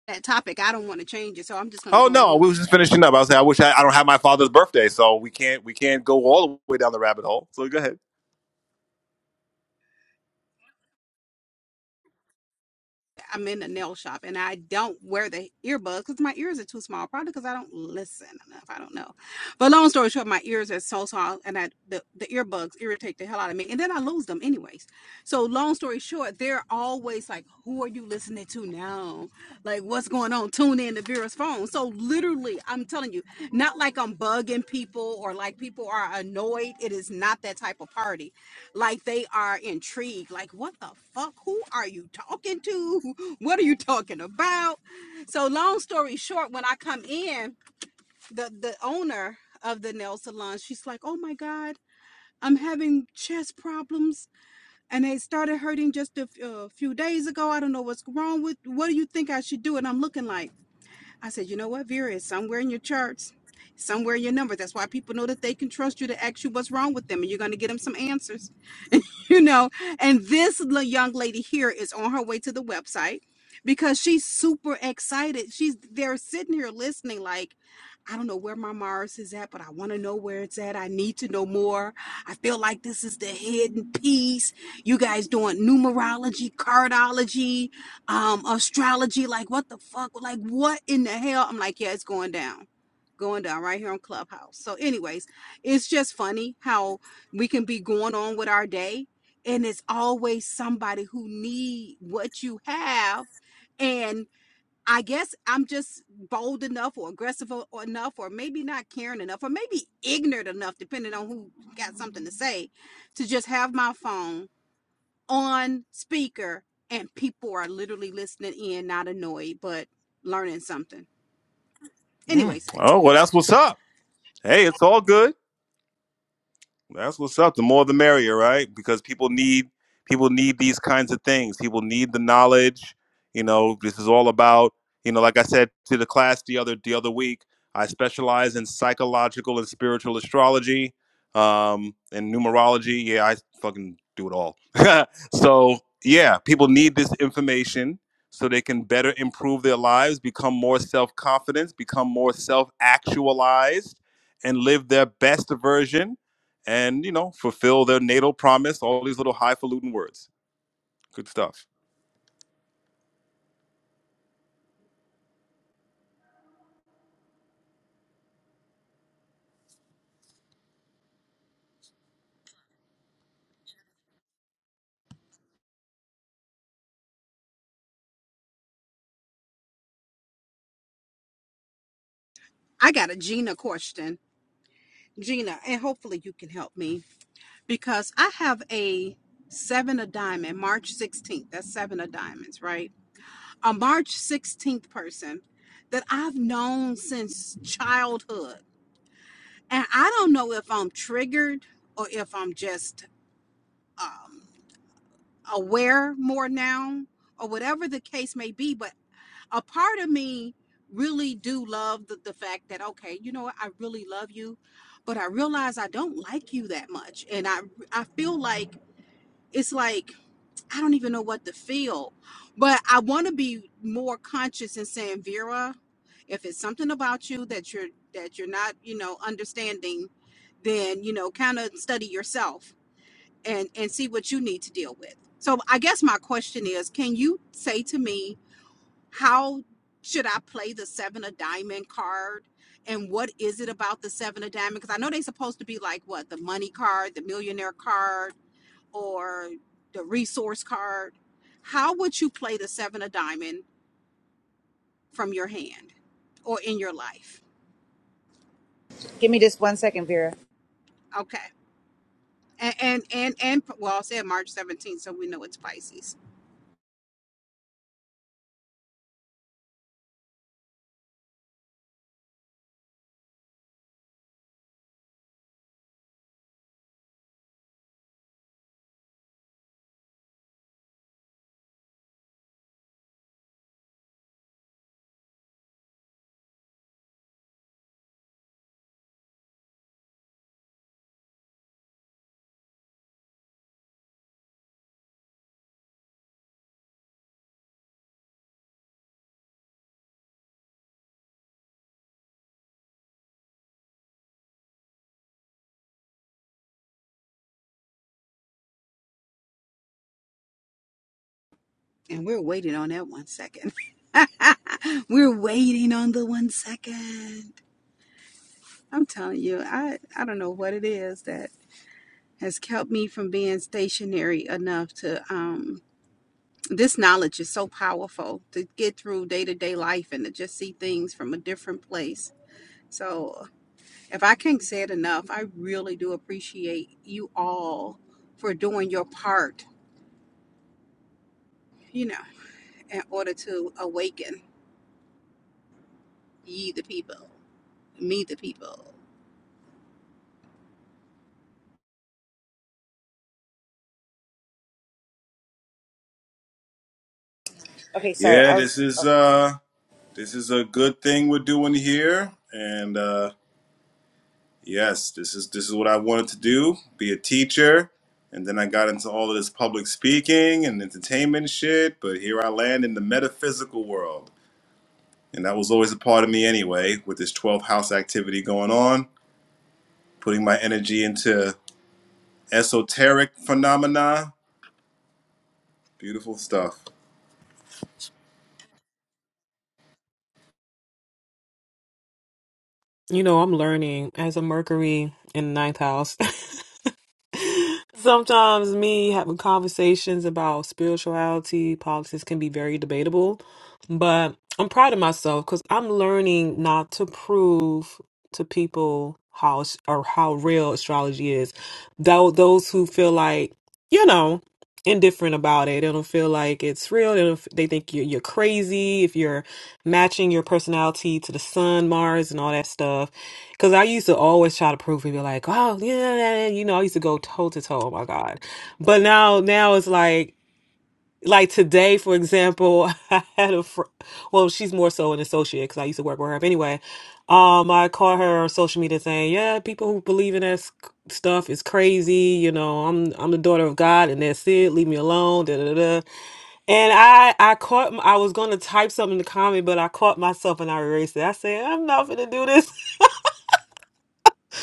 E: that topic. I don't want to change it, so I'm just gonna
B: Oh
E: go on
B: no,
E: mute.
B: we was just finishing up. I was saying I wish I, I don't have my father's birthday, so we can't we can't go all the way down the rabbit hole. So go ahead.
E: I'm in a nail shop, and I don't wear the earbuds because my ears are too small. Probably because I don't listen enough. I don't know. But long story short, my ears are so small, and I the, the earbuds irritate the hell out of me, and then I lose them anyways. So long story short, they're always like, "Who are you listening to now? Like, what's going on? Tune in to Vera's phone." So literally, I'm telling you, not like I'm bugging people or like people are annoyed. It is not that type of party. Like they are intrigued. Like, what the fuck? Who are you talking to? What are you talking about? So long story short, when I come in, the the owner of the nail salon, she's like, "Oh my god." I'm having chest problems and they started hurting just a uh, few days ago. I don't know what's wrong with. What do you think I should do? And I'm looking like I said, you know what, Vera is somewhere in your charts, somewhere in your numbers. That's why people know that they can trust you to ask you what's wrong with them, and you're going to get them some answers. you know and this young lady here is on her way to the website because she's super excited she's they're sitting here listening like i don't know where my mars is at but i want to know where it's at i need to know more i feel like this is the hidden piece you guys doing numerology cardology um astrology like what the fuck like what in the hell i'm like yeah it's going down going down right here on clubhouse so anyways it's just funny how we can be going on with our day and it's always somebody who need what you have and i guess i'm just bold enough or aggressive enough or maybe not caring enough or maybe ignorant enough depending on who got something to say to just have my phone on speaker and people are literally listening in not annoyed but learning something
B: Mm.
E: anyways
B: Oh well, that's what's up. Hey, it's all good. That's what's up. The more the merrier, right? Because people need people need these kinds of things. People need the knowledge. You know, this is all about, you know, like I said to the class the other the other week, I specialize in psychological and spiritual astrology, um, and numerology. Yeah, I fucking do it all. so yeah, people need this information so they can better improve their lives, become more self-confident, become more self-actualized, and live their best version and you know fulfill their natal promise. All these little highfalutin words. Good stuff.
E: i got a gina question gina and hopefully you can help me because I have a seven of diamond, March 16th. That's seven of diamonds, right? A March 16th person that I've known since childhood. And I don't know if I'm triggered or if I'm just um, aware more now or whatever the case may be. But a part of me really do love the, the fact that, okay, you know what? I really love you, but I realize I don't like you that much. And I, I feel like it's like I don't even know what to feel. But I want to be more conscious in saying, Vera, if it's something about you that you're that you're not, you know, understanding, then you know, kind of study yourself and and see what you need to deal with. So I guess my question is, can you say to me how should I play the seven of diamond card? And what is it about the seven of diamond? Because I know they're supposed to be like what the money card, the millionaire card, or the resource card, how would you play the seven of diamond from your hand or in your life?
C: Give me just one second, Vera.
E: Okay. And and and, and well, I said March 17th, so we know it's Pisces. And we're waiting on that one second. We're waiting on the one second. I'm telling you, I I don't know what it is that has kept me from being stationary enough to um this knowledge is so powerful to get through day-to-day life and to just see things from a different place. So If I can't say it enough, I really do appreciate you all for doing your part, you know, in order to awaken ye the people, me the people.
C: Okay, sorry.
B: Yeah,
C: I was.
B: this is
C: Oh.
B: uh this is a good thing we're doing here. And uh yes, this is this is what I wanted to do, be a teacher. And then I got into all of this public speaking and entertainment shit, but here I land in the metaphysical world. And that was always a part of me anyway, with this 12th house activity going on, putting my energy into esoteric phenomena. Beautiful stuff.
F: You know, I'm learning as a Mercury in the ninth house. Sometimes me having conversations about spirituality, politics can be very debatable, but I'm proud of myself because I'm learning not to prove to people how as- or how real astrology is. Though those who feel like, you know, indifferent about it, they don't feel like it's real. They, don't, f- they think you're, you're crazy if you're matching your personality to the sun, Mars, and all that stuff. Because I used to always try to prove it. be like, oh, yeah, yeah, yeah," you know, I used to go toe to toe. Oh my God. But now, now it's like, like today, for example, I had a, fr- well, she's more so an associate because I used to work with her. But anyway, um, I caught her on social media saying, yeah, people who believe in that s- stuff is crazy. You know, I'm, I'm the daughter of God and that's it. Leave me alone. Da, da, da. And I, I caught, m- I was going to type something in the comment, but I caught myself and I erased it. I said, I'm not going to do this.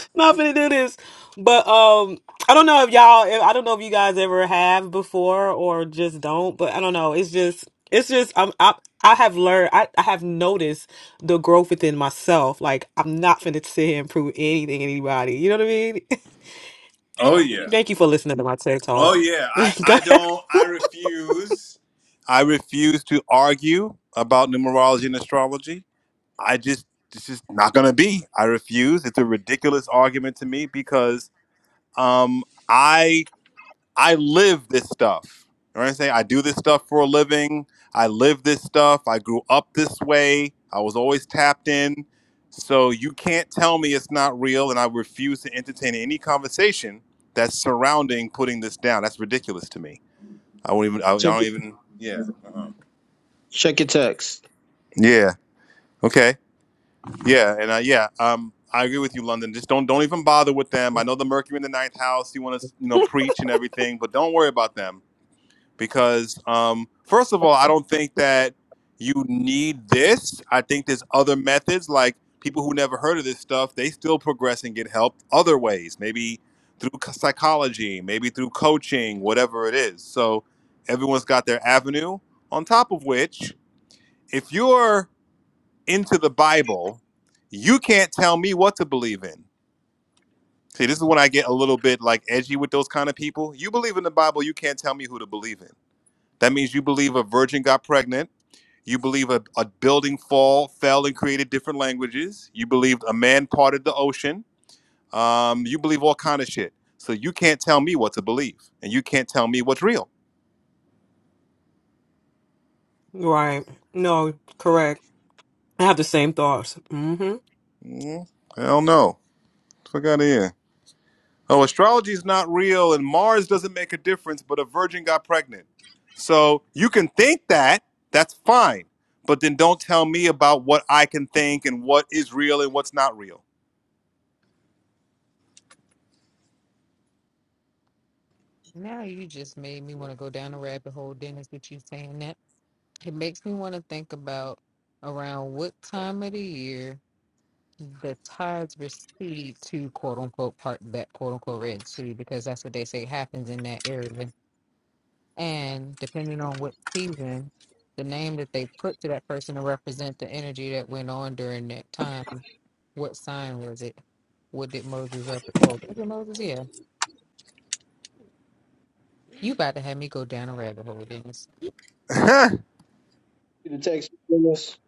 F: not going to do this. But um, I don't know if y'all, if, I don't know if you guys ever have before or just don't, but I don't know. It's just, it's just, I'm, I, I have learned, I, I have noticed the growth within myself. Like, I'm not going to sit here and prove anything to anybody. You know what I mean?
B: Oh yeah.
F: Thank you for listening to my TED
B: Oh
F: Talk.
B: yeah, I
F: Go
B: I don't
F: ahead.
B: I refuse. I refuse to argue about numerology and astrology. I just it's just not going to be. I refuse. It's a ridiculous argument to me because um I I live this stuff. You know what I'm saying? I do this stuff for a living. I live this stuff. I grew up this way. I was always tapped in. So you can't tell me it's not real, and I refuse to entertain any conversation that's surrounding putting this down. That's ridiculous to me. I won't even. I, I
D: Check
B: don't
D: your
B: even. Yeah. uh-uh.
D: check your text.
B: Yeah. Okay. Yeah. And uh, yeah. Um. I agree with you, London. Just don't don't even bother with them. I know the Mercury in the ninth house. You want to you know preach and everything, but don't worry about them because um, first of all, I don't think that you need this. I think there's other methods, like people who never heard of this stuff, they still progress and get help other ways, maybe through c- psychology, maybe through coaching, whatever it is. So everyone's got their avenue. On top of which, if you're into the Bible, you can't tell me what to believe in. See, this is when I get a little bit like edgy with those kind of people. You believe in the Bible, you can't tell me who to believe in that means you believe a virgin got pregnant. You believe a, a building fall fell and created different languages. You believe a man parted the ocean. Um, you believe all kind of shit. So you can't tell me what to believe, and you can't tell me what's real.
F: Right. No, correct. I have the same thoughts. hmm
B: Mm, hell no. Fuck out of here. Oh, astrology is not real, and Mars doesn't make a difference. But a virgin got pregnant. So you can think that. That's fine. But then don't tell me about what I can think and what is real and what's not real.
A: Now you just made me want to go down a rabbit hole, Dennis, with you saying that. It makes me want to think about around what time of the year the tides recede to quote unquote part that quote unquote Red Sea, because that's what they say happens in that area. And depending on what season, the name that they put to that person to represent the energy that went on during that time, what sign was it? What did Moses represent? Oh, was it Moses, yeah. You about to have me go down a rabbit hole, Dennis.
D: See The text. Dennis?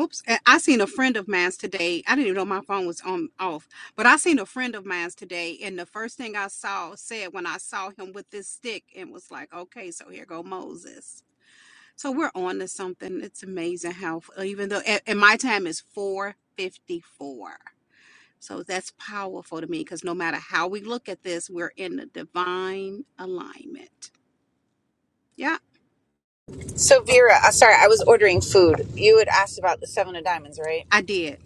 E: Oops, and I seen a friend of mine's today. I didn't even know my phone was on off, but I seen a friend of mine's today, and the first thing I saw said when I saw him with this stick and was like, okay, so here go Moses. So we're on to something. It's amazing how even though and and my time is 454 So that's powerful to me because no matter how we look at this, we're in a divine alignment. Yeah,
C: So Vera, uh, sorry, I was ordering food. You had asked about the seven of diamonds, right?
E: I did.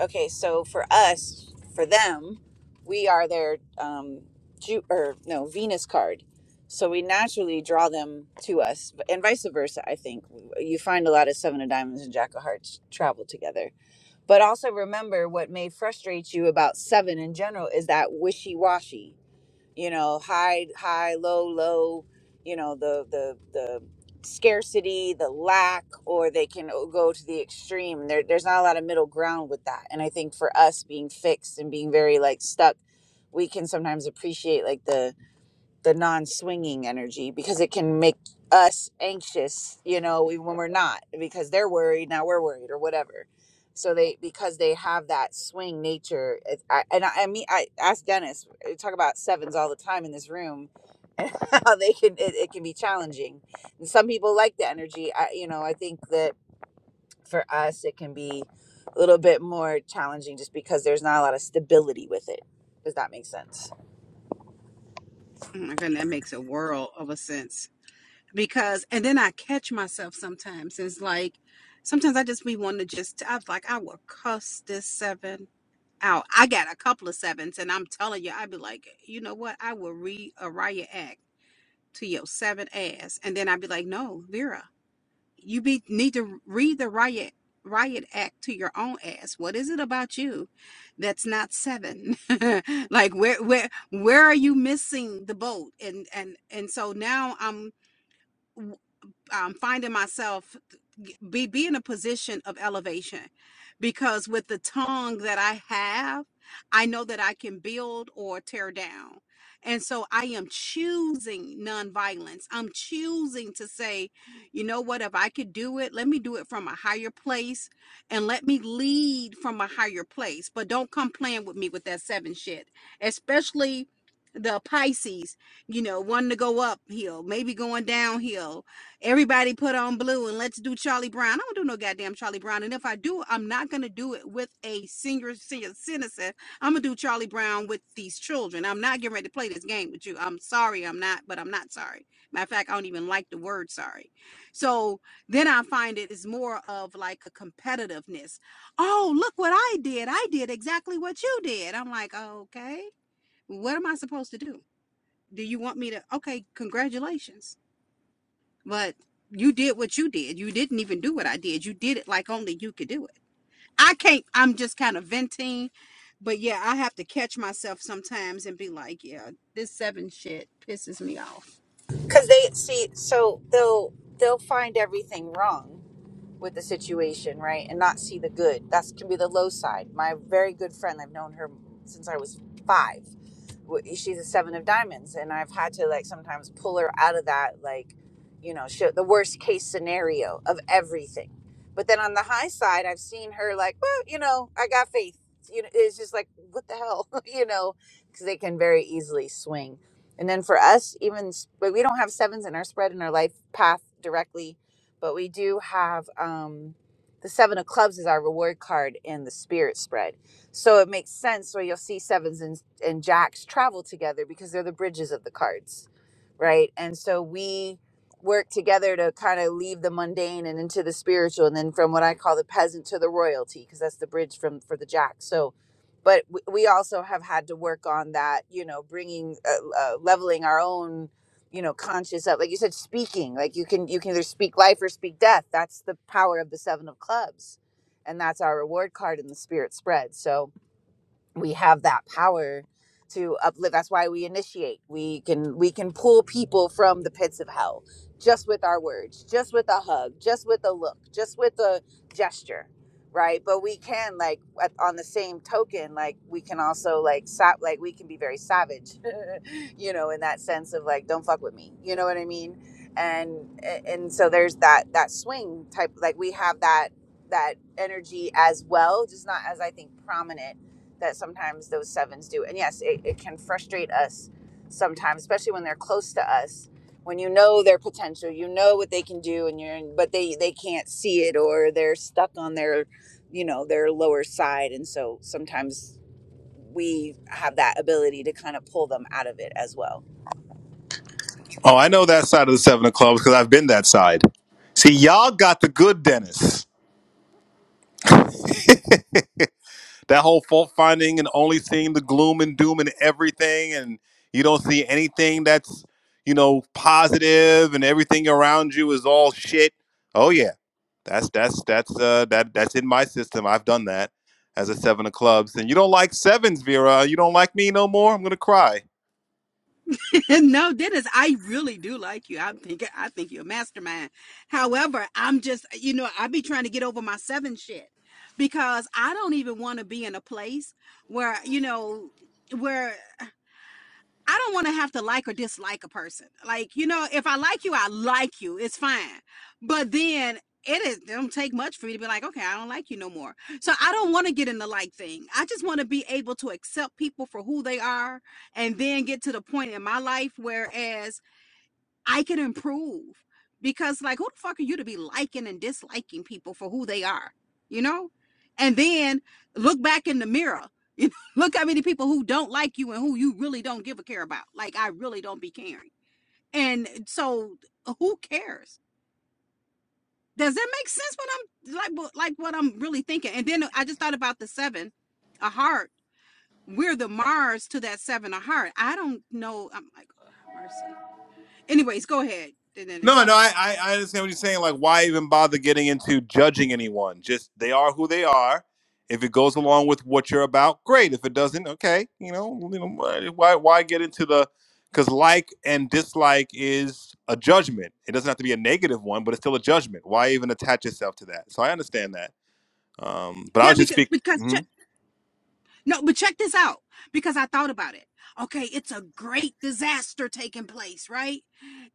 C: Okay, so for us, for them, we are their um Ju- or no Venus card. So we naturally draw them to us, and vice versa. I think you find a lot of Seven of Diamonds and Jack of Hearts travel together. But also remember, what may frustrate you about Seven in general is that wishy washy you know high high low low you know the the the scarcity the lack or they can o- go to the extreme there, there's not a lot of middle ground with that and i think for us being fixed and being very like stuck we can sometimes appreciate like the the non-swinging energy because it can make us anxious you know even when we're not because they're worried now we're worried or whatever so they because they have that swing nature it, I, and I, I mean i ask dennis we talk about sevens all the time in this room how they can it, it can be challenging and some people like the energy i you know i think that for us it can be a little bit more challenging just because there's not a lot of stability with it does that make sense
E: Oh my goodness, that makes a world of a sense. Because and then I catch myself sometimes. It's like sometimes I just be wanting to just I was like, I will cuss this seven out. I got a couple of sevens and I'm telling you, I'd be like, you know what? I will read a riot act to your seven ass. And then I'd be like, no, Vera. you be need to read the riot riot act to your own ass what is it about you that's not seven like where where where are you missing the boat and and and so now i'm um, finding myself be be in a position of elevation because with the tongue that I have, I know that I can build or tear down. And so I am choosing nonviolence. I'm choosing to say, you know what, if I could do it, let me do it from a higher place and let me lead from a higher place. But don't come playing with me with that seven shit, especially the Pisces, you know, wanting to go uphill, maybe going downhill, Everybody put on blue and let's do Charlie Brown. I don't do no goddamn Charlie Brown. And if I do, I'm not gonna do it with a senior senior citizen. I'm gonna do Charlie Brown with these children. I'm not getting ready to play this game with you. I'm sorry, I'm not, but I'm not sorry. Matter of fact, I don't even like the word sorry. So then I find it is more of like a competitiveness. Oh, look what I did. I did exactly what you did. I'm like, okay, what am I supposed to do? Do you want me to okay, congratulations but you did what you did. You didn't even do what I did. You did it like only you could do it. I can't, I'm just kind of venting. But yeah, I have to catch myself sometimes and be like, yeah, this seven shit pisses me off.
C: because they see so they'll they'll find everything wrong with the situation, right? And not see the good. That can be the low side. My very good friend, I've known her since I was five. She's a seven of diamonds, and I've had to like sometimes pull her out of that, like, you know, the worst case scenario of everything. But then on the high side, I've seen her like, well, you know, I got faith. You know, it's just like, what the hell, you know, because they can very easily swing. And then for us, even but we don't have sevens in our spread in our life path directly but we do have um, the seven of clubs is our reward card in the spirit spread so it makes sense where you'll see sevens and, and jacks travel together because they're the bridges of the cards right and so we work together to kind of leave the mundane and into the spiritual and then from what i call the peasant to the royalty because that's the bridge from for the jack so but w- we also have had to work on that you know bringing uh, uh, leveling our own you know conscious of like you said speaking like you can you can either speak life or speak death that's the power of the seven of clubs and that's our reward card in the spirit spread so we have that power to uplift that's why we initiate we can we can pull people from the pits of hell just with our words just with a hug just with a look just with a gesture right but we can like at- on the same token like we can also like sa- like we can be very savage you know in that sense of like don't fuck with me you know what i mean and and so there's that that swing type like we have that that energy as well just not as i think prominent that sometimes those sevens do. And yes, it, it can frustrate us sometimes, especially when they're close to us. When you know their potential, you know what they can do, and you're but they they can't see it or they're stuck on their, you know, their lower side, and so sometimes we have that ability to kind of pull them out of it as well.
B: Oh, I know that side of the seven of clubs because I've been that side. See, y'all got the good Dennis. That whole fault finding and only seeing the gloom and doom and everything, and you don't see anything that's you know positive, and everything around you is all shit. Oh yeah, that's that's that's uh, that that's in my system. I've done that as a seven of clubs, and you don't like sevens, Vera. You don't like me no more. I'm gonna cry.
E: no, Dennis, I really do like you. I think I think you're a mastermind. However, I'm just, you know, I be trying to get over my seven shit because I don't even want to be in a place where, you know, where I don't want to have to like or dislike a person. Like, you know, if I like you, I like you. It's fine. But then it is it don't take much for me to be like, okay, I don't like you no more. So I don't want to get in the like thing. I just want to be able to accept people for who they are and then get to the point in my life whereas I can improve because like who the fuck are you to be liking and disliking people for who they are, you know? And then look back in the mirror. You know, look how many people who don't like you and who you really don't give a care about. Like I really don't be caring. And so who cares? Does that make sense what I'm like what- like what I'm really thinking? And then I just thought about the 7 a heart. We're the Mars to that 7 a heart. I don't know. I'm like oh, mercy. Anyways, go ahead. And then it's
B: No, no, I, I understand what you're saying. Like, why even bother getting into judging anyone? Just they are who they are. If it goes along with what you're about, great. If it doesn't, okay. You know, you know why why why get into the because like and dislike is a judgment. It doesn't have to be a negative one, but it's still a judgment. Why even attach yourself to that? So I understand that. Um, but I
E: yeah,
B: was just
E: because
B: speak.
E: because
B: mhm.
E: No, but check this out because I thought about it. Okay, it's a great disaster taking place, right?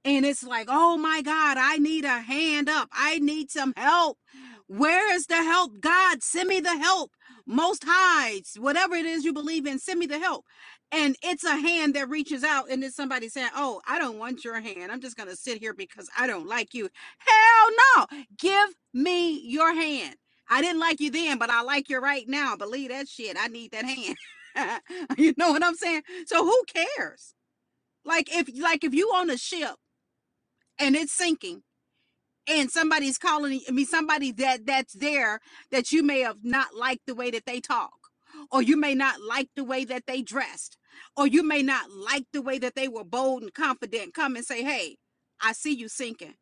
E: And it's like, oh my God, I need a hand up. I need some help. Where is the help? God, send me the help. Most highs, whatever it is you believe in, send me the help. And it's a hand that reaches out, and it's somebody saying, Oh, I don't want your hand. I'm just going to sit here because I don't like you. Hell no. Give me your hand. I didn't like you then, but I like you right now. Believe that shit. I need that hand. you know what I'm saying? So who cares? Like if like if you on a ship and it's sinking and somebody's calling I mean somebody that that's there that you may have not liked the way that they talk or you may not like the way that they dressed or you may not like the way that they were bold and confident come and say, "Hey, I see you sinking."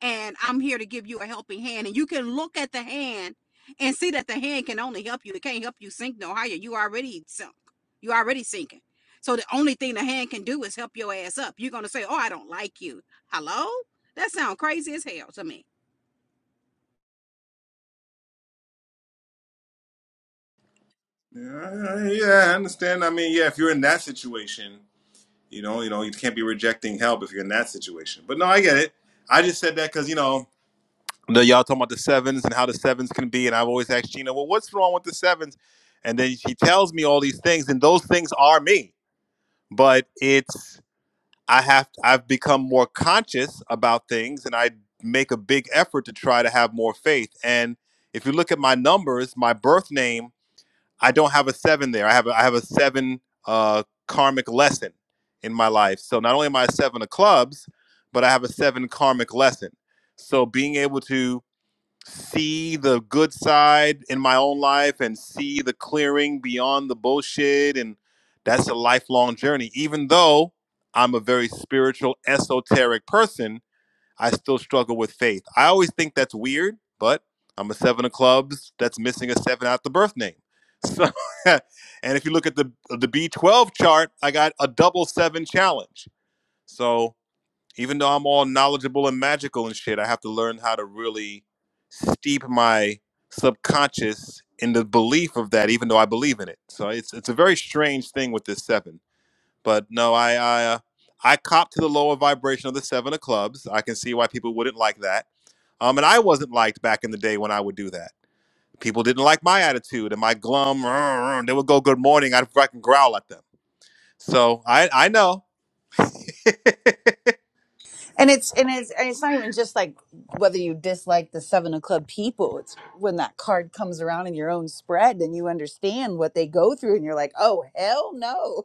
E: and I'm here to give you a helping hand. And you can look at the hand and see that the hand can only help you. It can't help you sink no higher. You already sunk. You already sinking. So the only thing the hand can do is help your ass up. You're gonna say, "Oh, I don't like you." Hello? That sounds crazy as hell to me.
B: Yeah, I- I- yeah, I understand. I mean, yeah, if you're in that situation, You know, you know, you can't be rejecting help if you're in that situation. But no, I get it. I just said that because you know, the, y'all talking about the sevens and how the sevens can be, and I've always asked Gina, well, what's wrong with the sevens? And then she tells me all these things, and those things are me. But it's I have I've become more conscious about things, and I make a big effort to try to have more faith. And if you look at my numbers, my birth name. I don't have a seven there. I have a, I have a seven uh, karmic lesson in my life. So not only am I a seven of clubs, but I have a seven karmic lesson. So being able to see the good side in my own life and see the clearing beyond the bullshit and that's a lifelong journey. Even though I'm a very spiritual, esoteric person, I still struggle with faith. I always think that's weird, but I'm a seven of clubs that's missing a seven out the birth name. So, and if you look at the the B12 chart, I got a double seven challenge. So even though I'm all knowledgeable and magical and shit, I have to learn how to really steep my subconscious in the belief of that, even though I believe in it. So it's it's a very strange thing with this seven. But no, I I, uh, I cop to the lower vibration of the seven of clubs. I can see why people wouldn't like that. Um, and I wasn't liked back in the day when I would do that. People didn't like my attitude and my glum. "Rrr, rrr," They would go good morning. I'd fucking growl at them. So I I know.
C: And it's and it's and it's not even just like whether you dislike the seven of club people. It's when that card comes around in your own spread and you understand what they go through, and you're like, oh hell no.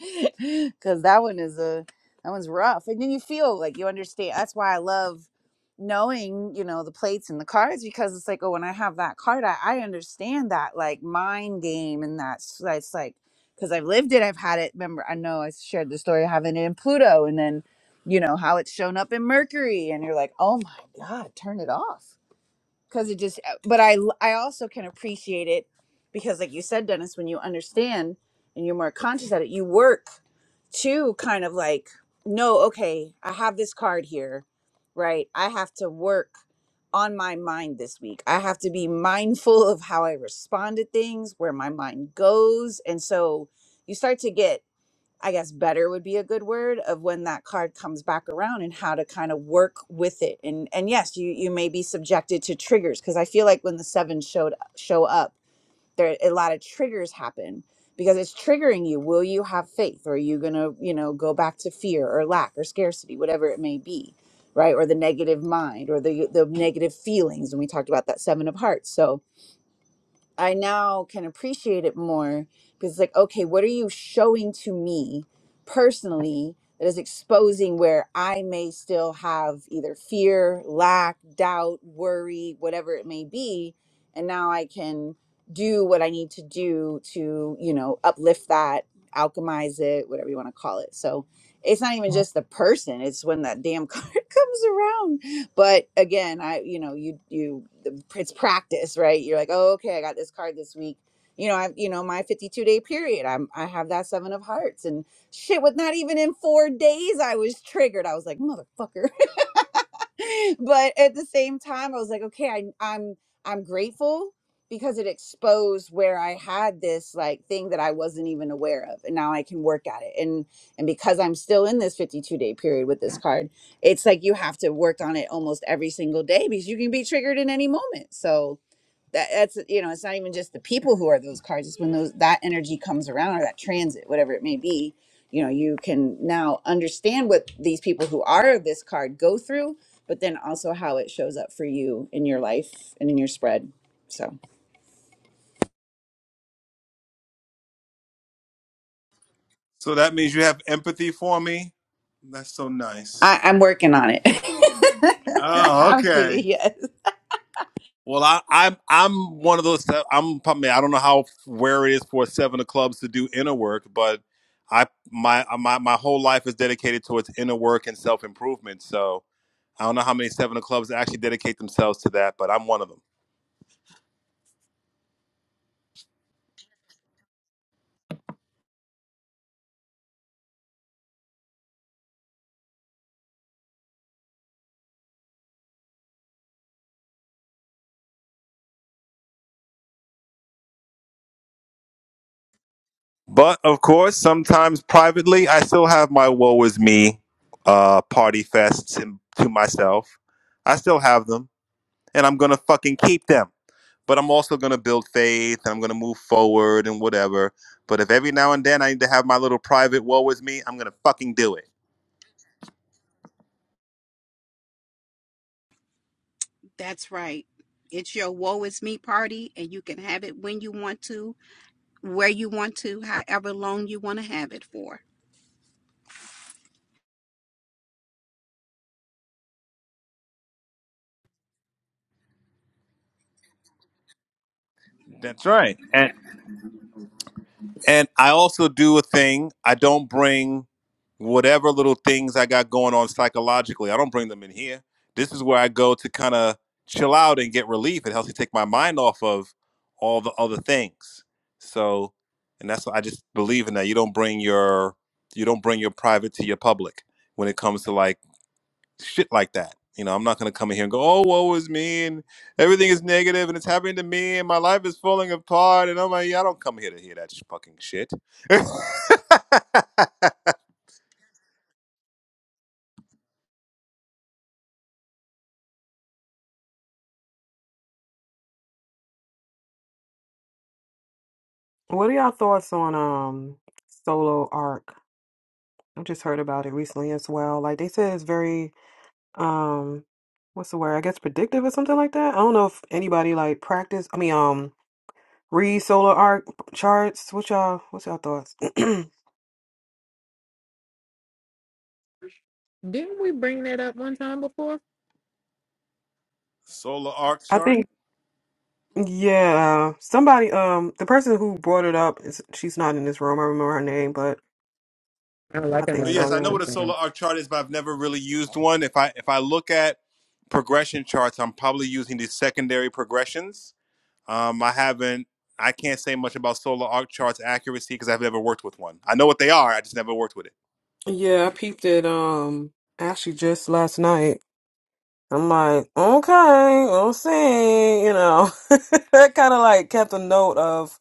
C: because that one is a that one's rough and then you feel like you understand that's why i love knowing you know the plates and the cards because it's like oh when i have that card i, I understand that like mind game and that's that's like because i've lived it i've had it remember i know i shared the story of having it in pluto and then you know how it's shown up in mercury and you're like oh my god turn it off because it just uh, but I, I also can appreciate it because like you said dennis when you understand and you're more conscious at it you work to kind of like no okay i have this card here right i have to work on my mind this week i have to be mindful of how i respond to things where my mind goes and so you start to get I guess better would be a good word of when that card comes back around and how to kind of work with it. And and yes, you you may be subjected to triggers because I feel like when the seven showed show up, there a lot of triggers happen because it's triggering you. Will you have faith? Or are you gonna, you know, go back to fear or lack or scarcity, whatever it may be, right? Or the negative mind or the the negative feelings. And we talked about that seven of hearts. So I now can appreciate it more because it's like, okay, what are you showing to me personally that is exposing where I may still have either fear, lack, doubt, worry, whatever it may be. And now I can do what I need to do to, you know, uplift that, alchemize it, whatever you want to call it. So it's not even just the person, it's when that damn card comes around but again i you know you you it's practice right you're like oh okay i got this card this week you know i you know my 52 day period i'm i have that seven of hearts and shit with not even in four days i was triggered i was like motherfucker but at the same time, I was like, okay, I, I'm I'm grateful because it exposed where I had this like thing that I wasn't even aware of, and now I can work at it. And and because I'm still in this 52 day period with this card, it's like you have to work on it almost every single day because you can be triggered in any moment. So that that's you know it's not even just the people who are those cards it's when those that energy comes around or that transit whatever it may be you know you can now understand what these people who are this card go through but then also how it shows up for you in your life and in your spread so
B: So that means you have empathy for me? That's so nice.
C: I, i'm working on it
B: Oh,
C: i'm
B: okay.
C: kidding yes
B: Well, I, I'm I'm one of those. that- I'm probably I don't know how where it is for seven of clubs to do inner work, but I my uh, my my whole life is dedicated towards inner work and self improvement. So I don't know how many seven of clubs actually dedicate themselves to that, but I'm one of them. But of course, sometimes privately, I still have my woe is me uh, party fests and- to myself. I still have them, and I'm gonna fucking keep them. but I'm also going to build faith and I'm going to move forward and whatever. But if every now and then I need to have my little private woe with me, I'm going to fucking do it.
E: That's right. It's your woe is me party, and you can have it when you want to, where you want to, however long you want to have it for.
B: That's right. And and I also do a thing. I don't bring whatever little things I got going on psychologically. I don't bring them in here. This is where I go to kind of chill out and get relief. It helps me take my mind off of all the other things. So, and that's I just believe in that. You don't bring your you don't bring your private to your public when it comes to like shit like that. You know, I'm not gonna come in here and go, "Oh, woe is me," and everything is negative, and it's happening to me, and my life is falling apart, and I'm like, yeah, I don't come here to hear that fucking shit.
F: What are y'all thoughts on um solo arc? I just heard about it recently as well. Like they said it's very um what's the word? I guess predictive or something like that. I don't know if anybody like practice I mean um read solo arc charts. What y'all what's y'all thoughts?
A: Didn't we bring that up one time before?
B: solar arc
F: I
B: chart.
F: think Yeah, somebody, um, the person who brought it up is she's not in this room. I remember her name, but
A: I don't like
F: I
A: it.
F: think
B: Oh,
A: no
B: yes,
A: link,
B: I know
A: I
F: so.
B: what a solar
A: think.
B: arc chart is, but I've never really used one. If I if I look at progression charts, I'm probably using these secondary progressions. Um, I haven't. I can't say much about solar arc charts accuracy because I've never worked with one. I know what they are. I just never worked with it.
F: Yeah, yeah, I peeped it. Um, actually, just last night. I'm like, okay, we'll see. You know, that kind of like kept a note of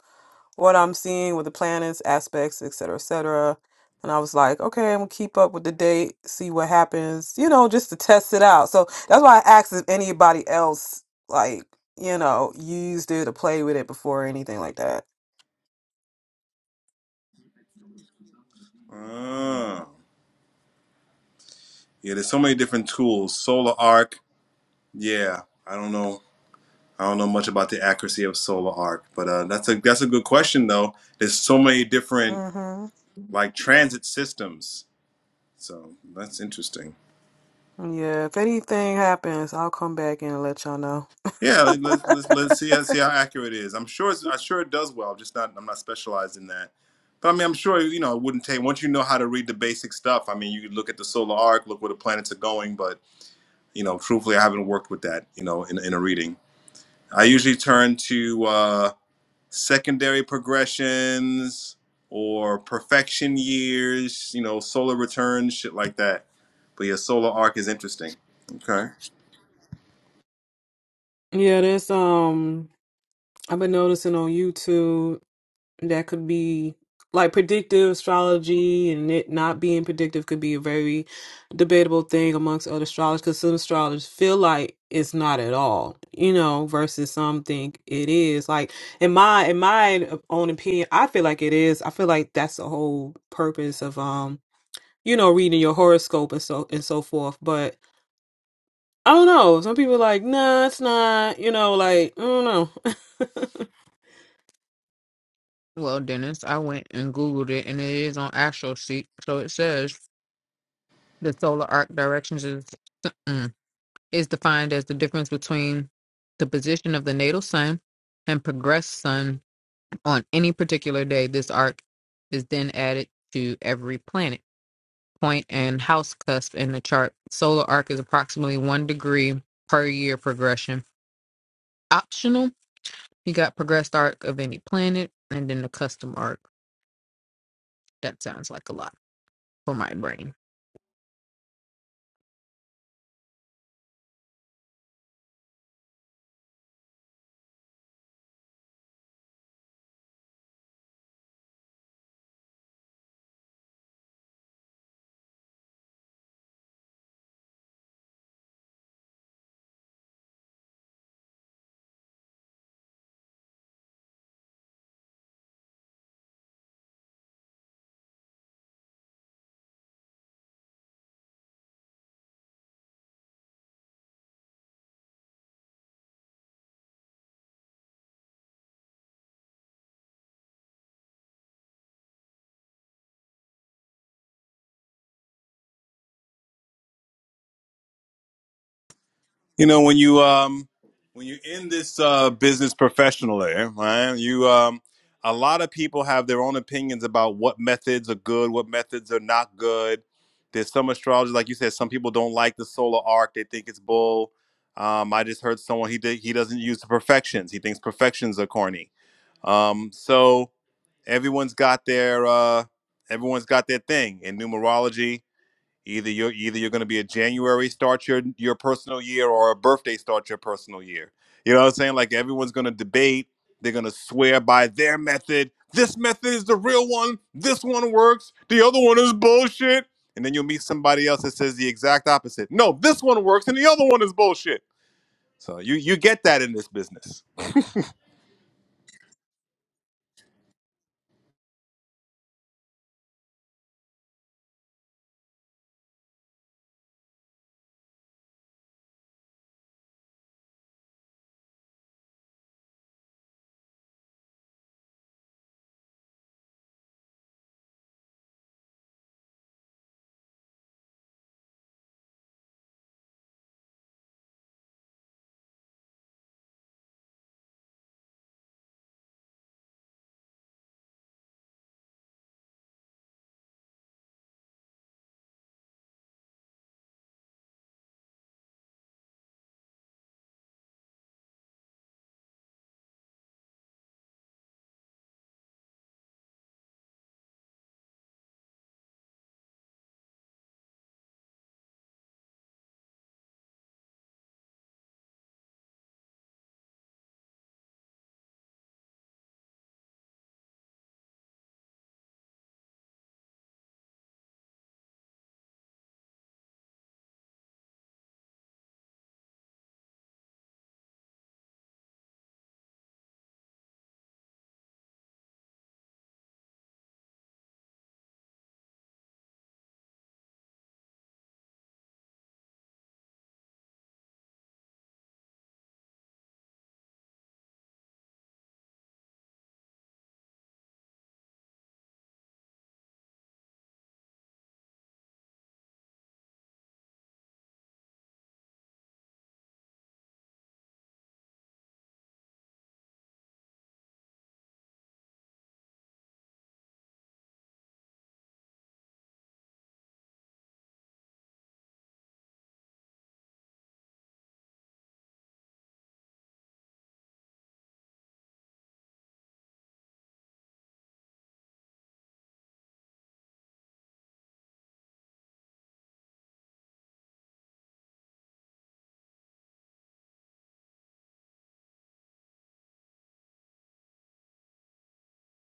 F: what I'm seeing with the planets, aspects, et cetera, et cetera. And I was like, okay, I'm gonna keep up with the date, see what happens, you know, just to test it out. So that's why I asked if anybody else like, you know, used it or played with it before or anything like that.
B: Oh. Yeah, there's so many different tools. Solar Arc. Yeah, I don't know. I don't know much about the accuracy of Solar Arc, but uh, that's a that's a good question though. There's so many different
F: Mm-hmm.
B: like transit systems, so that's interesting.
F: Yeah, if anything happens, I'll come back and let y'all know.
B: Yeah, let- let's let's let's see how see how accurate it is. I'm sure it's, I'm sure it does well. I'm just not I'm not specialized in that. But I mean, I'm sure you know it wouldn't take once you know how to read the basic stuff. I mean, you could look at the solar arc, look where the planets are going. But you know, truthfully, I haven't worked with that. You know, in in a reading, I usually turn to. Uh, secondary progressions or perfection years, you know, solar returns, shit like that. But yeah, solar arc is interesting. Okay.
F: Yeah, that's um I've been noticing on YouTube that could be like predictive astrology and it not being predictive could be a very debatable thing amongst other astrologers because some astrologers feel like it's not at all you know versus some think it is like in my in my own opinion i feel like it is i feel like that's the whole purpose of um you know reading your horoscope and so and so forth but i don't know some people are like nah it's not you know like i don't know
A: Well, Dennis, I went and Googled it, and it is on AstroSeek. So it says the solar arc directions is mm, is defined as the difference between the position of the natal sun and progressed sun on any particular day. This arc is then added to every planet, point, and house cusp in the chart. Solar arc is approximately one degree per year progression. Optional He got progressed arc of any planet and then the custom arc. That sounds like a lot for my brain.
B: You know, when you um when you're in this uh business professionally, right? You um a lot of people have their own opinions about what methods are good, what methods are not good. There's some astrologers, like you said, some people don't like the solar arc. They think it's bull. Um, I just heard someone he did he doesn't use the perfections. He thinks perfections are corny Um, so everyone's got their uh, everyone's got their thing in numerology. Either you're either you're going to be a January start your your personal year or a birthday start your personal year. You know what I'm saying? Like everyone's going to debate. They're going to swear by their method. This method is the real one. This one works. The other one is bullshit. And then you'll meet somebody else that says the exact opposite. No, this one works and the other one is bullshit. So you you get that in this business.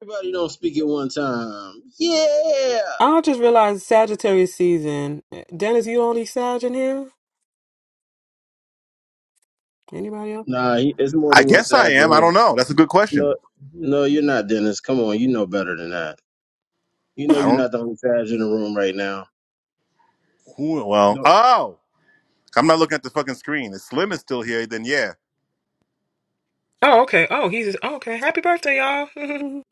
D: Everybody don't speak at one time. Yeah.
F: I just realized Sagittarius season. Dennis, you only Sag in here? Anybody else?
D: Nah, he, it's more
B: I
D: than one
B: guess I
D: Saturday
B: am. I
D: here.
B: don't know. That's a good question.
D: No, no, you're not, Dennis. Come on, you know better than that. You
B: Well,
D: know
B: I
D: you're
B: don't.
D: not the only Savage in the room right now.
B: Cool. Well,
D: No.
B: oh, I'm not looking at the fucking screen. If Slim is still here, then yeah.
F: Oh, okay. Oh, he's oh, okay. Happy birthday, y'all.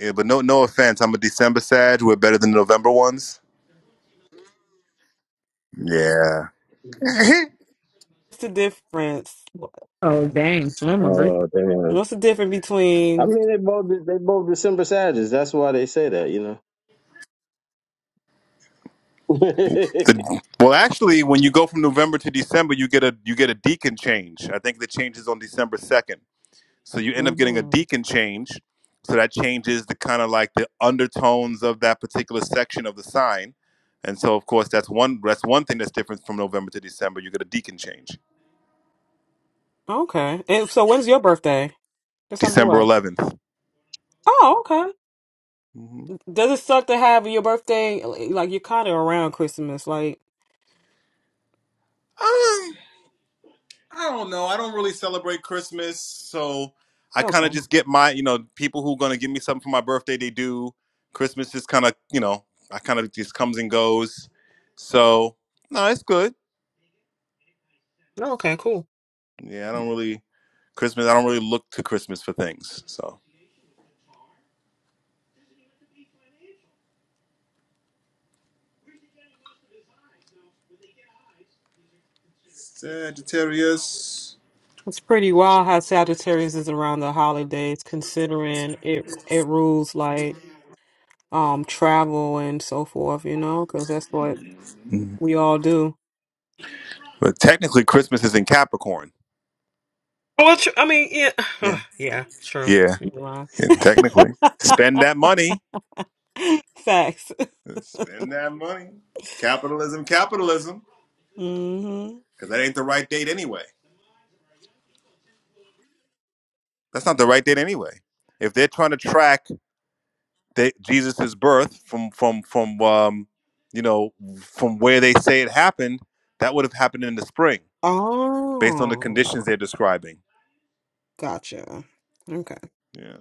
B: Yeah, but no, no offense. I'm a December Sag. We're better than November ones. Yeah.
F: What's the difference?
A: Oh dang, swimmer,
D: Oh damn.
F: What's the difference
D: I
F: between?
D: mean, they both they both December Savages. That's why they say that, you know. yeah,
B: The- well, actually, when you go from November to December, you get a you get a deacon change. I think the change is on December second, so you end up getting a
F: hmm
B: deacon change. So that changes the kind of like the undertones of that particular section of the sign, and so of course that's one that's one thing that's different from November to December. You get a deacon change,
F: Okay. And so, when's your birthday? December
B: December
F: what?
B: 11th
F: Oh, okay. Does it suck to have your birthday like like, you're kind of around Christmas? Like,
B: Um, I don't know. I don't really celebrate Christmas, so I kind
F: okay.
B: of just get my, you know, people who are gonna give me something for my birthday. They do. Christmas just kind of, you know, I kind of just comes and goes. So no, it's good.
F: okay, cool.
B: Yeah, I don't really Christmas. I don't really look to Christmas for things. So Sagittarius,
F: It's pretty wild how Sagittarius is around the holidays, considering it it rules like, um travel and so forth, you know, because that's what
B: Mhm.
F: we all do.
B: but technically Christmas is in Capricorn.
F: Well, tr- I mean, yeah,
B: Yeah,
F: yeah, true.
B: yeah,
F: Right.
B: yeah technically. Spend that money.
F: Facts.
B: Spend that money. Capitalism, capitalism.
F: hmm
B: because that ain't the right date anyway. That's not the right date anyway. If they're trying to track the, Jesus's birth from from from um, you know from where they say it happened, that would have happened in the spring based on the conditions
F: Oh,
B: they're describing.
F: gotcha. Okay.
B: Yeah.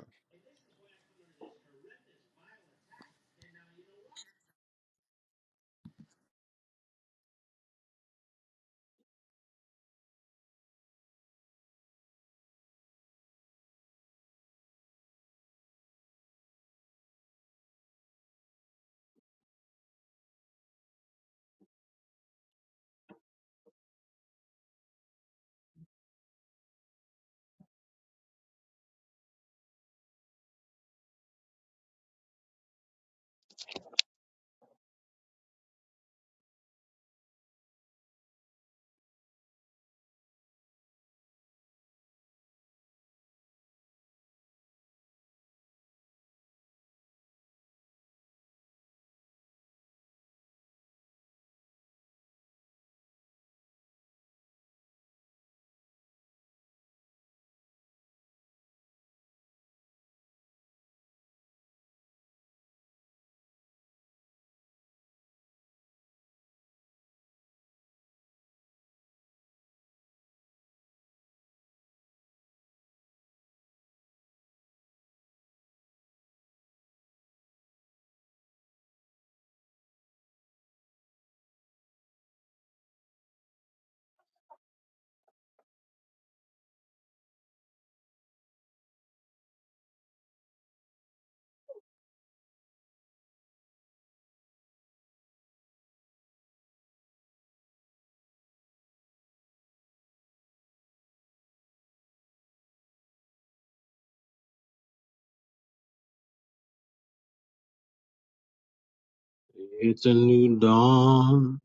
D: It's a new dawn.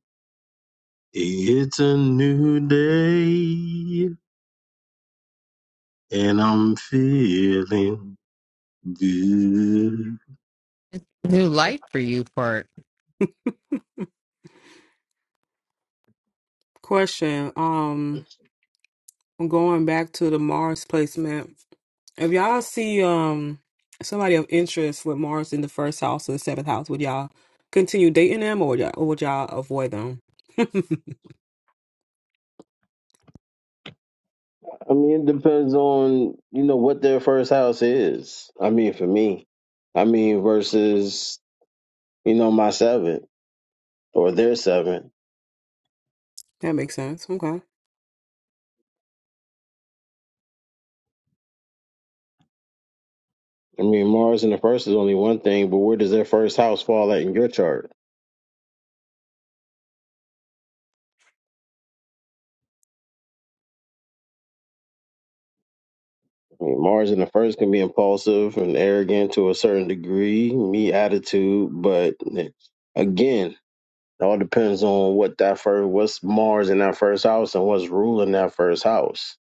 D: It's a new day. And I'm feeling good.
A: New light for you part.
F: Question. Um, going back to the Mars placement, if y'all see um somebody of interest with Mars in the first house or the seventh house, would y'all continue dating them or would y'all, or would y'all avoid them?
D: I mean, it depends on you know what their first house is. I mean, for me, I mean versus you know my seventh or their seventh.
F: That makes sense. Okay.
D: I mean, Mars in the first is only one thing, but where does their first house fall at in your chart? I mean, Mars in the first can be impulsive and arrogant to a certain degree, me attitude, but again, it all depends on what that first, what's Mars in that first house and what's ruling that first house.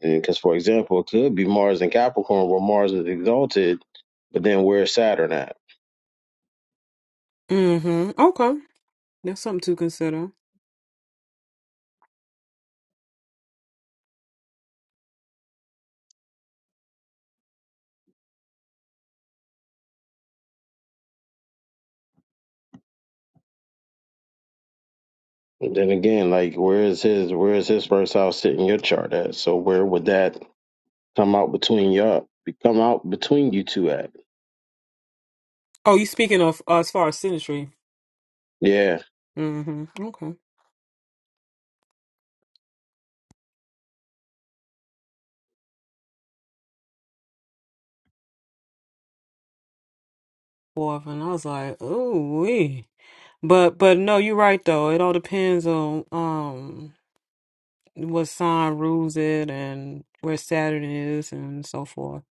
D: Because, for example, it could be Mars in Capricorn where Mars is exalted, but then where's Saturn at?
F: hmm Okay. That's something to consider.
D: And then again, like where is his where is his first house sitting your chart at? So where would that come out between y'all come out between you two at?
F: Oh, you speaking of uh, as far as sinistry.
D: Yeah.
F: hmm Okay. Well, and I was like, oh, wee. But but no, you're right though. It all depends on um what sign rules it and where Saturn is and so forth.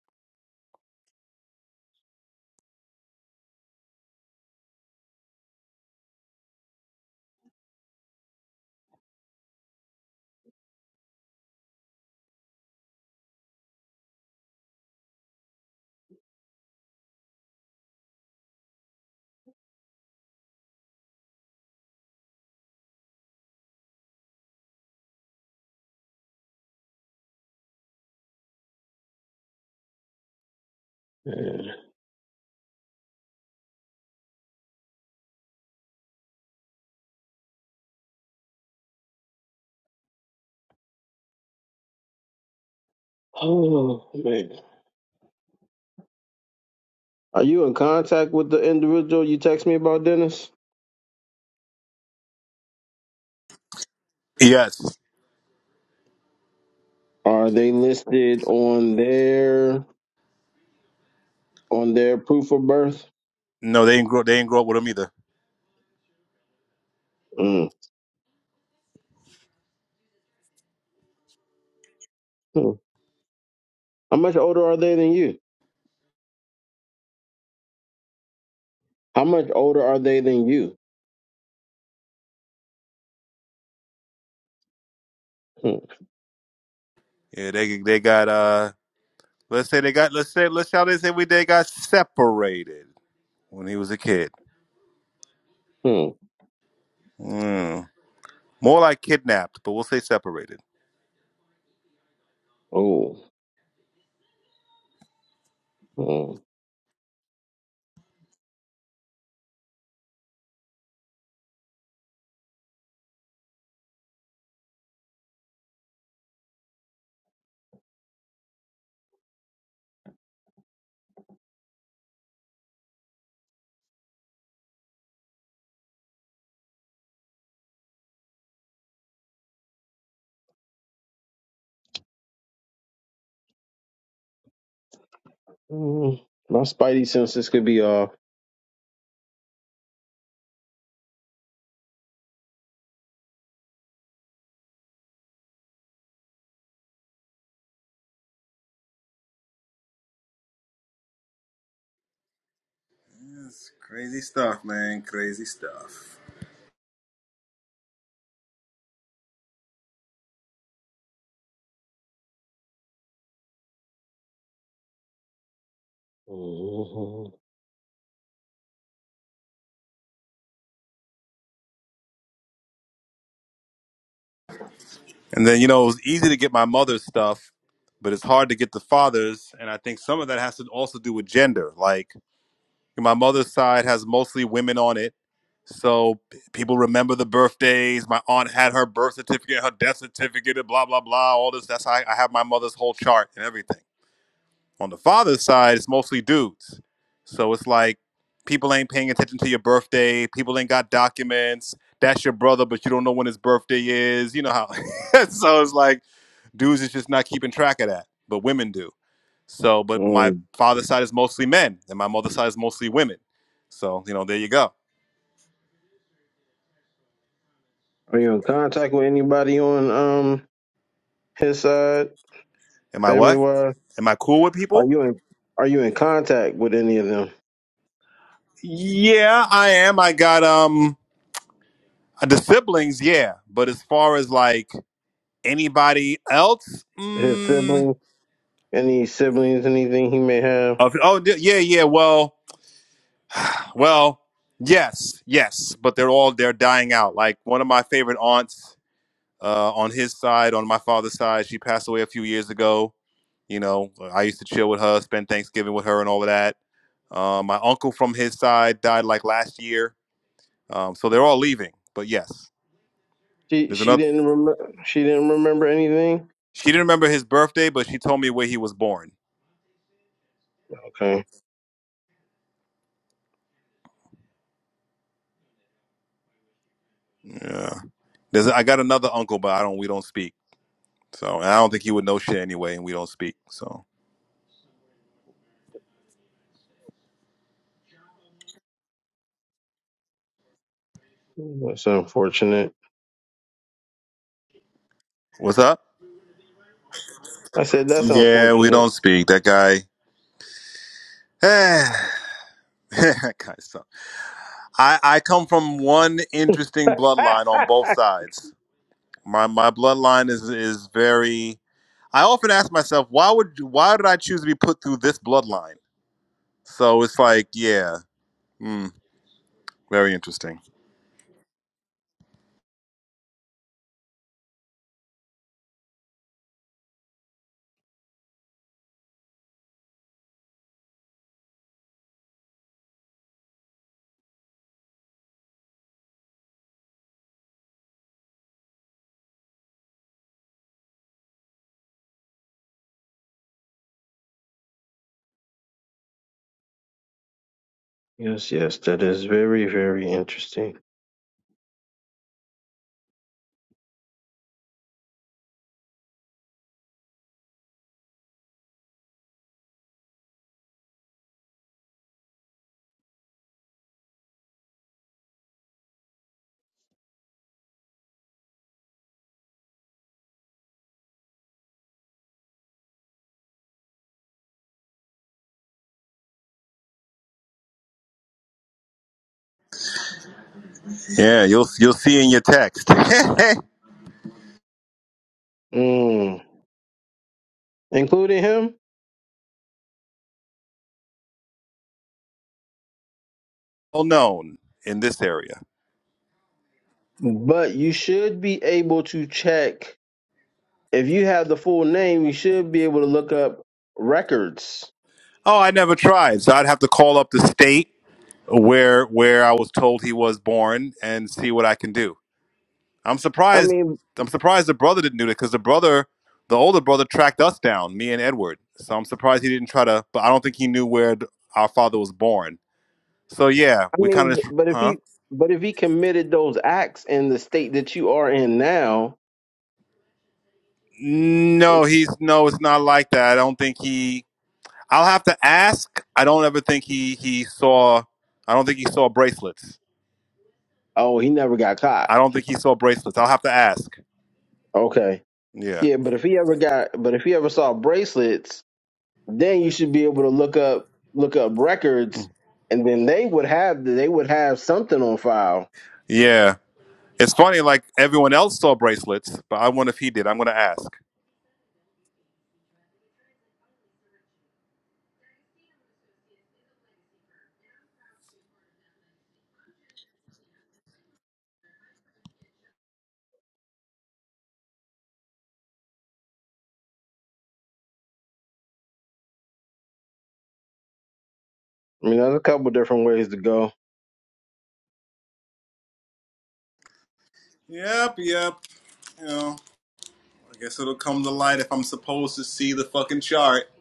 D: yeah. Oh man. Are you in contact with the individual you text me about, Dennis?
B: Yes.
D: Are they listed on their on their proof of birth?
B: No, they didn't grow. They didn't grow up with them either.
D: Mm. Hmm. How much older are they than you? How much older are they than you? Hmm.
B: Yeah. They they got uh. Let's say they got. Let's say let's how they say we they got separated when he was a kid.
D: Hmm.
B: Mm. More like kidnapped, but we'll say separated.
D: Oh. Hmm. Hmm. My spidey senses could be off.
B: Yes, crazy stuff, man. Crazy stuff.
D: Hmm.
B: And then, you know, it was easy to get my mother's stuff, but it's hard to get the father's. And I think some of that has to also do with gender. Like my mother's side has mostly women on it. So p- people remember the birthdays. My aunt had her birth certificate, her death certificate, and blah, blah, blah, all this. That's how I, I have my mother's whole chart and everything. On the father's side, it's mostly dudes. So it's like people ain't paying attention to your birthday. People ain't got documents. That's your brother, but you don't know when his birthday is. You know how. so it's like dudes is just not keeping track of that, but women do. So, but
D: Hmm.
B: my father's side is mostly men, and my mother's side is mostly women. So, you know, there you go.
D: Are you in contact with anybody on um his side,
B: Am I
D: family
B: what?
D: wise?
B: Am I cool with
D: Are
B: people?
D: you in Are you in contact with any of them?
B: Yeah, I am. I got um the siblings, yeah. But as far as like anybody else,
D: His
B: mm,
D: siblings? Any siblings? Anything he may have?
B: Of, oh d- yeah, yeah. Well, well, yes, yes. But they're all they're dying out. Like one of my favorite aunts uh, on his side, on my father's side, she passed away a few years ago. You know, I used to chill with her, spend Thanksgiving with her, and all of that. Uh, my uncle from his side died like last year, um, so they're all leaving. But yes,
D: She
B: there's
D: she
B: another.
D: didn't remember. She didn't remember anything.
B: She didn't remember his birthday, but she told me where he was born.
D: Okay,
B: Yeah, there's. I got another uncle, but I don't. We don't speak. So and I don't think he would know shit anyway, and we don't speak. So.
D: that's unfortunate.
B: What's up?
D: I said that's
B: Yeah, we
D: unfortunate.
B: don't speak. That guy. that guy sucks. I, I come from one interesting bloodline on both sides. My my bloodline is is very. I often ask myself, why would why did I choose to be put through this bloodline? So it's like, yeah, mm, very interesting.
D: Yes, yes, that is very very interesting.
B: Yeah, you'll you'll see in your text.
D: Mm. Including him,
B: Well known in this area.
D: but you should be able to check if you have the full name. You should be able to look up records.
B: Oh, I never tried, so I'd have to call up the state where where I was told he was born and see what I can do. I'm
D: I
B: surprised.
D: mean,
B: I'm surprised the brother didn't do that because the brother, the older brother, tracked us down, me and Edward. So I'm surprised he didn't try to. But I don't think he knew where th- our father was born. So yeah,
D: I
B: we kind
D: mean,
B: of just,
D: but if
B: huh?
D: he but if he committed those acts in the state that you are in now,
B: No, he's no. It's not like that. I don't think he. I'll have to ask. I don't ever think he he saw. I don't think he saw bracelets.
D: oh, he never got caught.
B: I don't think he saw bracelets. I'll have to ask.
D: Okay
B: Yeah.
D: Yeah, but if he ever got, but if he ever saw bracelets, then you should be able to look up look up records, and then they would have they would have something on file.
B: Yeah. It's funny, like everyone else saw bracelets, but I wonder if he did. I'm going to ask.
D: I mean, there's a couple different ways to go.
B: Yep, yep. You know, I guess it'll come to light if I'm supposed to see the fucking chart.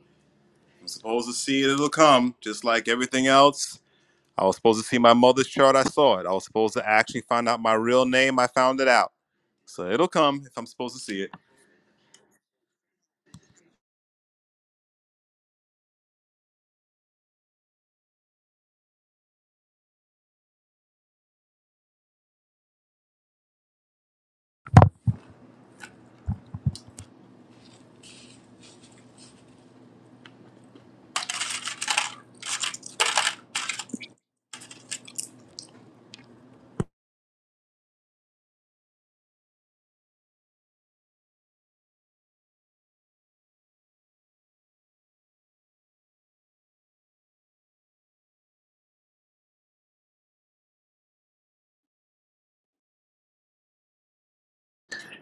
B: If I'm supposed to see it, it'll come. Just like everything else. I was supposed to see my mother's chart. I saw it. I was supposed to actually find out my real name. I found it out. So it'll come if I'm supposed to see it.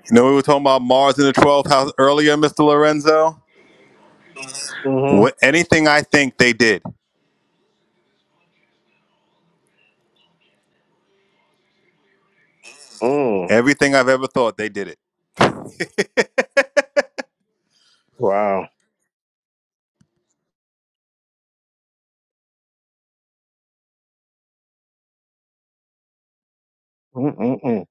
B: You know, we were talking about Mars in the 12th house earlier, Mr. Lorenzo.
D: Mm-hmm.
B: What, anything I think they did,
D: Mm.
B: everything I've ever thought, they did it.
D: Wow. Mm-mm-mm.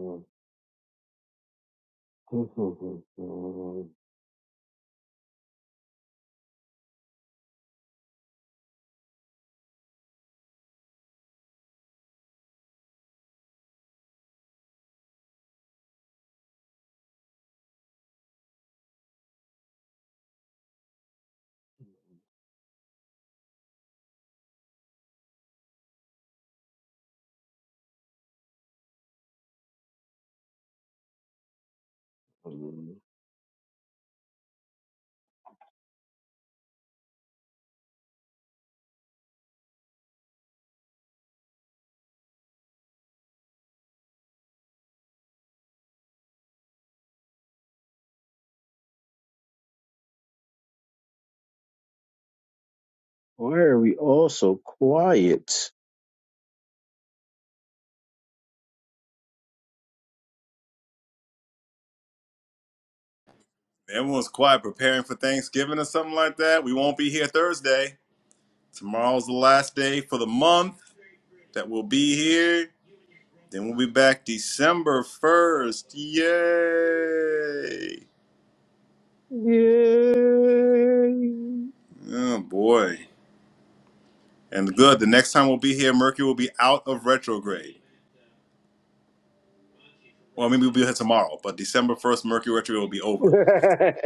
D: Why are we all so quiet?
B: Everyone's quiet, preparing for Thanksgiving or something like that. We won't be here Thursday. Tomorrow's the last day for the month that we'll be here. Then we'll be back December 1st. Yay! Oh boy. And good, the next time we'll be here, Mercury will be out of retrograde. Well, maybe we'll be here tomorrow, but December 1st, Mercury retrograde will be over.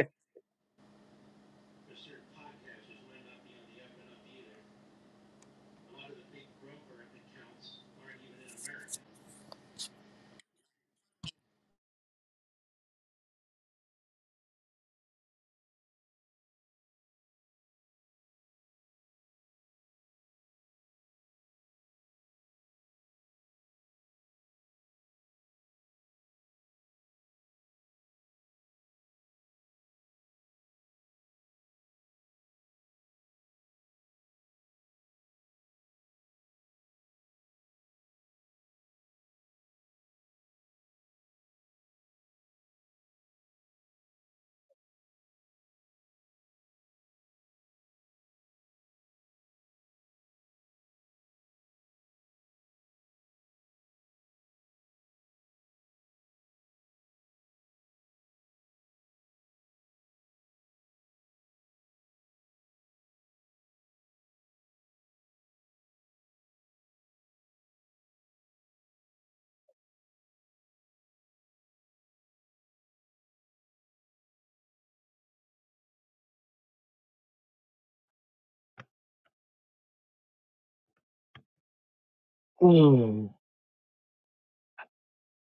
D: Hmm,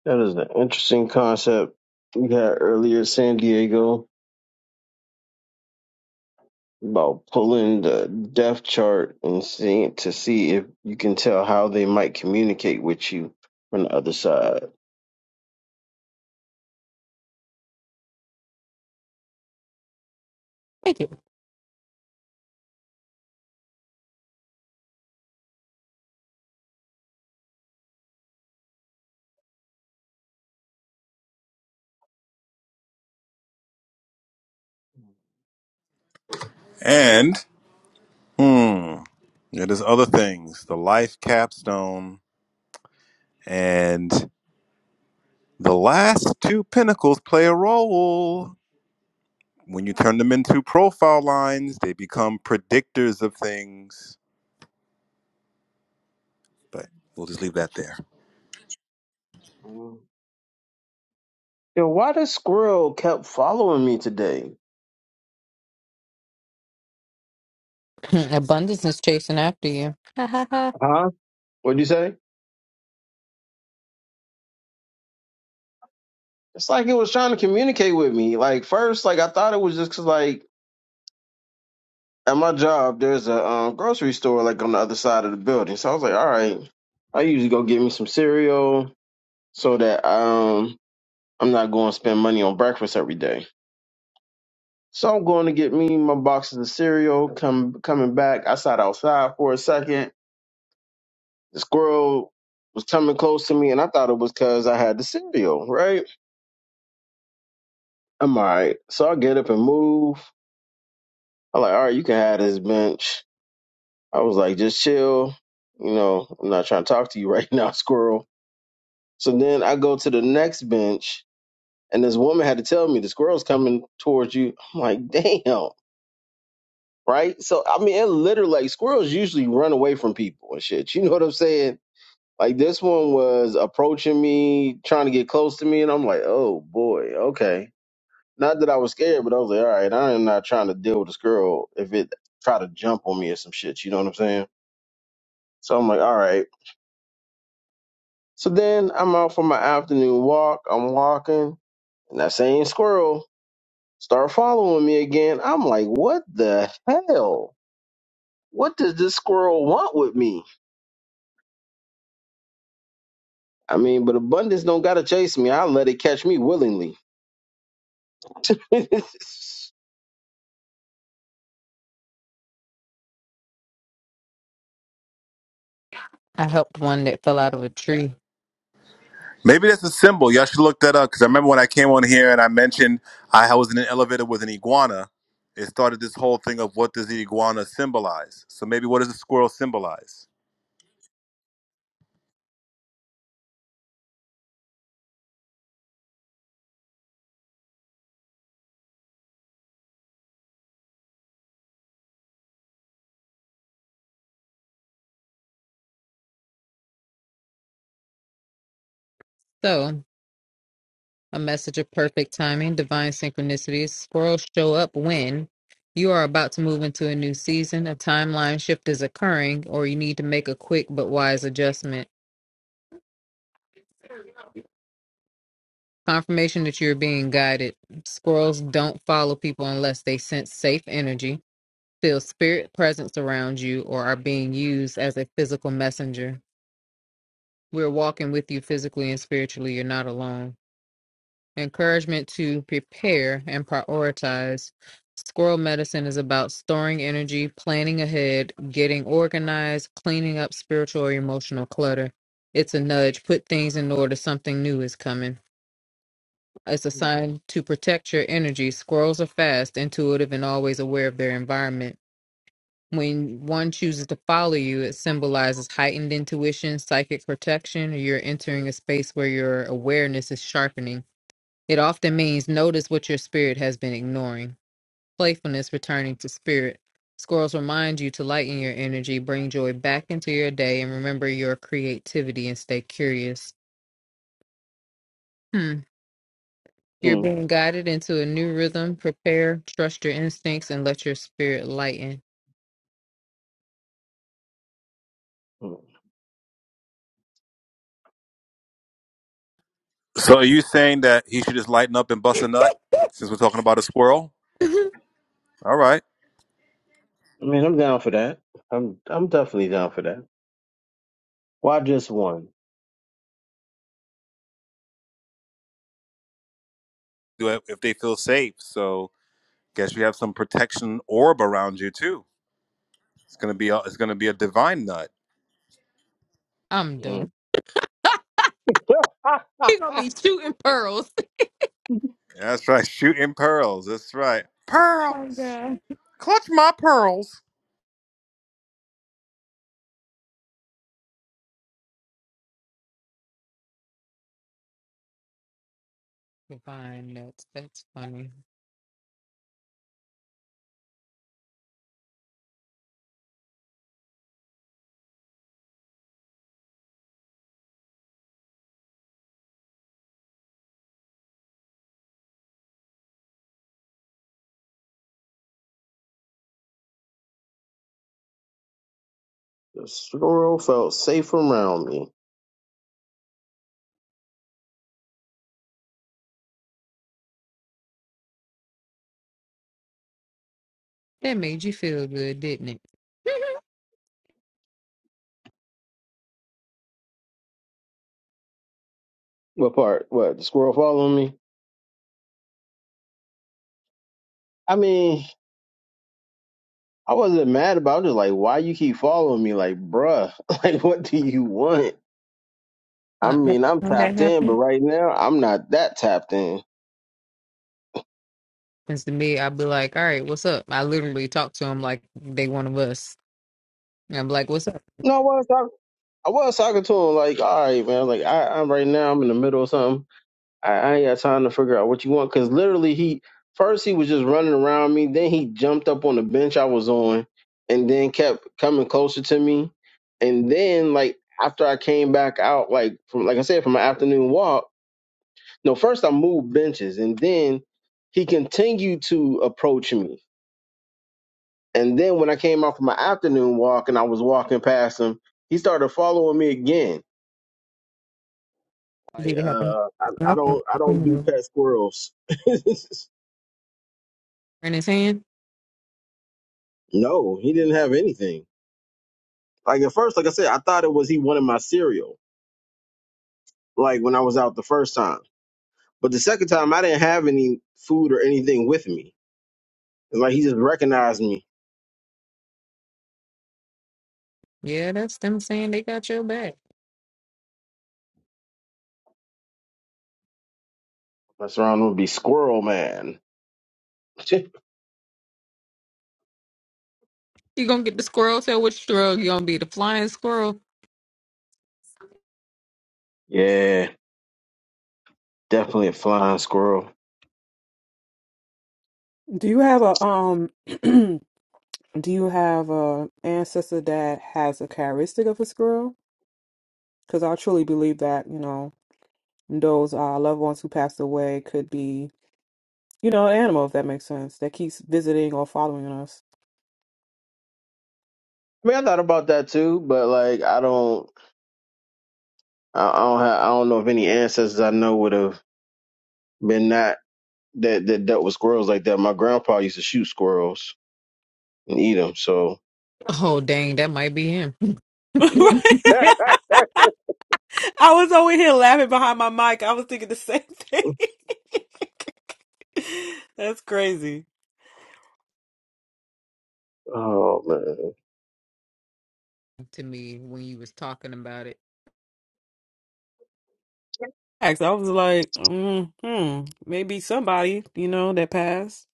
D: That is an interesting concept you had earlier, San Diego, about pulling the death chart and seeing to see if you can tell how they might communicate with you from the other side.
A: Thank you.
B: And, hmm, yeah, there's other things. The life capstone. and. The last two pinnacles play a role. When you turn them into profile lines, they become predictors of things. But we'll just leave that there.
D: Hmm. Yo, why the squirrel kept following me today?
A: Abundance is chasing after you.
D: Huh? What'd you say? It's like it was trying to communicate with me. Like first, like I thought it was just 'cause, like at my job, there's a um, grocery store like on the other side of the building. So I was like, all right, I usually go get me some cereal so that um I'm not going to spend money on breakfast every day. So I'm going to get me my boxes of cereal. Come coming back, I sat outside for a second. The squirrel was coming close to me, and I thought it was because I had the cereal. Right? I'm all right. So I get up and move. I'm like, all right, you can have this bench. I was like, just chill. You know, I'm not trying to talk to you right now, squirrel. So then I go to the next bench, and this woman had to tell me the squirrel's coming towards you. I'm like, damn, right? So I mean, it literally like squirrels usually run away from people and shit. You know what I'm saying? Like this one was approaching me, trying to get close to me, and I'm like, oh boy, okay. Not that I was scared, but I was like, all right, I am not trying to deal with this girl if it try to jump on me or some shit. You know what I'm saying? So I'm like, all right. So then I'm out for my afternoon walk. I'm walking, and that same squirrel Start following me again. I'm like, what the hell? What does this squirrel want with me? I mean, but abundance don't gotta chase me. I let it catch me willingly.
A: I helped one that fell out of a tree.
B: Maybe that's a symbol. Y'all should look that up because I remember when I came on here and I mentioned I was in an elevator with an iguana. It started this whole thing of what does the iguana symbolize? So maybe what does the squirrel symbolize?
A: So. a message of perfect timing, divine synchronicities. Squirrels show up when you are about to move into a new season, a timeline shift is occurring, or you need to make a quick but wise adjustment. Confirmation that you're being guided. Squirrels don't follow people unless they sense safe energy, feel spirit presence around you, or are being used as a physical messenger. We're walking with you physically and spiritually. You're not alone. Encouragement to prepare and prioritize. Squirrel medicine is about storing energy, planning ahead, getting organized, cleaning up spiritual or emotional clutter. It's a nudge. Put things in order. Something new is coming. It's a sign to protect your energy. Squirrels are fast, intuitive, and always aware of their environment. When one chooses to follow you, it symbolizes heightened intuition, psychic protection. You're entering a space where your awareness is sharpening it often means notice what your spirit has been ignoring. Playfulness returning to spirit. Squirrels remind you to lighten your energy, bring joy back into your day, and remember your creativity and stay curious. Hmm. You're
D: Mm,
A: being guided into a new rhythm. Prepare, trust your instincts, and let your spirit lighten.
D: mm.
B: So are you saying that he should just lighten up and bust a nut since we're talking about a squirrel? All right.
D: I mean, I'm down for that. I'm I'm definitely down for that. Why just one?
B: Do it If they feel safe. So Guess you have some protection orb around you too. It's gonna be a, it's gonna be a divine nut.
A: I'm done.
D: Mm. Yeah.
A: He gonna be shooting pearls.
B: That's right. Shooting pearls. That's right.
A: Oh my
B: Pearls.
A: god.
B: Clutch my pearls.
A: Divine nuts. That's funny.
D: The squirrel felt safe around me.
A: That made you feel good, didn't it?
D: What part? What? The squirrel following me? I mean, I wasn't mad about it. Just like, why you keep following me? Like, bruh, like, what do you want? I
A: Uh,
D: mean, I'm
A: when that
D: tapped in,
A: happened.
D: but right now I'm not that tapped in.
A: happens to me, I'll be like, all right, what's up? I literally talk to them like they one of us. And I'm like, what's up?
D: No, I was talking. I was talking to him like, all right, man. Like, I, I'm right now. I'm in the middle of something. I, I ain't got time to figure out what you want. Cause literally, he first he was just running around me. Then he jumped up on the bench I was on, and then kept coming closer to me. And then like after I came back out, like from like I said, from my afternoon walk. No, first I moved benches, and then he continued to approach me And then when I came out for my afternoon walk and I was walking past him, he started following me again. Like,
A: Did it happen?
D: uh, I, I don't, I don't do pet squirrels.
A: In his hand?
D: no, he didn't have anything. Like at first, like I said, I thought it was he wanted my cereal. Like when I was out the first time, but the second time I didn't have any food or anything with me. It's like he just recognized me.
A: Yeah, that's them saying they got your back.
D: Mess around would be squirrel man.
A: You gonna get the squirrel tail? Which squirrel? You gonna be the flying squirrel?
D: yeah, definitely a flying squirrel.
F: Do you have a um? do you have a ancestor that has a characteristic of a squirrel? Because I truly believe that you know those uh, loved ones who passed away could be you know, an animal, if that makes sense, that keeps visiting or following us.
D: I mean, I thought about that too, but like I don't. I, I don't have, I don't know if any ancestors I know would have been not that that dealt with squirrels like that. My grandpa used to shoot squirrels and eat them. So,
A: Oh dang, that might be him.
D: oh
F: right? I was over here laughing behind my mic. I was thinking the same thing. That's crazy.
D: man,
A: to me, when you was talking about it,
F: Actually, I was like, mm, hmm, maybe somebody, you know, that passed.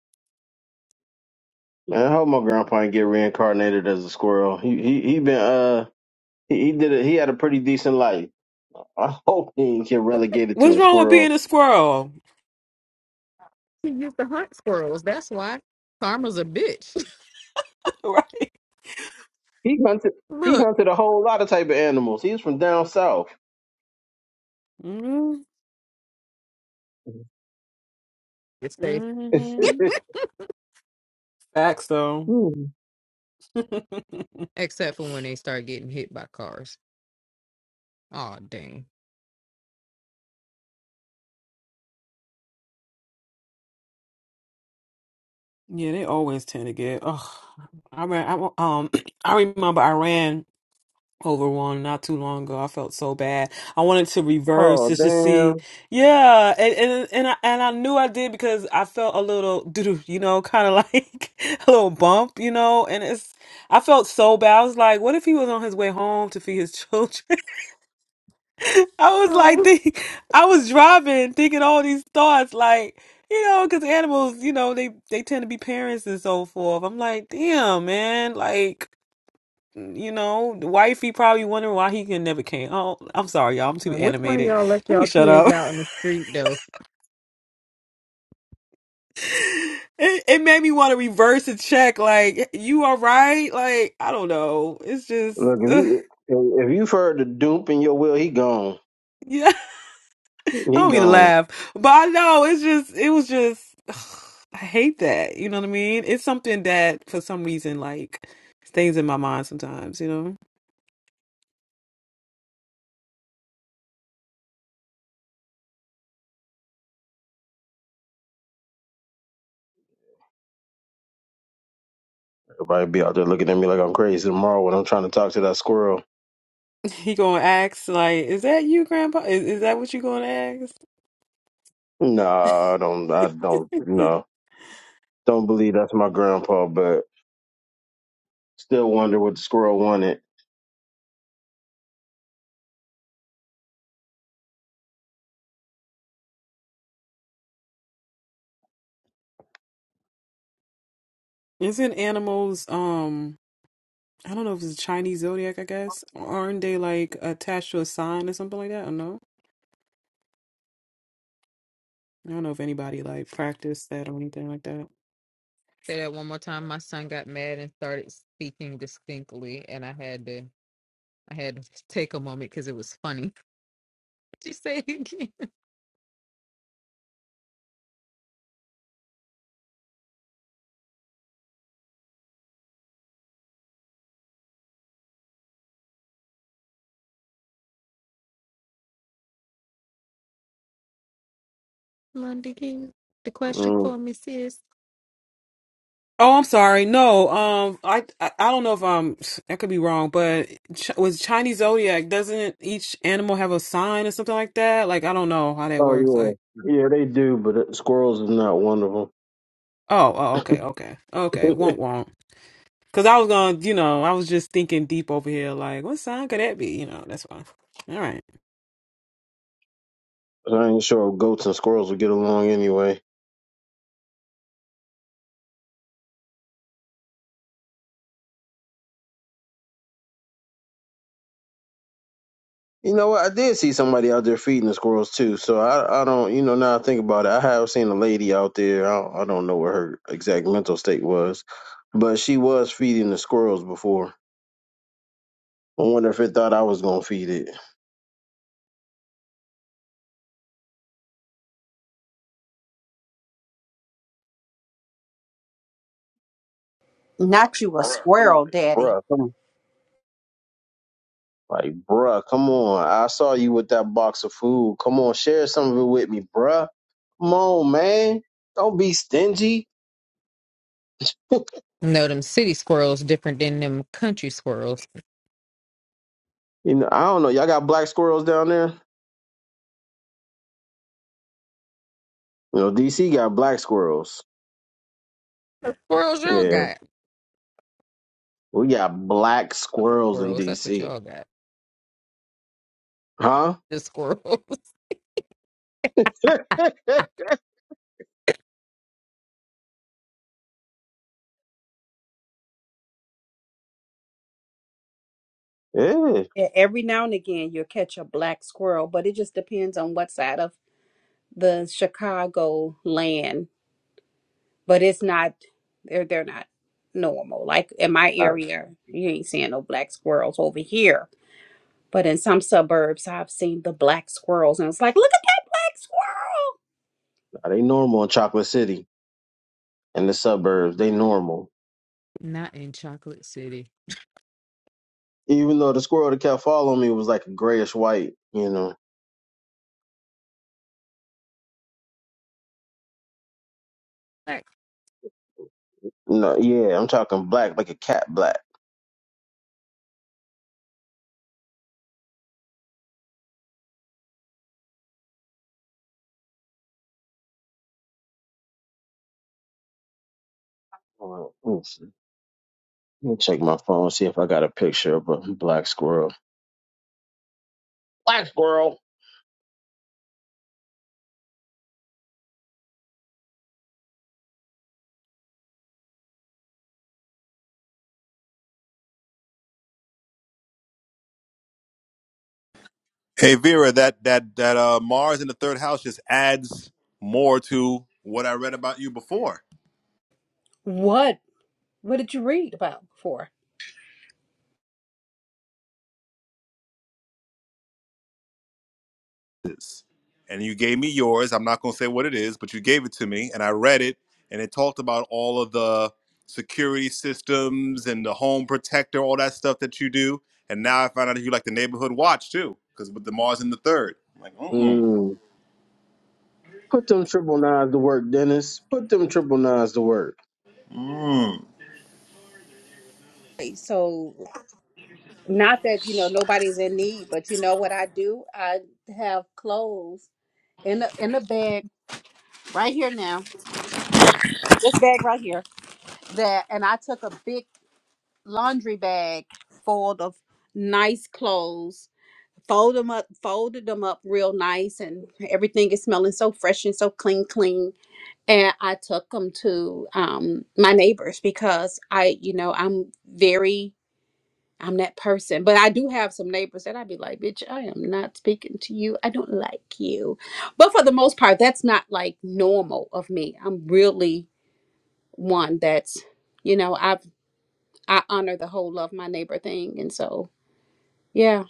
D: man, I hope my grandpa didn't get reincarnated as a squirrel. He he he been uh he, he did a, he had a pretty decent life. I hope he didn't get relegated to
F: What's
D: a
F: wrong with being
D: squirrel.
F: a squirrel?
A: he used to hunt squirrels. That's why karma's a bitch.
F: right.
D: He hunted he
A: Look,
D: hunted a whole lot of type of animals. He was from down south.
F: Mm-hmm.
A: it's safe,
F: Mm-hmm. Facts, though.
D: oh
A: except for when they start getting hit by cars. Oh dang.
F: Yeah, they always tend to get. Oh, I ran. I, um, I remember I ran over one not too long ago. I felt so bad. I wanted to reverse just to see.
D: damn.
F: Yeah, and and and I, and I knew I did because I felt a little, doo-doo, you know, kind of like a little bump, you know. And it's I felt so bad. I was like, what if he was on his way home to feed his children? I was like,
A: Oh.
F: think, I was driving, thinking all these thoughts, like you know, because animals, you know, they they tend to be parents and so forth. I'm like, damn, man, like you know, the wifey probably wondering why he can never came. Oh, I'm sorry, y'all, I'm too
A: Now, which one of
F: animated.
A: y'all left
F: Let me
A: y'all
F: shut
A: kids
F: up.
A: out in the street though?
F: It, it made me want to reverse a check. Like, you all right? Like, I don't know. It's just,
D: Look, if you if you've heard the dupe in your will, he gone.
F: yeah. I
D: He
F: don't mean to
D: gone.
F: laugh, but I know it's just it was just I hate that. You know what I mean? It's something that for some reason like stays in my mind sometimes. You know,
D: Everybody be out there looking at me like I'm crazy tomorrow when I'm trying to talk to that squirrel.
F: he gonna ask like, "Is that you, Grandpa? Is, is that what you gonna ask?"
D: Nah, I don't. I don't. No, don't believe that's my grandpa. But still wonder what the squirrel wanted.
F: It's in animals. Um, I don't know if it's Chinese zodiac. I guess aren't they like attached to a sign or something like that? I don't know. I don't know if anybody like practiced that or anything like that.
A: Say that one more time. My son got mad and started speaking distinctly, and I had to I had to take a moment because it was funny. She said again, London King, the question
D: Mm.
A: for me is.
F: Oh, I'm sorry. No, um, I, I I don't know if um I could be wrong, but ch- was Chinese zodiac doesn't each animal have a sign or something like that? Like I don't know how that works.
D: Oh
F: Like
D: yeah, yeah they do. But uh, squirrels is not one of
F: oh, oh okay, okay, okay,
D: them.
F: won't won't. Cause I was gonna, you know, I was just thinking deep over here. Like what sign could that be? You know, that's why. All right.
D: I ain't sure goats and squirrels will get along anyway. You know what? I did see somebody out there feeding the squirrels too. So I, I don't, you know, now I think about it, I have seen a lady out there. I don't, I don't know what her exact mental state was, but she was feeding the squirrels before. I wonder if it thought I was gonna feed it,
E: Not you a squirrel, Daddy.
D: bruh. Come like, bruh, come on. I saw you with that box of food. Come on, share some of it with me, bruh. Come on, man. Don't be stingy.
A: No, them city squirrels different than them country squirrels.
D: You know, I don't know. Y'all got black squirrels down there. You know, DC got black squirrels.
A: Squirrels y'all
D: Yeah.
A: got.
D: We got black squirrels in
A: Squirrels, that's what
D: DC.
A: y'all got.
D: Huh?
A: The squirrels.
D: yeah. Not,
E: Yeah, every now and again you'll catch a black squirrel, but it just depends on what side of the Chicago land. But it's not they're they're not normal. Like in my area, you ain't seeing no black squirrels over here. But in some suburbs I've seen the black squirrels and it's like, look at that black
D: not they normal in Chocolate City and the suburbs. They normal.
A: Not in Chocolate City.
D: Even though the squirrel that kept following me was like a grayish white, you know.
A: Like,
D: No, yeah, I'm talking black, like a cat black. Hold on, Let me see. Let me check my phone, see if I got a picture of a black squirrel. Black squirrel.
B: Hey Vera, that that that uh, Mars in the third house just adds more to what I read about you before.
E: squirrel. What?
B: this. And you gave me yours. I'm not going to say what it is, but you gave it to me and I read it and it talked about all of the security systems and the home protector, all that stuff that you do. And now I found out that you like the neighborhood watch too, because with the Mars in the third. I'm like, mm
D: Mm. Put them triple nines to work, Dennis. Put them triple nines to work.
B: mm.
E: So not that, you know, nobody's in need, but you know what I do? I have clothes in the in the bag right here now. This bag right here. that and I took a big laundry bag full of nice clothes, fold them up, folded them up real nice, and everything is smelling so fresh and so clean, clean. And I took them to um, my neighbors because I, you know, I'm very, I'm that person. But I do have some neighbors that I'd be like, bitch, I am not speaking to you. I don't like you. But for the most part, that's not like normal of me. I'm really one that's you know, I've I honor the whole love my neighbor thing. And so, yeah.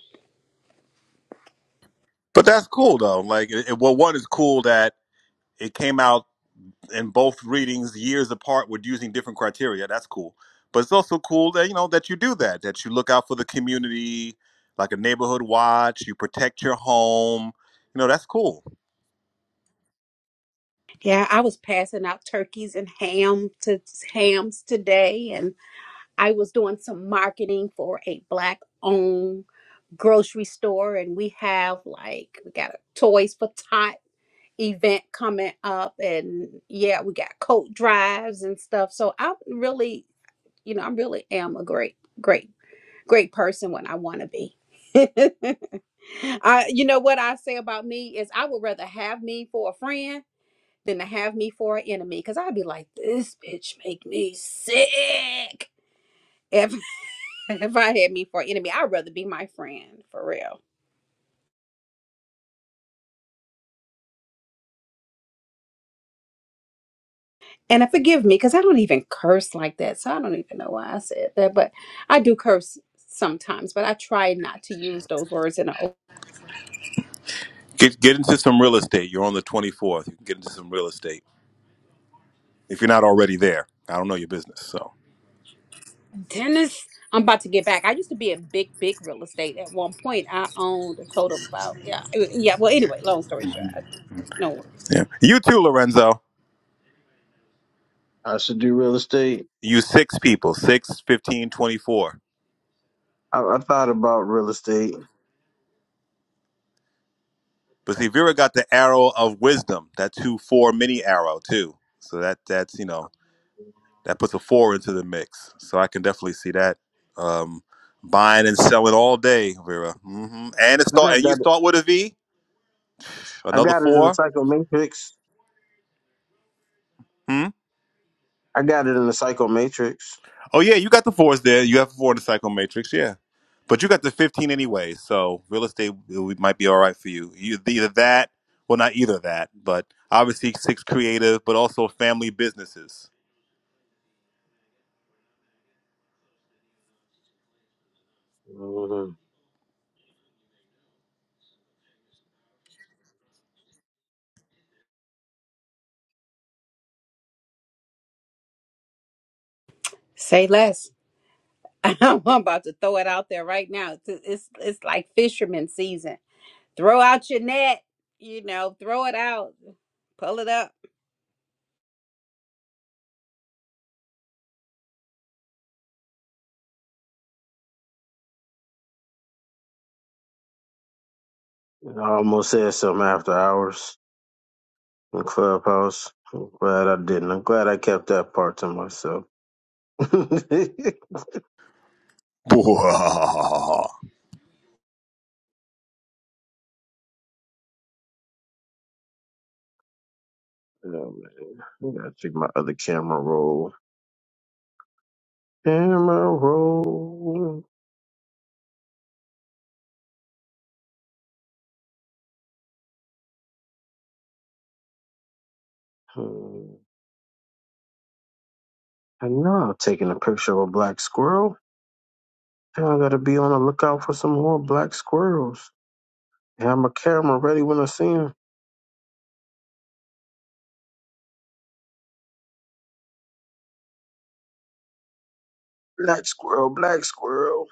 B: But that's cool though. Like, it, it- well, one is cool that it came out in both readings years apart with using different criteria. That's cool. But it's also cool that you know that you do that, that you look out for the community, like a neighborhood watch, you protect your home. You know, that's cool.
E: Yeah, I was passing out turkeys and ham to hams today and I was doing some marketing for a black owned grocery store and we have like we got a Toys for Tot event coming up and yeah, we got coat drives and stuff. So I'm really, you know, I really am a great great. great person when I want to be. I, you know what I say about me is I would rather have me for a friend than to have me for an enemy because I'd be like, this bitch make me sick. If if I had me for an enemy, I'd rather be my friend for real. And uh, forgive me because I don't even curse like that, so I don't even know why I said that. But I do curse sometimes, but I try not to use those words in an
B: Get get into some real estate. You're on the 24th. You can get into some real estate. If you're not already there. I don't know your business. So,
E: Dennis, I'm about to get back. I used to be in big, big real estate at one point. I owned a total of about yeah, it- yeah. Well, anyway, long story short, I, no worries.
B: yeah. You too, Lorenzo.
D: I should do real estate.
B: You six people, six, fifteen, twenty-four.
D: I, I thought about real estate.
B: But see, Vera got the arrow of wisdom. That two, four mini arrow too. So that that's you know that puts a four into the mix. So I can definitely see that um, buying and selling all day, Vera. hmm And it
D: I
B: start
D: got
B: and you
D: that.
B: start with a V,
D: I
B: another
D: got it in the
B: four.
D: Psycho Matrix.
B: Hmm?
D: I got it in the Psycho Matrix.
B: Oh yeah, you got the fours there. You have four in the cycle matrix, yeah. But you got the fifteen anyway, so real estate it might be all right for you. You either that, well not either that, but obviously six creative, but also family businesses.
D: Mhm.
E: Say less. I'm about to throw it out there right now. It's it's, it's like fisherman season. Throw out your net. You know, throw it out. Pull it up.
D: I almost said something after hours in Clubhouse. I'm glad I didn't. I'm glad I kept that part to myself. oh, man.
B: Whip
D: I gotta check my other camera roll. Camera roll. Hmm. I know I'm taking a picture of a black squirrel. Now I gotta be on the lookout for some more black squirrels. And Have my camera ready when I see them. Black squirrel, black squirrel.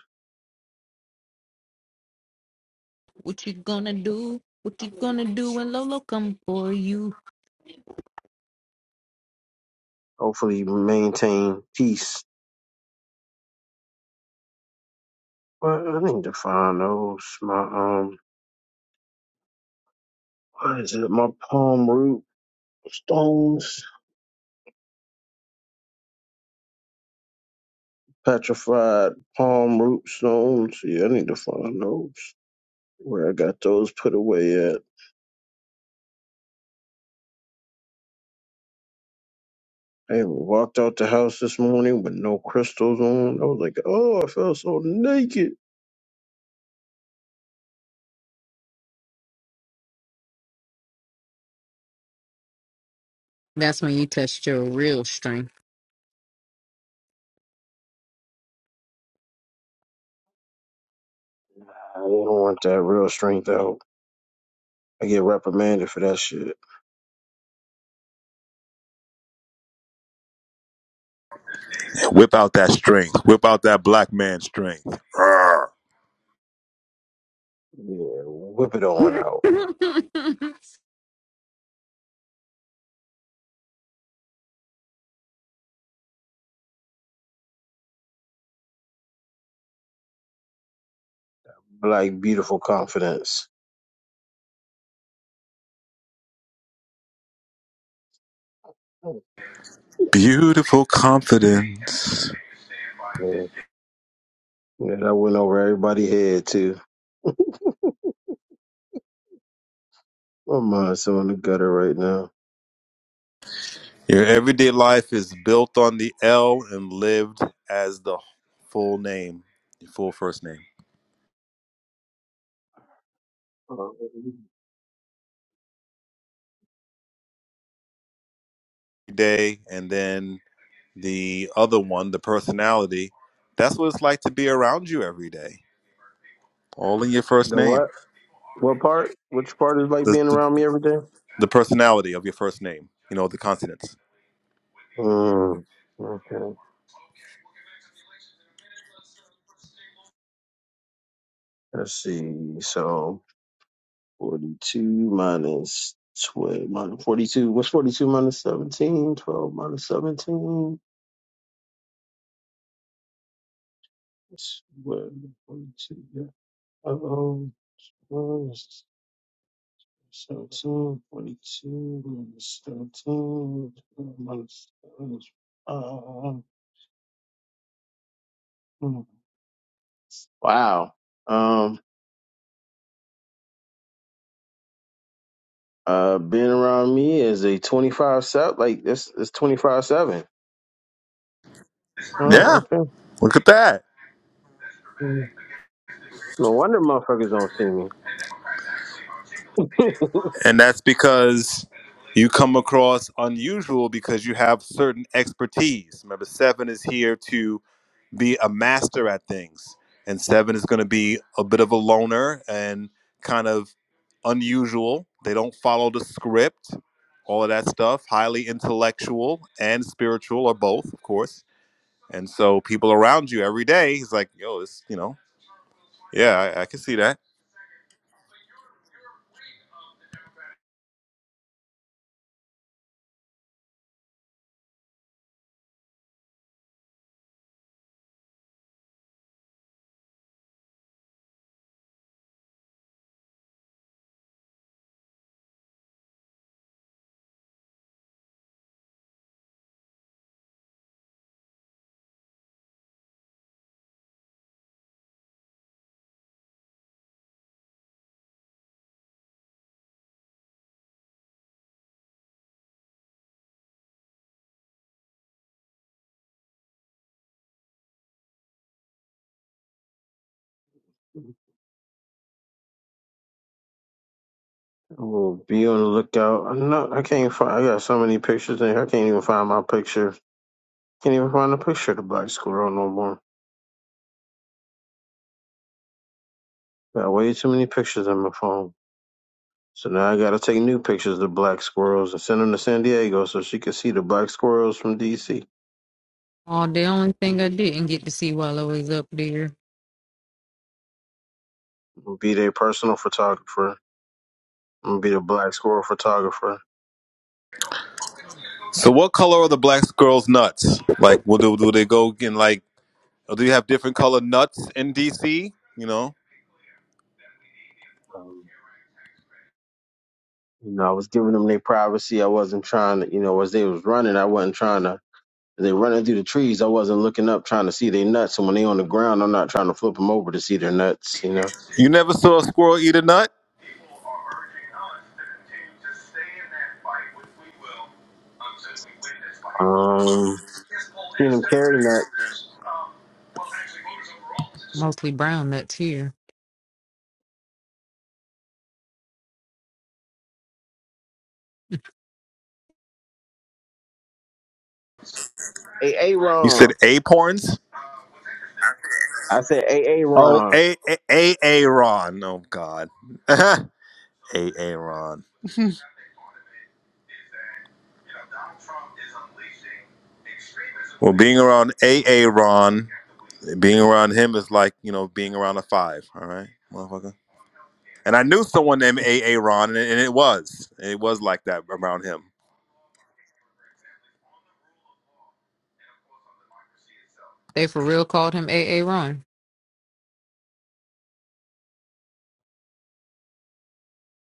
A: what you gonna do? What you gonna do when Lolo come for you?
D: Hopefully maintain peace. Well, I need to find those. My um what is it? My palm root stones. Petrified palm root stones. Yeah, I need to find those. Where I got those put away at. I walked out the house this morning with no crystals on. I was like, oh, I felt so naked.
A: That's when you touched your real strength.
D: I didn't want that real strength out. I get reprimanded for that shit.
B: out that strength. Whip out that black man strength.
D: Yeah, whip it
A: oh,
D: on out.
A: the
D: Black, beautiful confidence.
B: Beautiful confidence.
D: Yeah, that went over everybody's head too. My mind's so in the gutter right now.
B: Your everyday life is built on the L and lived as the full name, the full first name.
D: Um,
B: Day and then the other one, the personality. That's what it's like to be around you every day. All in your first
D: The
B: name.
D: what? What part? Which part is like
B: The
D: being
B: the,
D: around me every day?
B: the personality of your first name. You know, the consonants.
D: Mm, okay. Let's see. So forty-two minus twelve minus forty-two. What's forty-two minus seventeen? Twelve minus seventeen. It's what? Forty-two. Yeah. Oh, oh, seventeen. Forty-two minus seventeen. 12 Minus, minus five. Mhm. Wow. Um, uh, being around me is a 25 7, like this it's 25 7. Oh,
B: Yeah.
D: okay.
B: Look at that.
D: Mm. No wonder motherfuckers don't see me.
B: And that's because you come across unusual because you have certain expertise. Remember, seven is here to be a master at things, and seven is going to be a bit of a loner and kind of unusual. They don't follow the script, all of that stuff, highly intellectual and spiritual, or both, of course. And so people around you every day, he's like, yo, this, you know, yeah, I, I can see that
D: We'll be on the lookout. I'm not, I can't find, I got so many pictures in here. I can't even find my picture. Can't even find a picture of the black squirrel no more. Got way too many pictures on my phone. So now I gotta take new pictures of black squirrels and send them to San Diego so she can see the black squirrels from DC.
A: only thing I didn't get to see while I was up there,
D: Be their personal photographer. I'm gonna be the black squirrel photographer.
B: So, what color are the black girls' nuts? Like, will do, do they go in like? Or do you have different color nuts in DC? You know,
D: Um, you know, I was giving them their privacy. I wasn't trying to, you know, as they was running, I wasn't trying to. As they running through the trees, I wasn't looking up trying to see their nuts. And when they on the ground, I'm not trying to flip them over to see their nuts. You
B: you never saw a squirrel eat a nut.
D: know, um, seen them carry nuts.
A: mostly brown nuts here.
D: A A
B: You said
D: Ron.
B: acorns.
D: I said A A
B: Oh,
D: Ron.
B: a a a Aaron. Oh God, a Aaron. Well, being around a Aaron, being around him is like you know being around a five. All right, motherfucker. And I knew someone named a Aaron, and and it was, it was like that around him.
A: They for real called him A. A. Ron.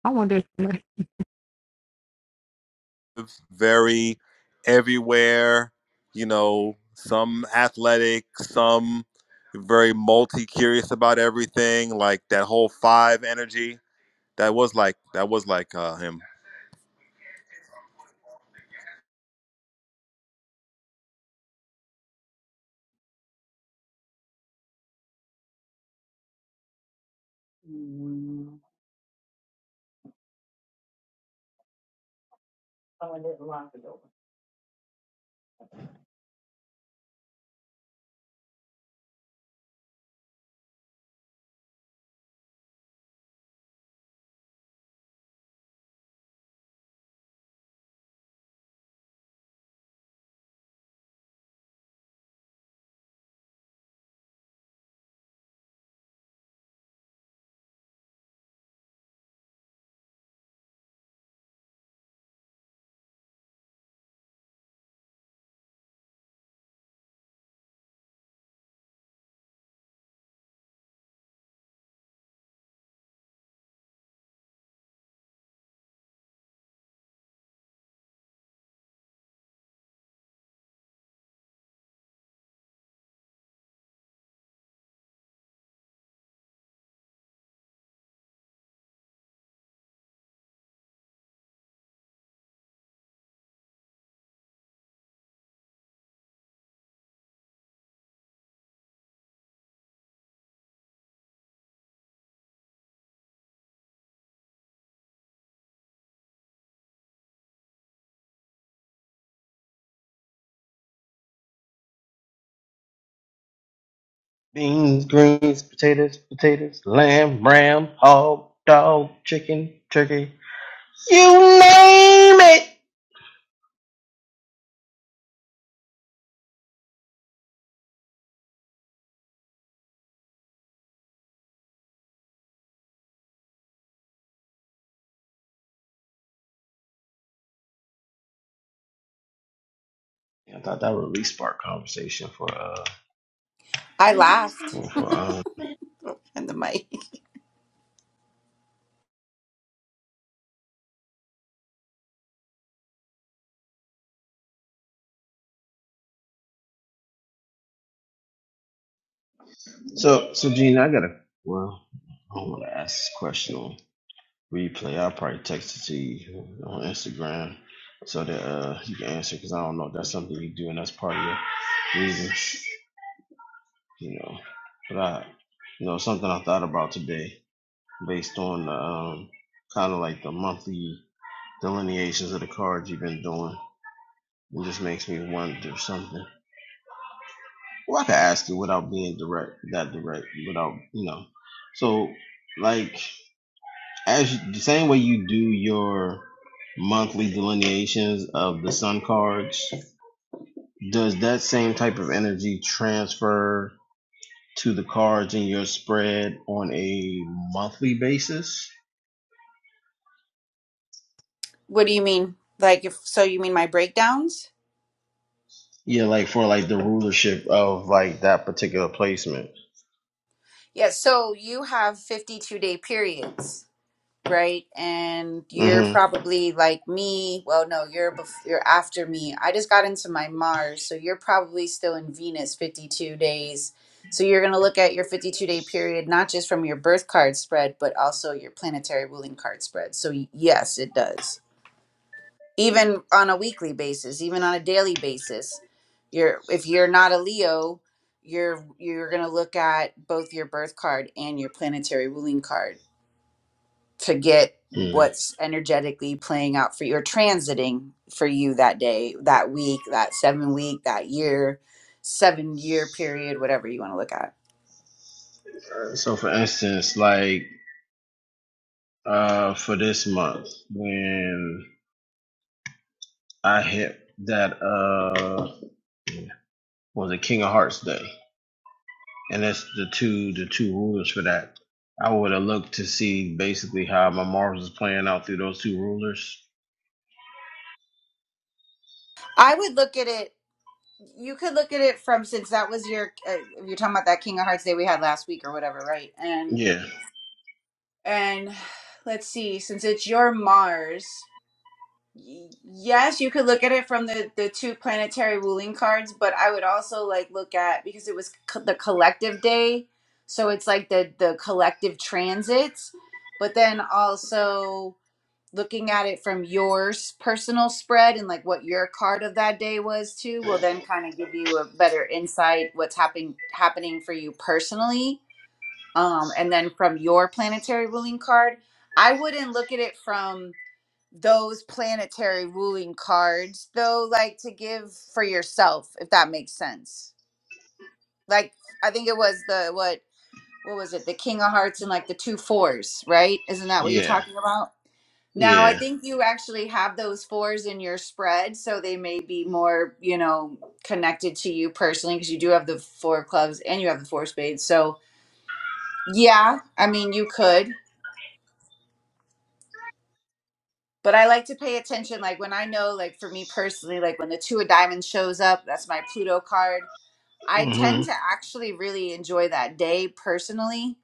A: I wonder if somebody-
B: very everywhere, you know, some athletic, some very multi curious about everything, like that whole five energy. That was like that was like uh, him.
D: Lame. I thought that would really spark conversation for uh
C: i
D: for,
C: laughed
D: for um.
C: and the mic
D: So so Gene, I gotta well. I don't want to ask this question replay. I'll probably text it to you on Instagram so that uh you can answer because I don't know if that's something you do and that's part of your reasons, you know. But I, you know, something I thought about today based on the um kind of like the monthly delineations of the cards you've been doing. It just makes me wonder something. Well, I could ask you without being direct, that direct, without you know. So, like. as you- the same way you do your monthly delineations of the sun cards does that same type of energy transfer to the cards in your spread on a monthly basis
C: what do you mean like if so you mean my breakdowns
D: yeah like for like the rulership of like that particular placement
C: yes so you have 52 day periods right? And you're
D: hmm
C: probably like me. Well, no, you're bef- you're after me. I just got into my Mars, so you're probably still in Venus 52 days. So you're going to look at your 52 day period not just from your birth card spread, but also your planetary ruling card spread. So y- yes, it does. Even on a weekly basis, even on a daily basis, you're if you're not a Leo, you're you're going to look at both your birth card and your planetary ruling card to get what's energetically playing out for you or transiting for you that day, that week, that seven week, that year, seven year period, whatever you want to look at.
D: so for instance like uh for this month when i hit that uh what was it king of hearts day and that's the two the two rulers for that. I would have looked to see basically how my Mars is playing out through those two rulers.
C: I would look at it. You could look at it from since that was your uh, if you're talking about that King of Hearts day we had last week or whatever, right? And
D: Yeah,
C: and let's see, since it's your Mars, Y- Yes, you could look at it from the the two planetary ruling cards, but I would also like look at because it was co- the collective day, so it's like the the collective transits, but then also looking at it from your s- personal spread and like what your card of that day was too will then kind of give you a better insight what's happening happening for you personally. Um, and then from your planetary ruling card, I wouldn't look at it from those planetary ruling cards though like to give for yourself if that makes sense like i think it was the what what was it the king of hearts and like the two fours right isn't that what
D: yeah,
C: you're talking about now i
D: yeah.
C: think you actually have those fours in your spread so they may be more you know connected to you personally because you do have the four of clubs and you have the four of spades so yeah i mean you could but I like to pay attention. Like when I know, like for me personally, like when the two of diamonds shows up, that's my Pluto card. I tend
D: Mhm.
C: to actually really enjoy that day personally,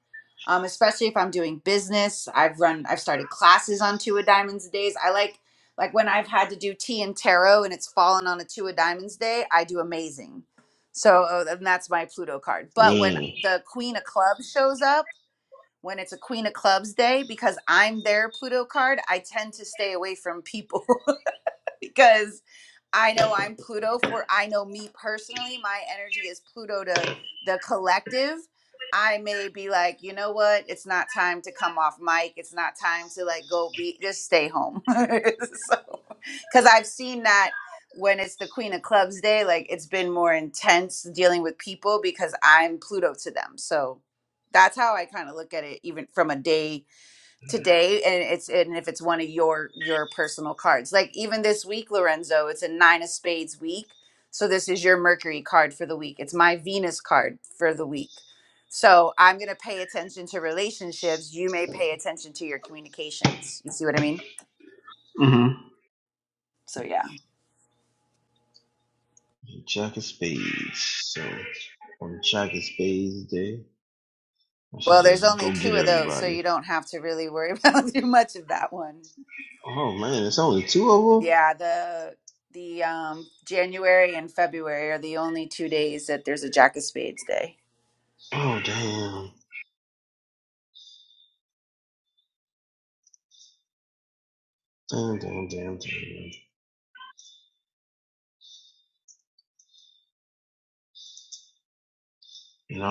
C: um, especially if I'm doing business. I've run, I've started classes on two of diamonds days. I like, like when I've had to do tea and tarot and it's fallen on a two of diamonds day, I do amazing. So uh, and that's my Pluto card. But when
D: Mm.
C: the Queen of Clubs shows up when it's a Queen of Clubs day because I'm their Pluto card. I tend to stay away from people because I know I'm Pluto for I know me personally, my energy is Pluto to the collective. I may be like, you know what? It's not time to come off mic. It's not time to like go be just stay home. so cuz I've seen that when it's the Queen of Clubs day, like it's been more intense dealing with people because I'm Pluto to them. So that's how I kind of look at it even from a day today and it's and if it's one of your your personal cards like even this week lorenzo it's a nine of spades week so this is your mercury card for the week it's my venus card for the week so i'm going to pay attention to relationships you may pay attention to your communications you see what i mean
D: Mm-hmm.
C: so yeah
D: Jack of Spades. So on Jack of Spades day, I should
C: well there's
D: just go
C: only two
D: get
C: of those so
D: everybody.
C: you don't have to really worry about too much of that one
D: Oh man, it's only two of them.
C: yeah the the um january and february are the only two days that there's a jack of spades day
D: Oh, man. Yeah,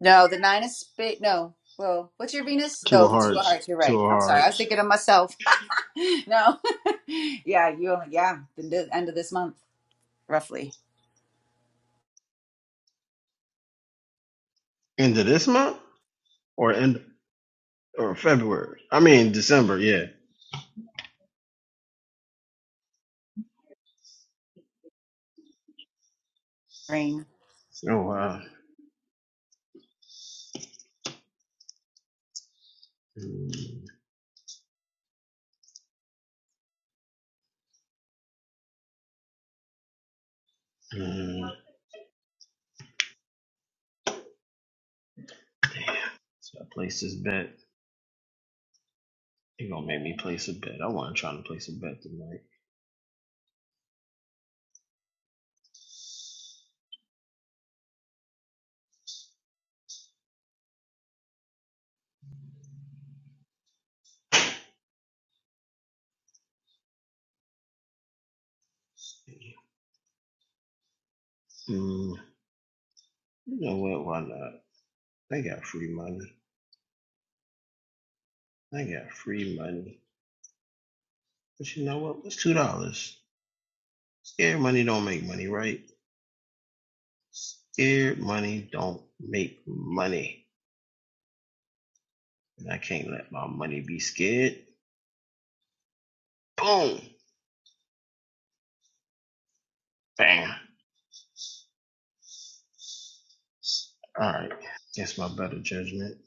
C: No, the nine of spades. No. Well, what's your Venus?
D: Two
C: Oh,
D: of
C: the two of
D: Hearts,
C: hearts. You're
D: two
C: right.
D: of
C: I'm sorry. I was
D: Hearts.
C: thinking of myself. no. yeah, you only, yeah, the, the end of this month, roughly.
D: End of this month or end or February? I mean December. Yeah.
C: Rain.
D: But you know what? It's two dollars. Scary money don't make money, right? Scared money don't make money. And I can't let my money be scared. Boom. Bam. All right. That's my better judgment.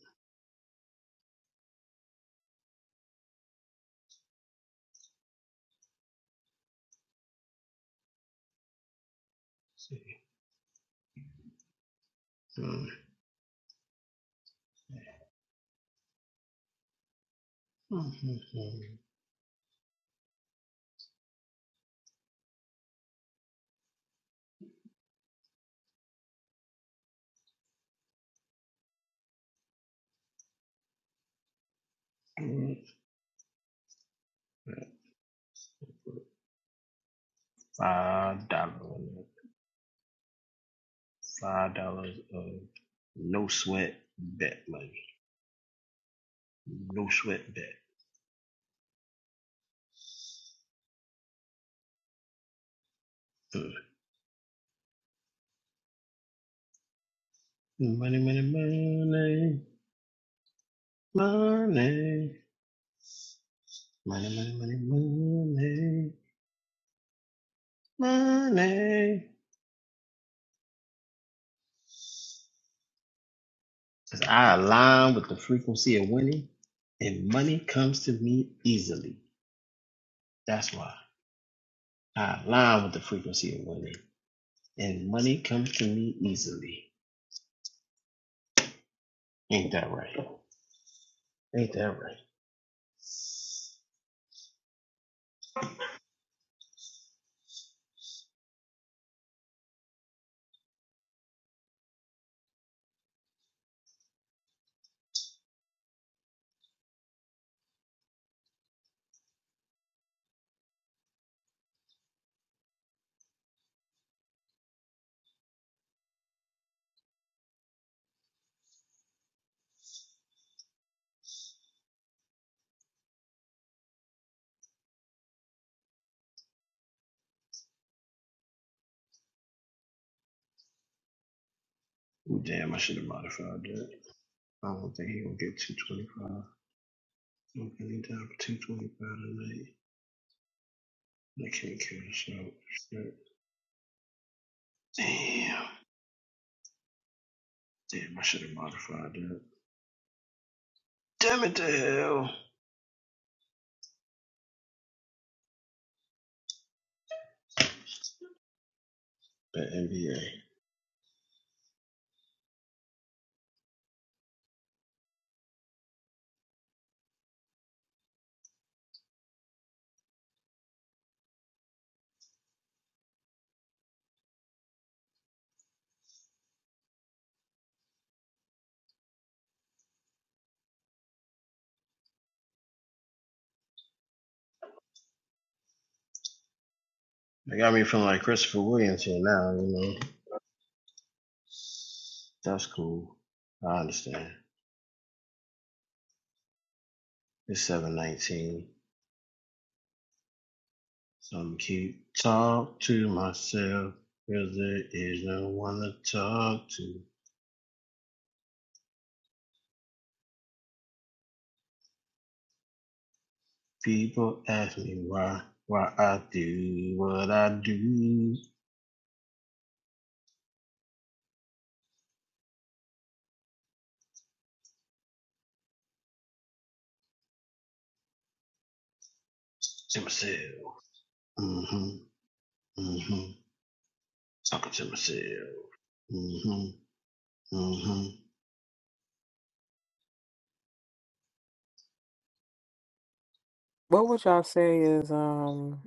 F: What would y'all say is um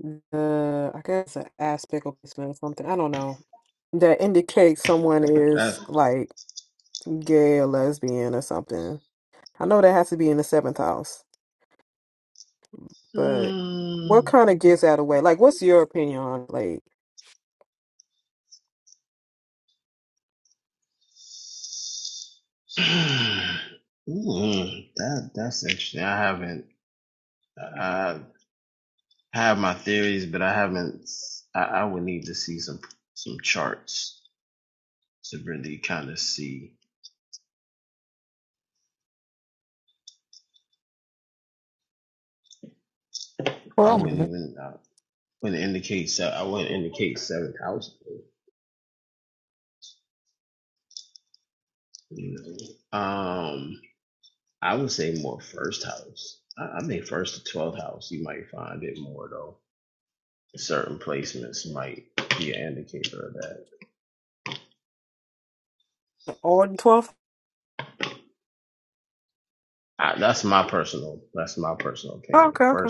F: the I guess an aspect of placement or something? I don't know that indicates someone is like gay or lesbian or something. I know that has to be in the seventh house, but what kind of gives that away? Like, what's your opinion on like?
A: for a moment.
F: All twelve? Okay, okay,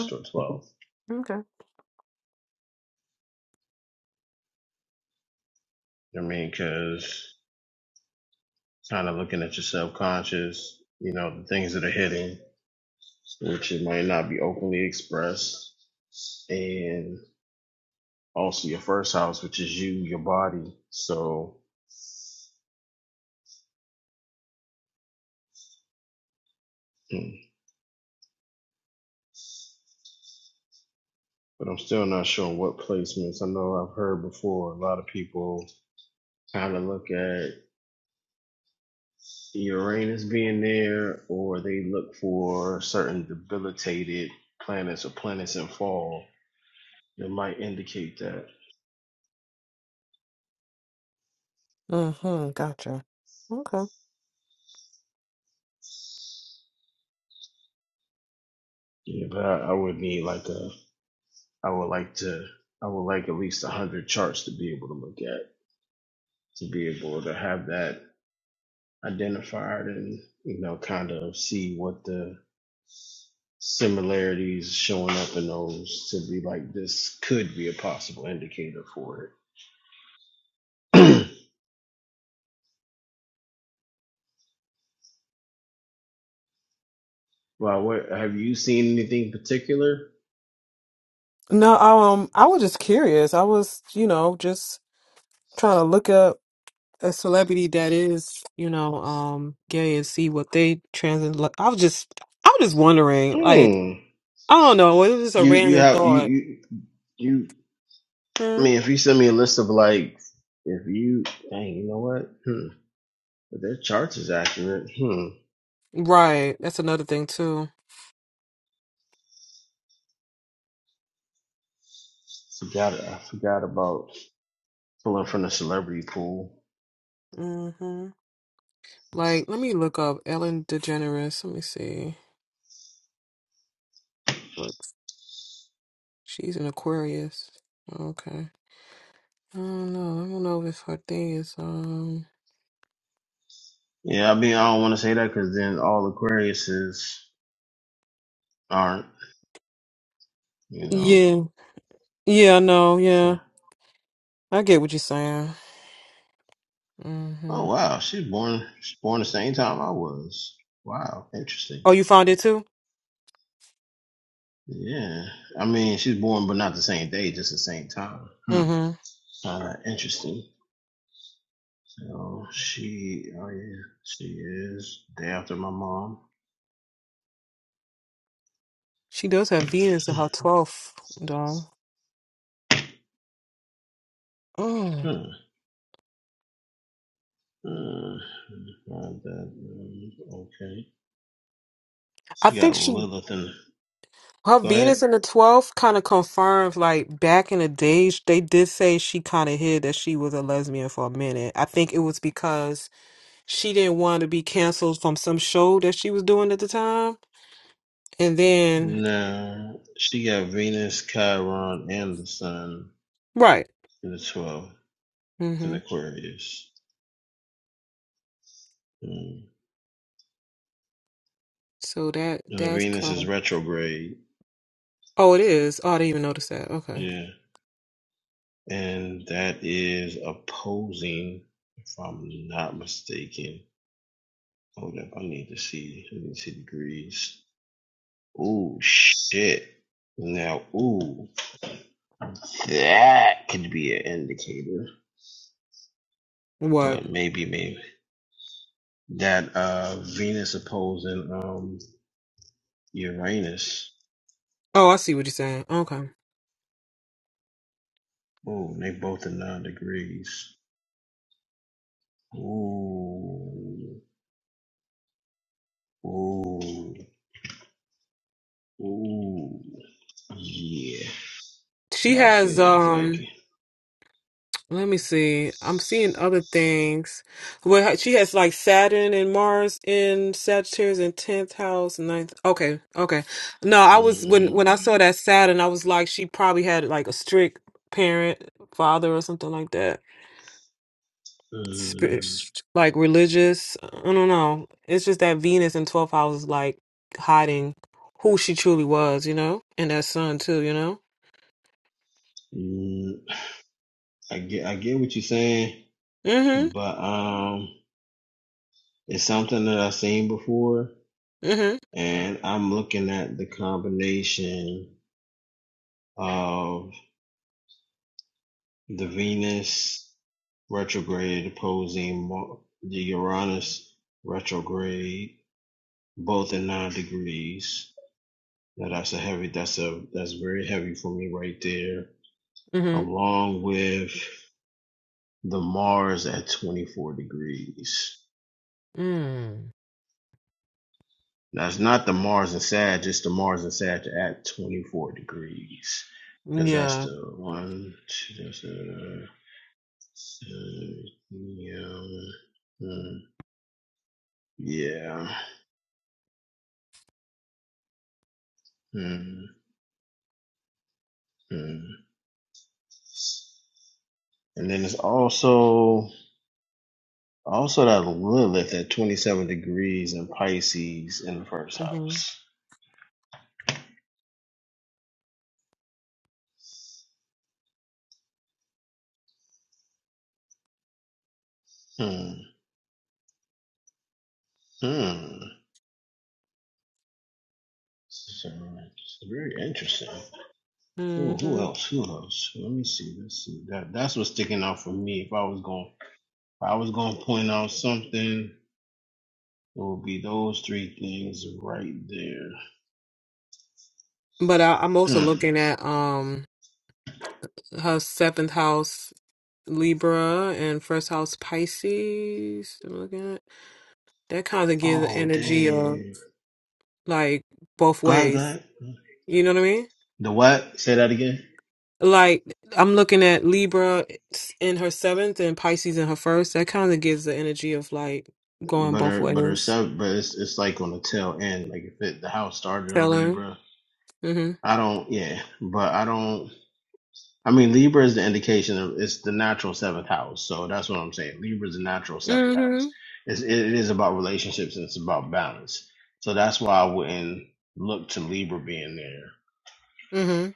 F: okay. Mm-hmm. Gotcha. Okay.
D: In particular,
F: No, um, I was just curious. I was, you know, just trying to look up. a celebrity that is, you know, um, gay and see what they trans. like, I was just, I was just wondering, like,
D: hmm.
F: I don't know, it was just a
D: You you
F: random
D: have you
F: thought.
D: you you I
F: Hmm?
D: mean if you send me a list of like if you dang, you know what? Hmm. But their charts is accurate. Hmm.
F: Right, that's another thing too. hmm Like, let me look up Ellen DeGeneres. Let me see. What she's an Aquarius. Okay. I don't know. I don't know if her thing is um. Yeah. Yeah. I know. Yeah. I get what you're saying. hmm Oh, you found it too. Mm-hmm. She does have Venus in her twelfth, though. Mm. I think she her Venus in the twelfth kind of confirms like back in the days they did say she kind of hid that she was a lesbian for a minute. I think it was because she didn't want to be canceled from some show that she was doing at the time, and then right. hmm So that that's kind of oh it is. Oh, I didn't even notice that. Okay, what? Oh, I see what you're saying. Okay, she has um. Let me see. I'm seeing other things. Well, she has like Saturn and Mars in Sagittarius in tenth house, ninth. Okay, okay. No, I was when when I saw that Saturn, I was like, she probably had like a strict parent, father, or something like that. Spirit, like religious. I don't know. It's just that Venus in twelfth house is like hiding who she truly was, you know, and that sun too, you know. Mm-hmm. Mm-hmm. Mm-hmm. Mm. Yeah. mm-hmm. hmm But I, I'm also looking at um her seventh house Libra and first house Pisces. I'm looking at that kind of gives the energy of like both ways. You know what I mean? Like I'm looking at Libra in her seventh and Pisces in her first. That kind of gives the energy of like going both ways. Tell her. Mhm. Mhm. Mhm.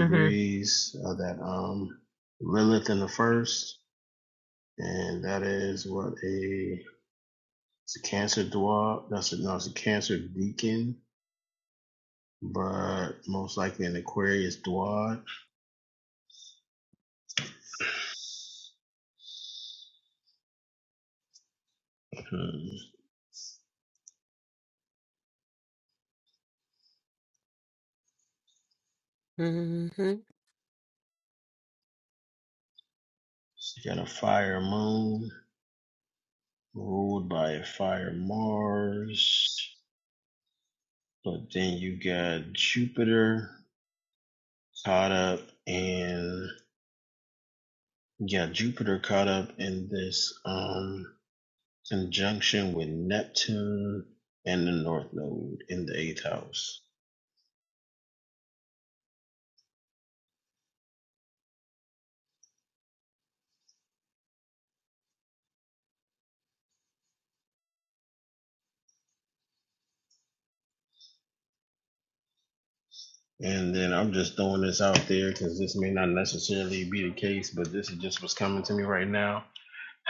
F: Mhm. Mhm.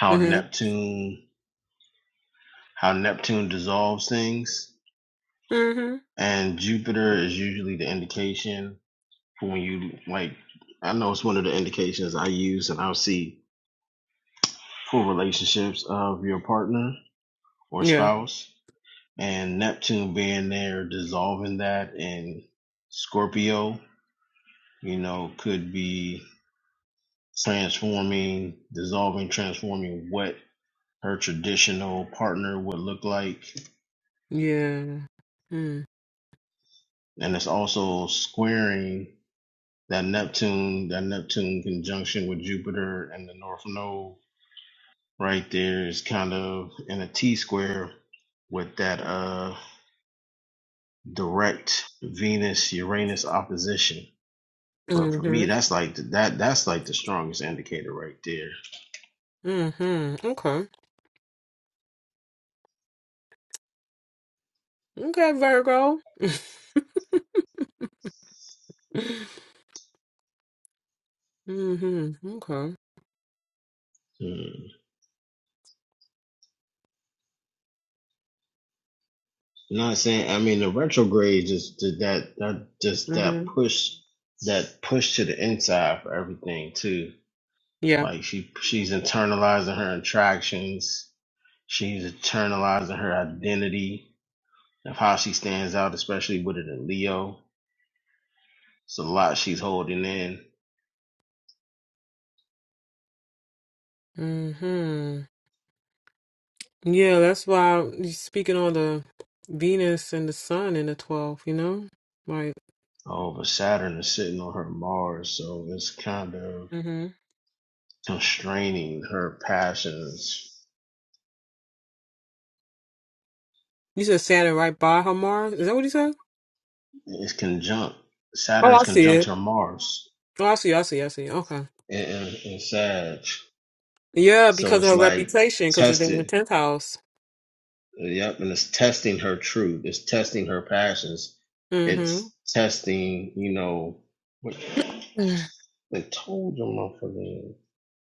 F: Mhm. Mhm. Yeah. Yeah. Hmm. Mm-hmm. Mm-hmm. Okay. Okay, Virgo. Mm-hmm. Okay. Mm-hmm. Yeah. Mm-hmm. Yeah, that's why you speaking on the Venus and the Sun in the 12th, you know? Right. Mm-hmm. You said Saturn right by her Mars? Is that what you said? Oh, I see it. Oh, I see, I see, I see. Okay. Yeah, because of her reputation, because it's in the 10th house. Mm-hmm.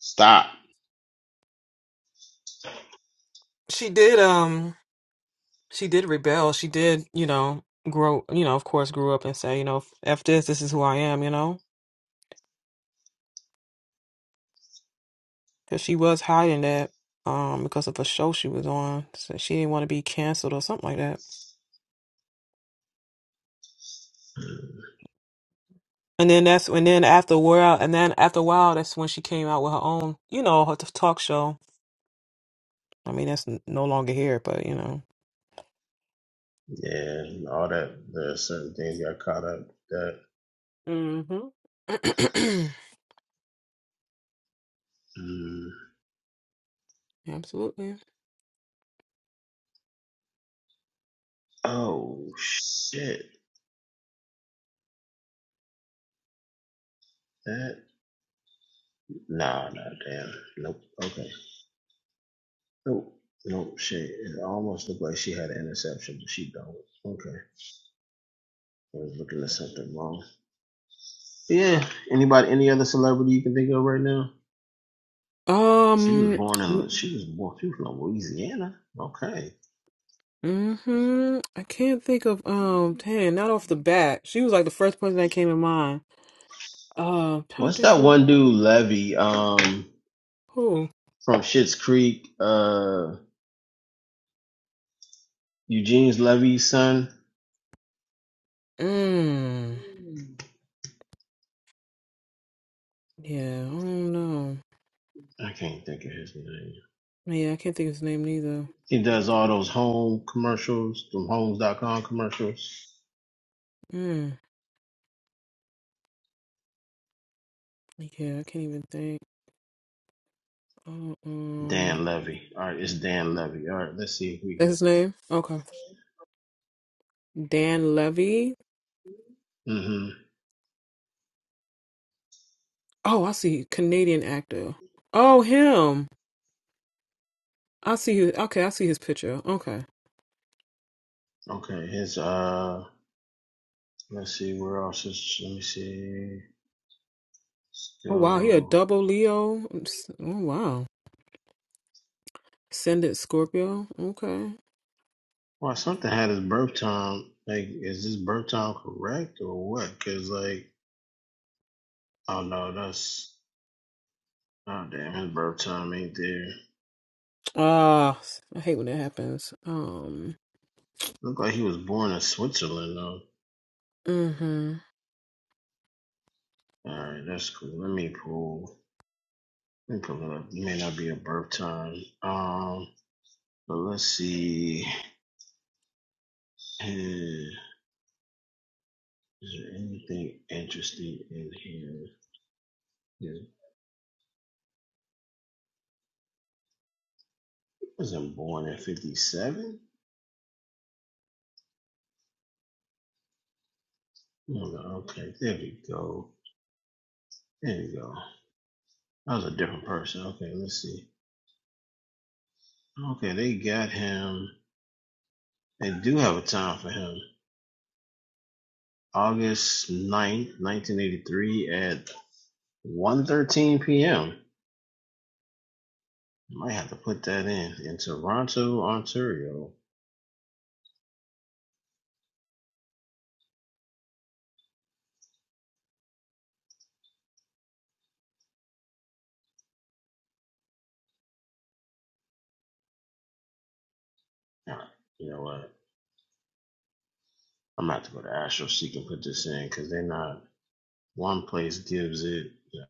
D: Stop.
F: She did. Um. she did rebel. She did, you know, grow, you know, of course, grew up and say, you know, F this, this is who I am, you know? Because she was hiding that um, because of a show she was on. So she didn't want to be canceled or something like that. And then that's and then after a while, and then after a while, that's when she came out with her own, you know, her t- talk show. I mean, that's n- no longer here, but you know. hmm Absolutely. Um, Mm-hmm. I can't think of um dang, not off the bat. She was like the first person that came to mind. Uh trying to think of who. Mm. Yeah, I don't know. Yeah, I can't think of his name neither. Mm. Yeah, I can't even think. Uh, Um That's his name? Okay. Dan Levy. Oh, I see. Canadian actor. Oh him. I see his okay, I see his picture. Okay. Oh wow, he a double Leo. Oh wow. Ascendant Scorpio. Okay. Ah, I hate when that happens. Um, mm-hmm,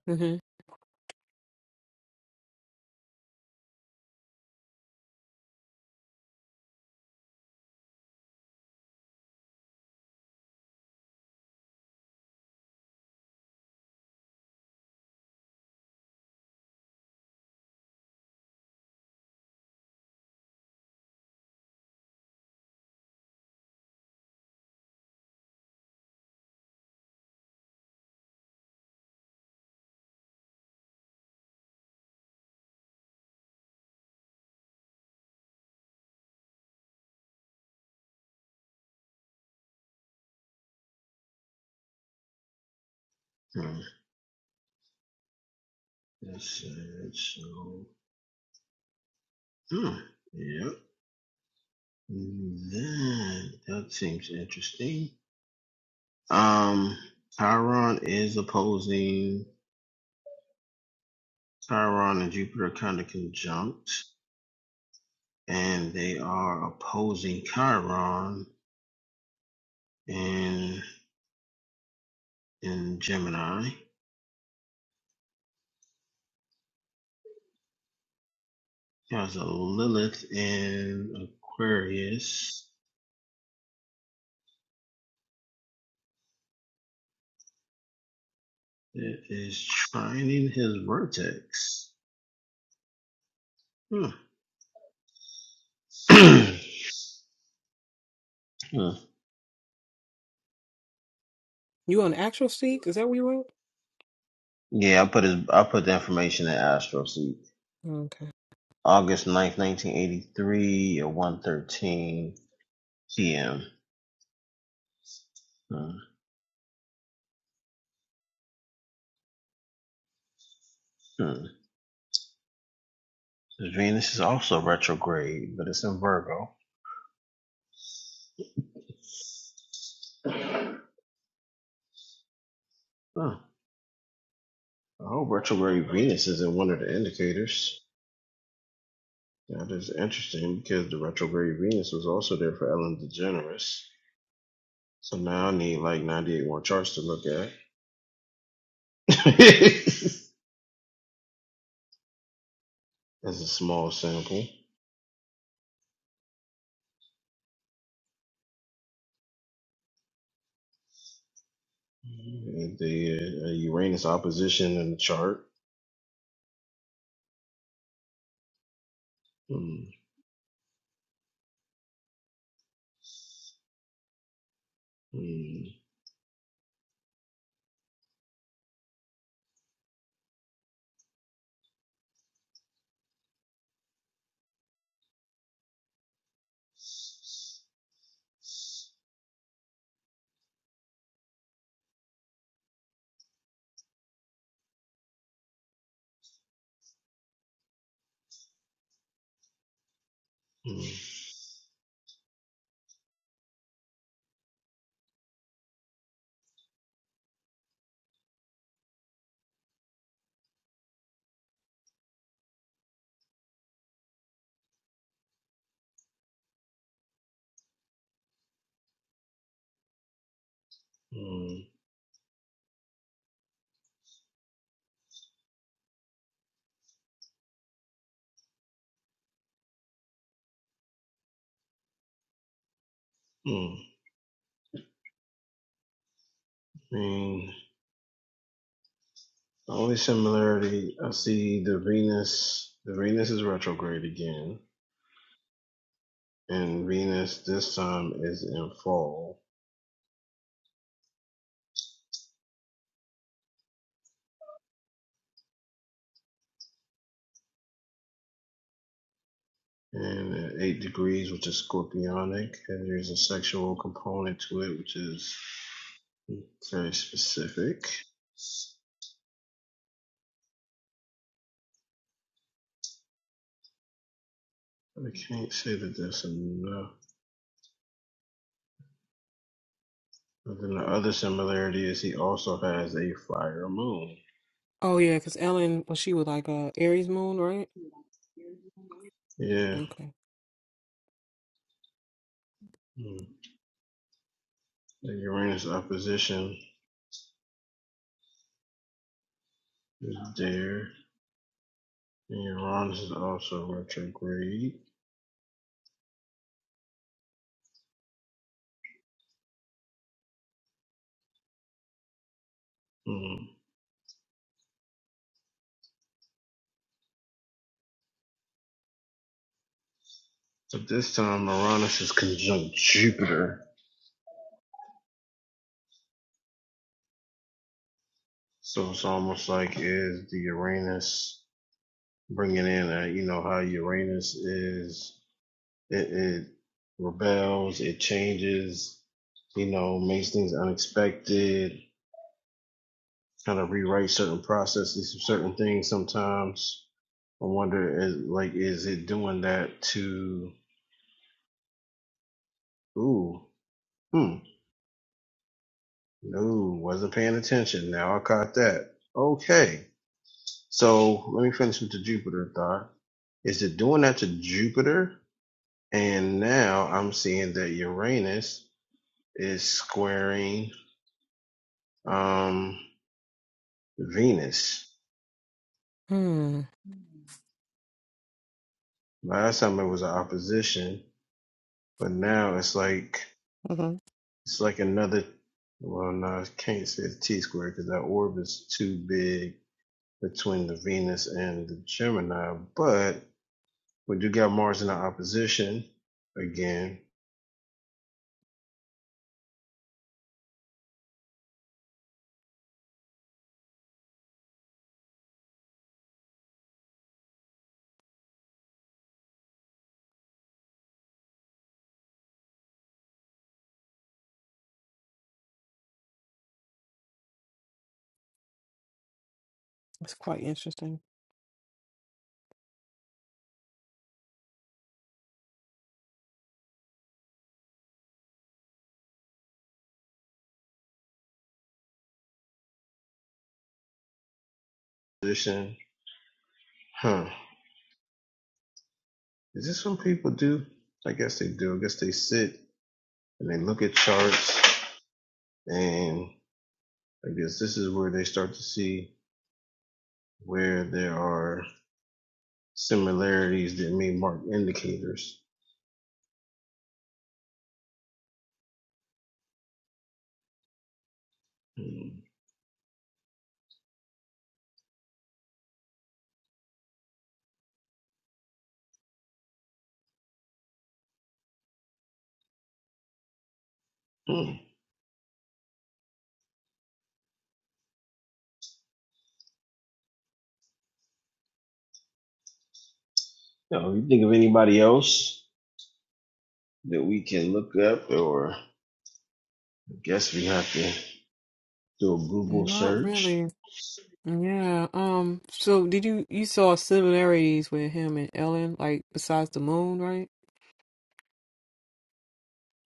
F: mm-hmm. You on the actual seek? Is that where you went? Okay.
D: And they, uh, hmm, hmm.
F: Oh yeah, because Ellen, well, she was like uh Aries moon, right? Okay. Hmm. Mm-hmm. That's quite interesting. Not really. Yeah. Um. So, did you you saw similarities with him and Ellen, like besides the moon, right?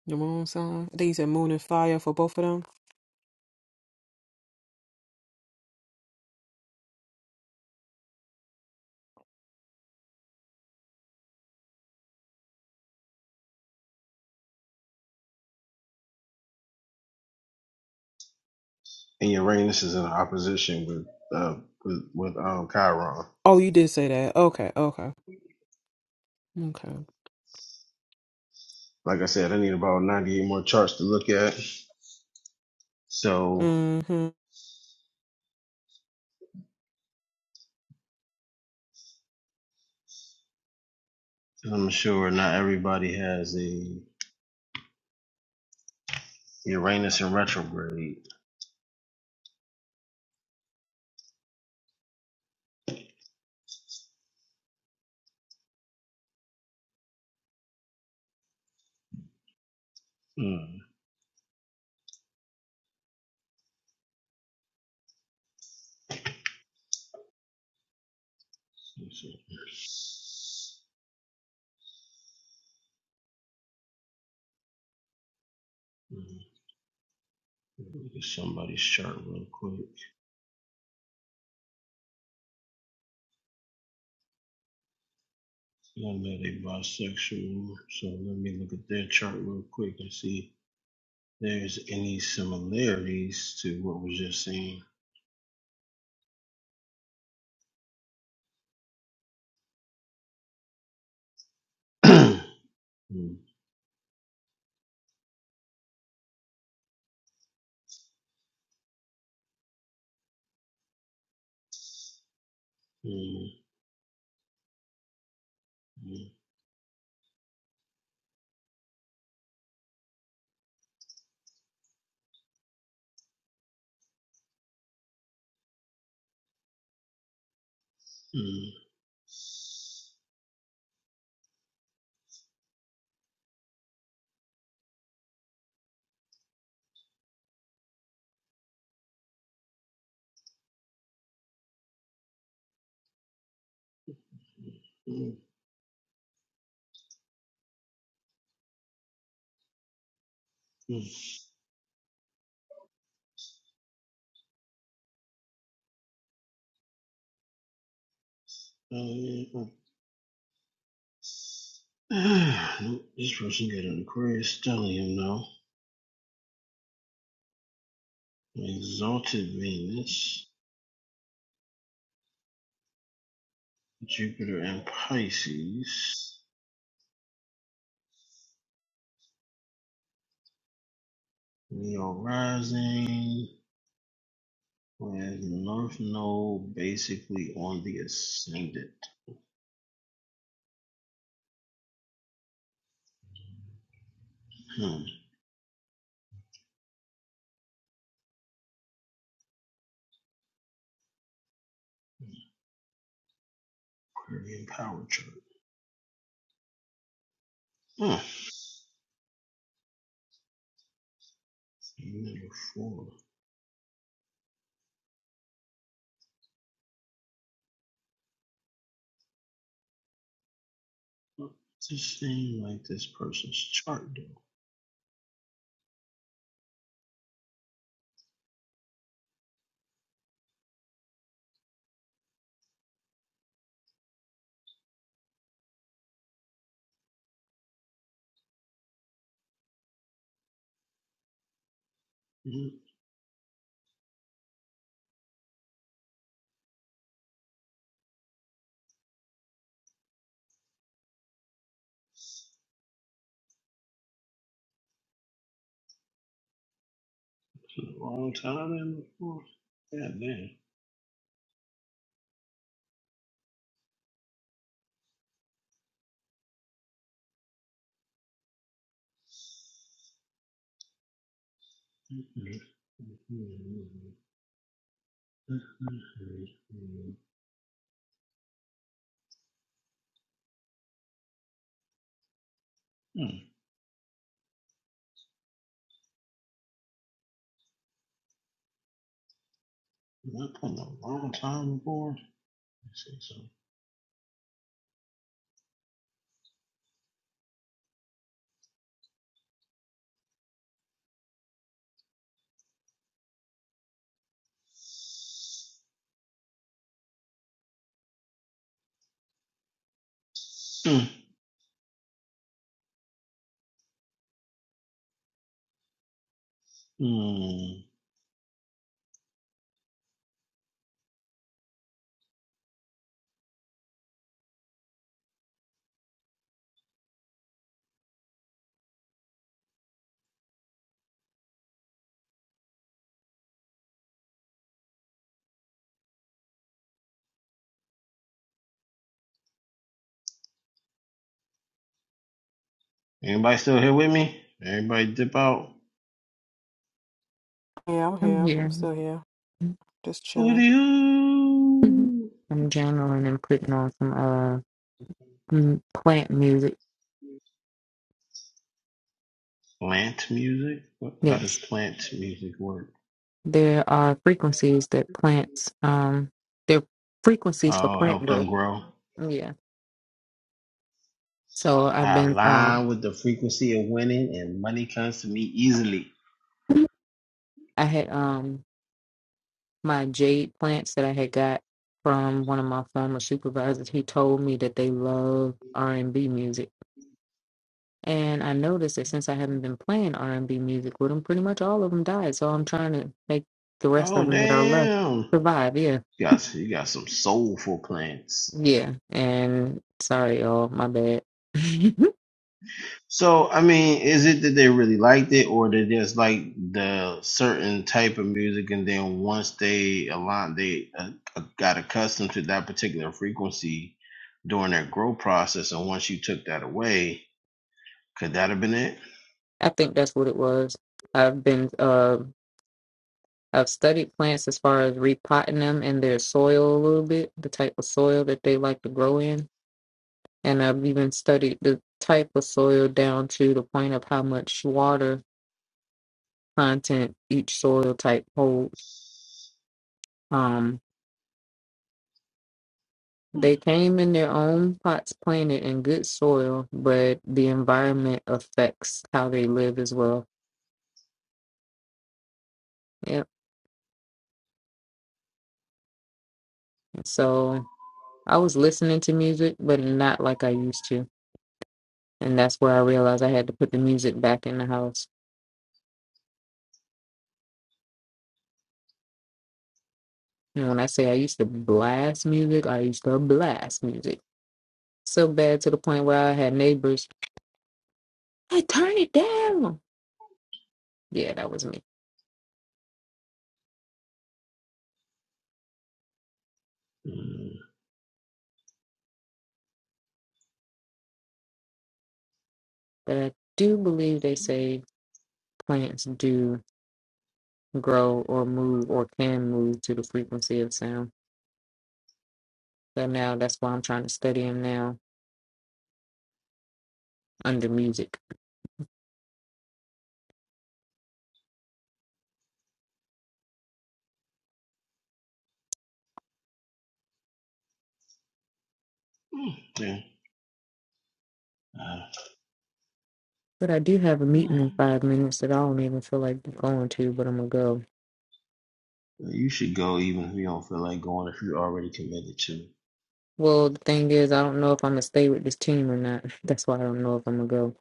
F: The moon sign. I think you said moon and fire for both of them. Oh, you did say that. Okay. Okay. Okay. Mm-hmm. Yeah, I'm here.
A: I'm
F: I'm
A: here.
F: still here. just chilling.
A: Mhm. I'm journaling and putting on some uh m- plant music. Yes, there are frequencies that plants um they're frequencies for plant growth. Yeah. So I've been um I had um my jade plants that I had got from one of my former supervisors. He told me that they love R and B music, and I noticed that since I haven't been playing R and B music with them, pretty much all of them died. So I'm trying to make the rest of them that are left survive. Yeah, yeah. And sorry, y'all, my bad. I
D: A certain type of music and then once they align they got accustomed to particular frequency during their growth process, and once you took that away, could that have been it?
A: think that's what it was. I've been uh, I've studied plants as far as repotting them in their soil a little bit, the type of soil that they like to grow in And I've even studied the type of soil down to the point of how much water content each soil type holds. Um, they came in their own pots planted in good soil, but the environment affects how they live as well. Yep. So I was listening to music, but not like I used to. And that's where I realized I had to put the music back in the house. And when I say I used to blast music, I used to blast music so bad to the point where I had neighbors I turn it down. Yeah, that was me. But I do believe they say plants do grow or move or can move to the frequency of sound. So now that's why I'm trying to study them now under music. But I do have a meeting in five minutes that I don't even feel like going to, but I'm gonna go. Well, the thing is, I don't know if I'm gonna stay with this team or not. That's why I don't know if I'm gonna go.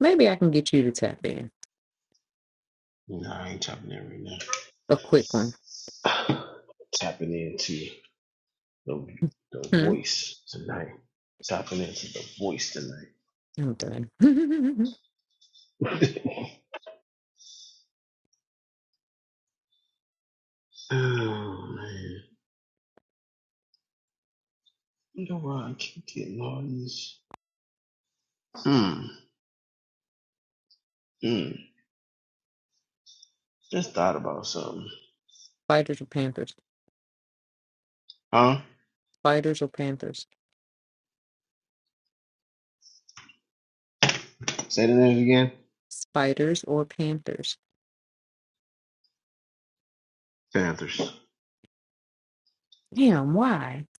A: Maybe I can get you to tap in. A quick one. Hmm? I'm done. Fighters or Panthers? Fighters or Panthers? spiders or panthers. Damn, why?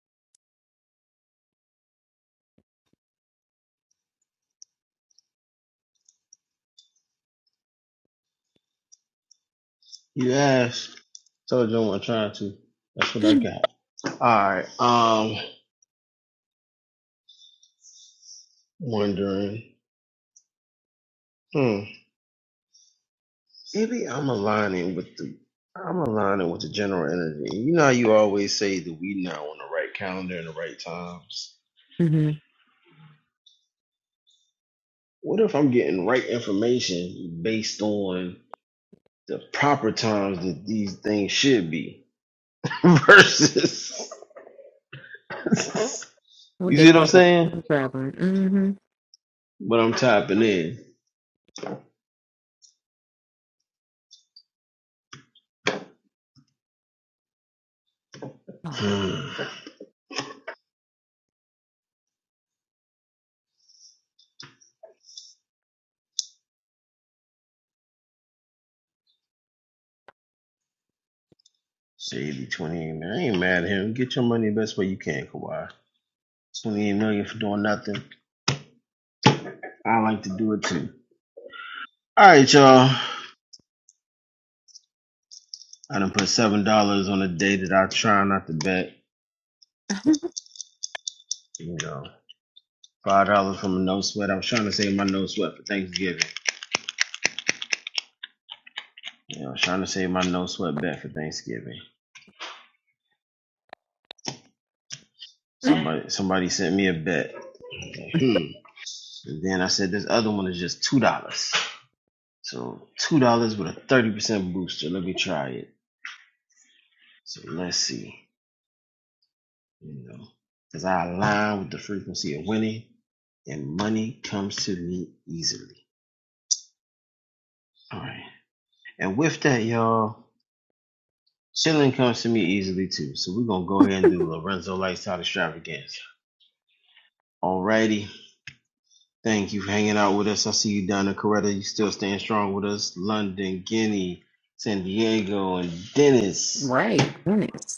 D: Told you I'm trying to. try to. That's what I got. All right. Um, wondering. Hmm. Maybe I'm aligning with the. I'm aligning with the general energy. You know how you always say that we now on the right calendar and the right times.
A: Mm-hmm.
D: What if I'm getting right information based on the proper times that these things should be versus
A: What
D: you see
A: they
D: what
A: call
D: I'm
A: it?
D: saying?
A: Traveling. Mm-hmm.
D: But I'm typing in.
A: Oh, mm, Right. Goodness.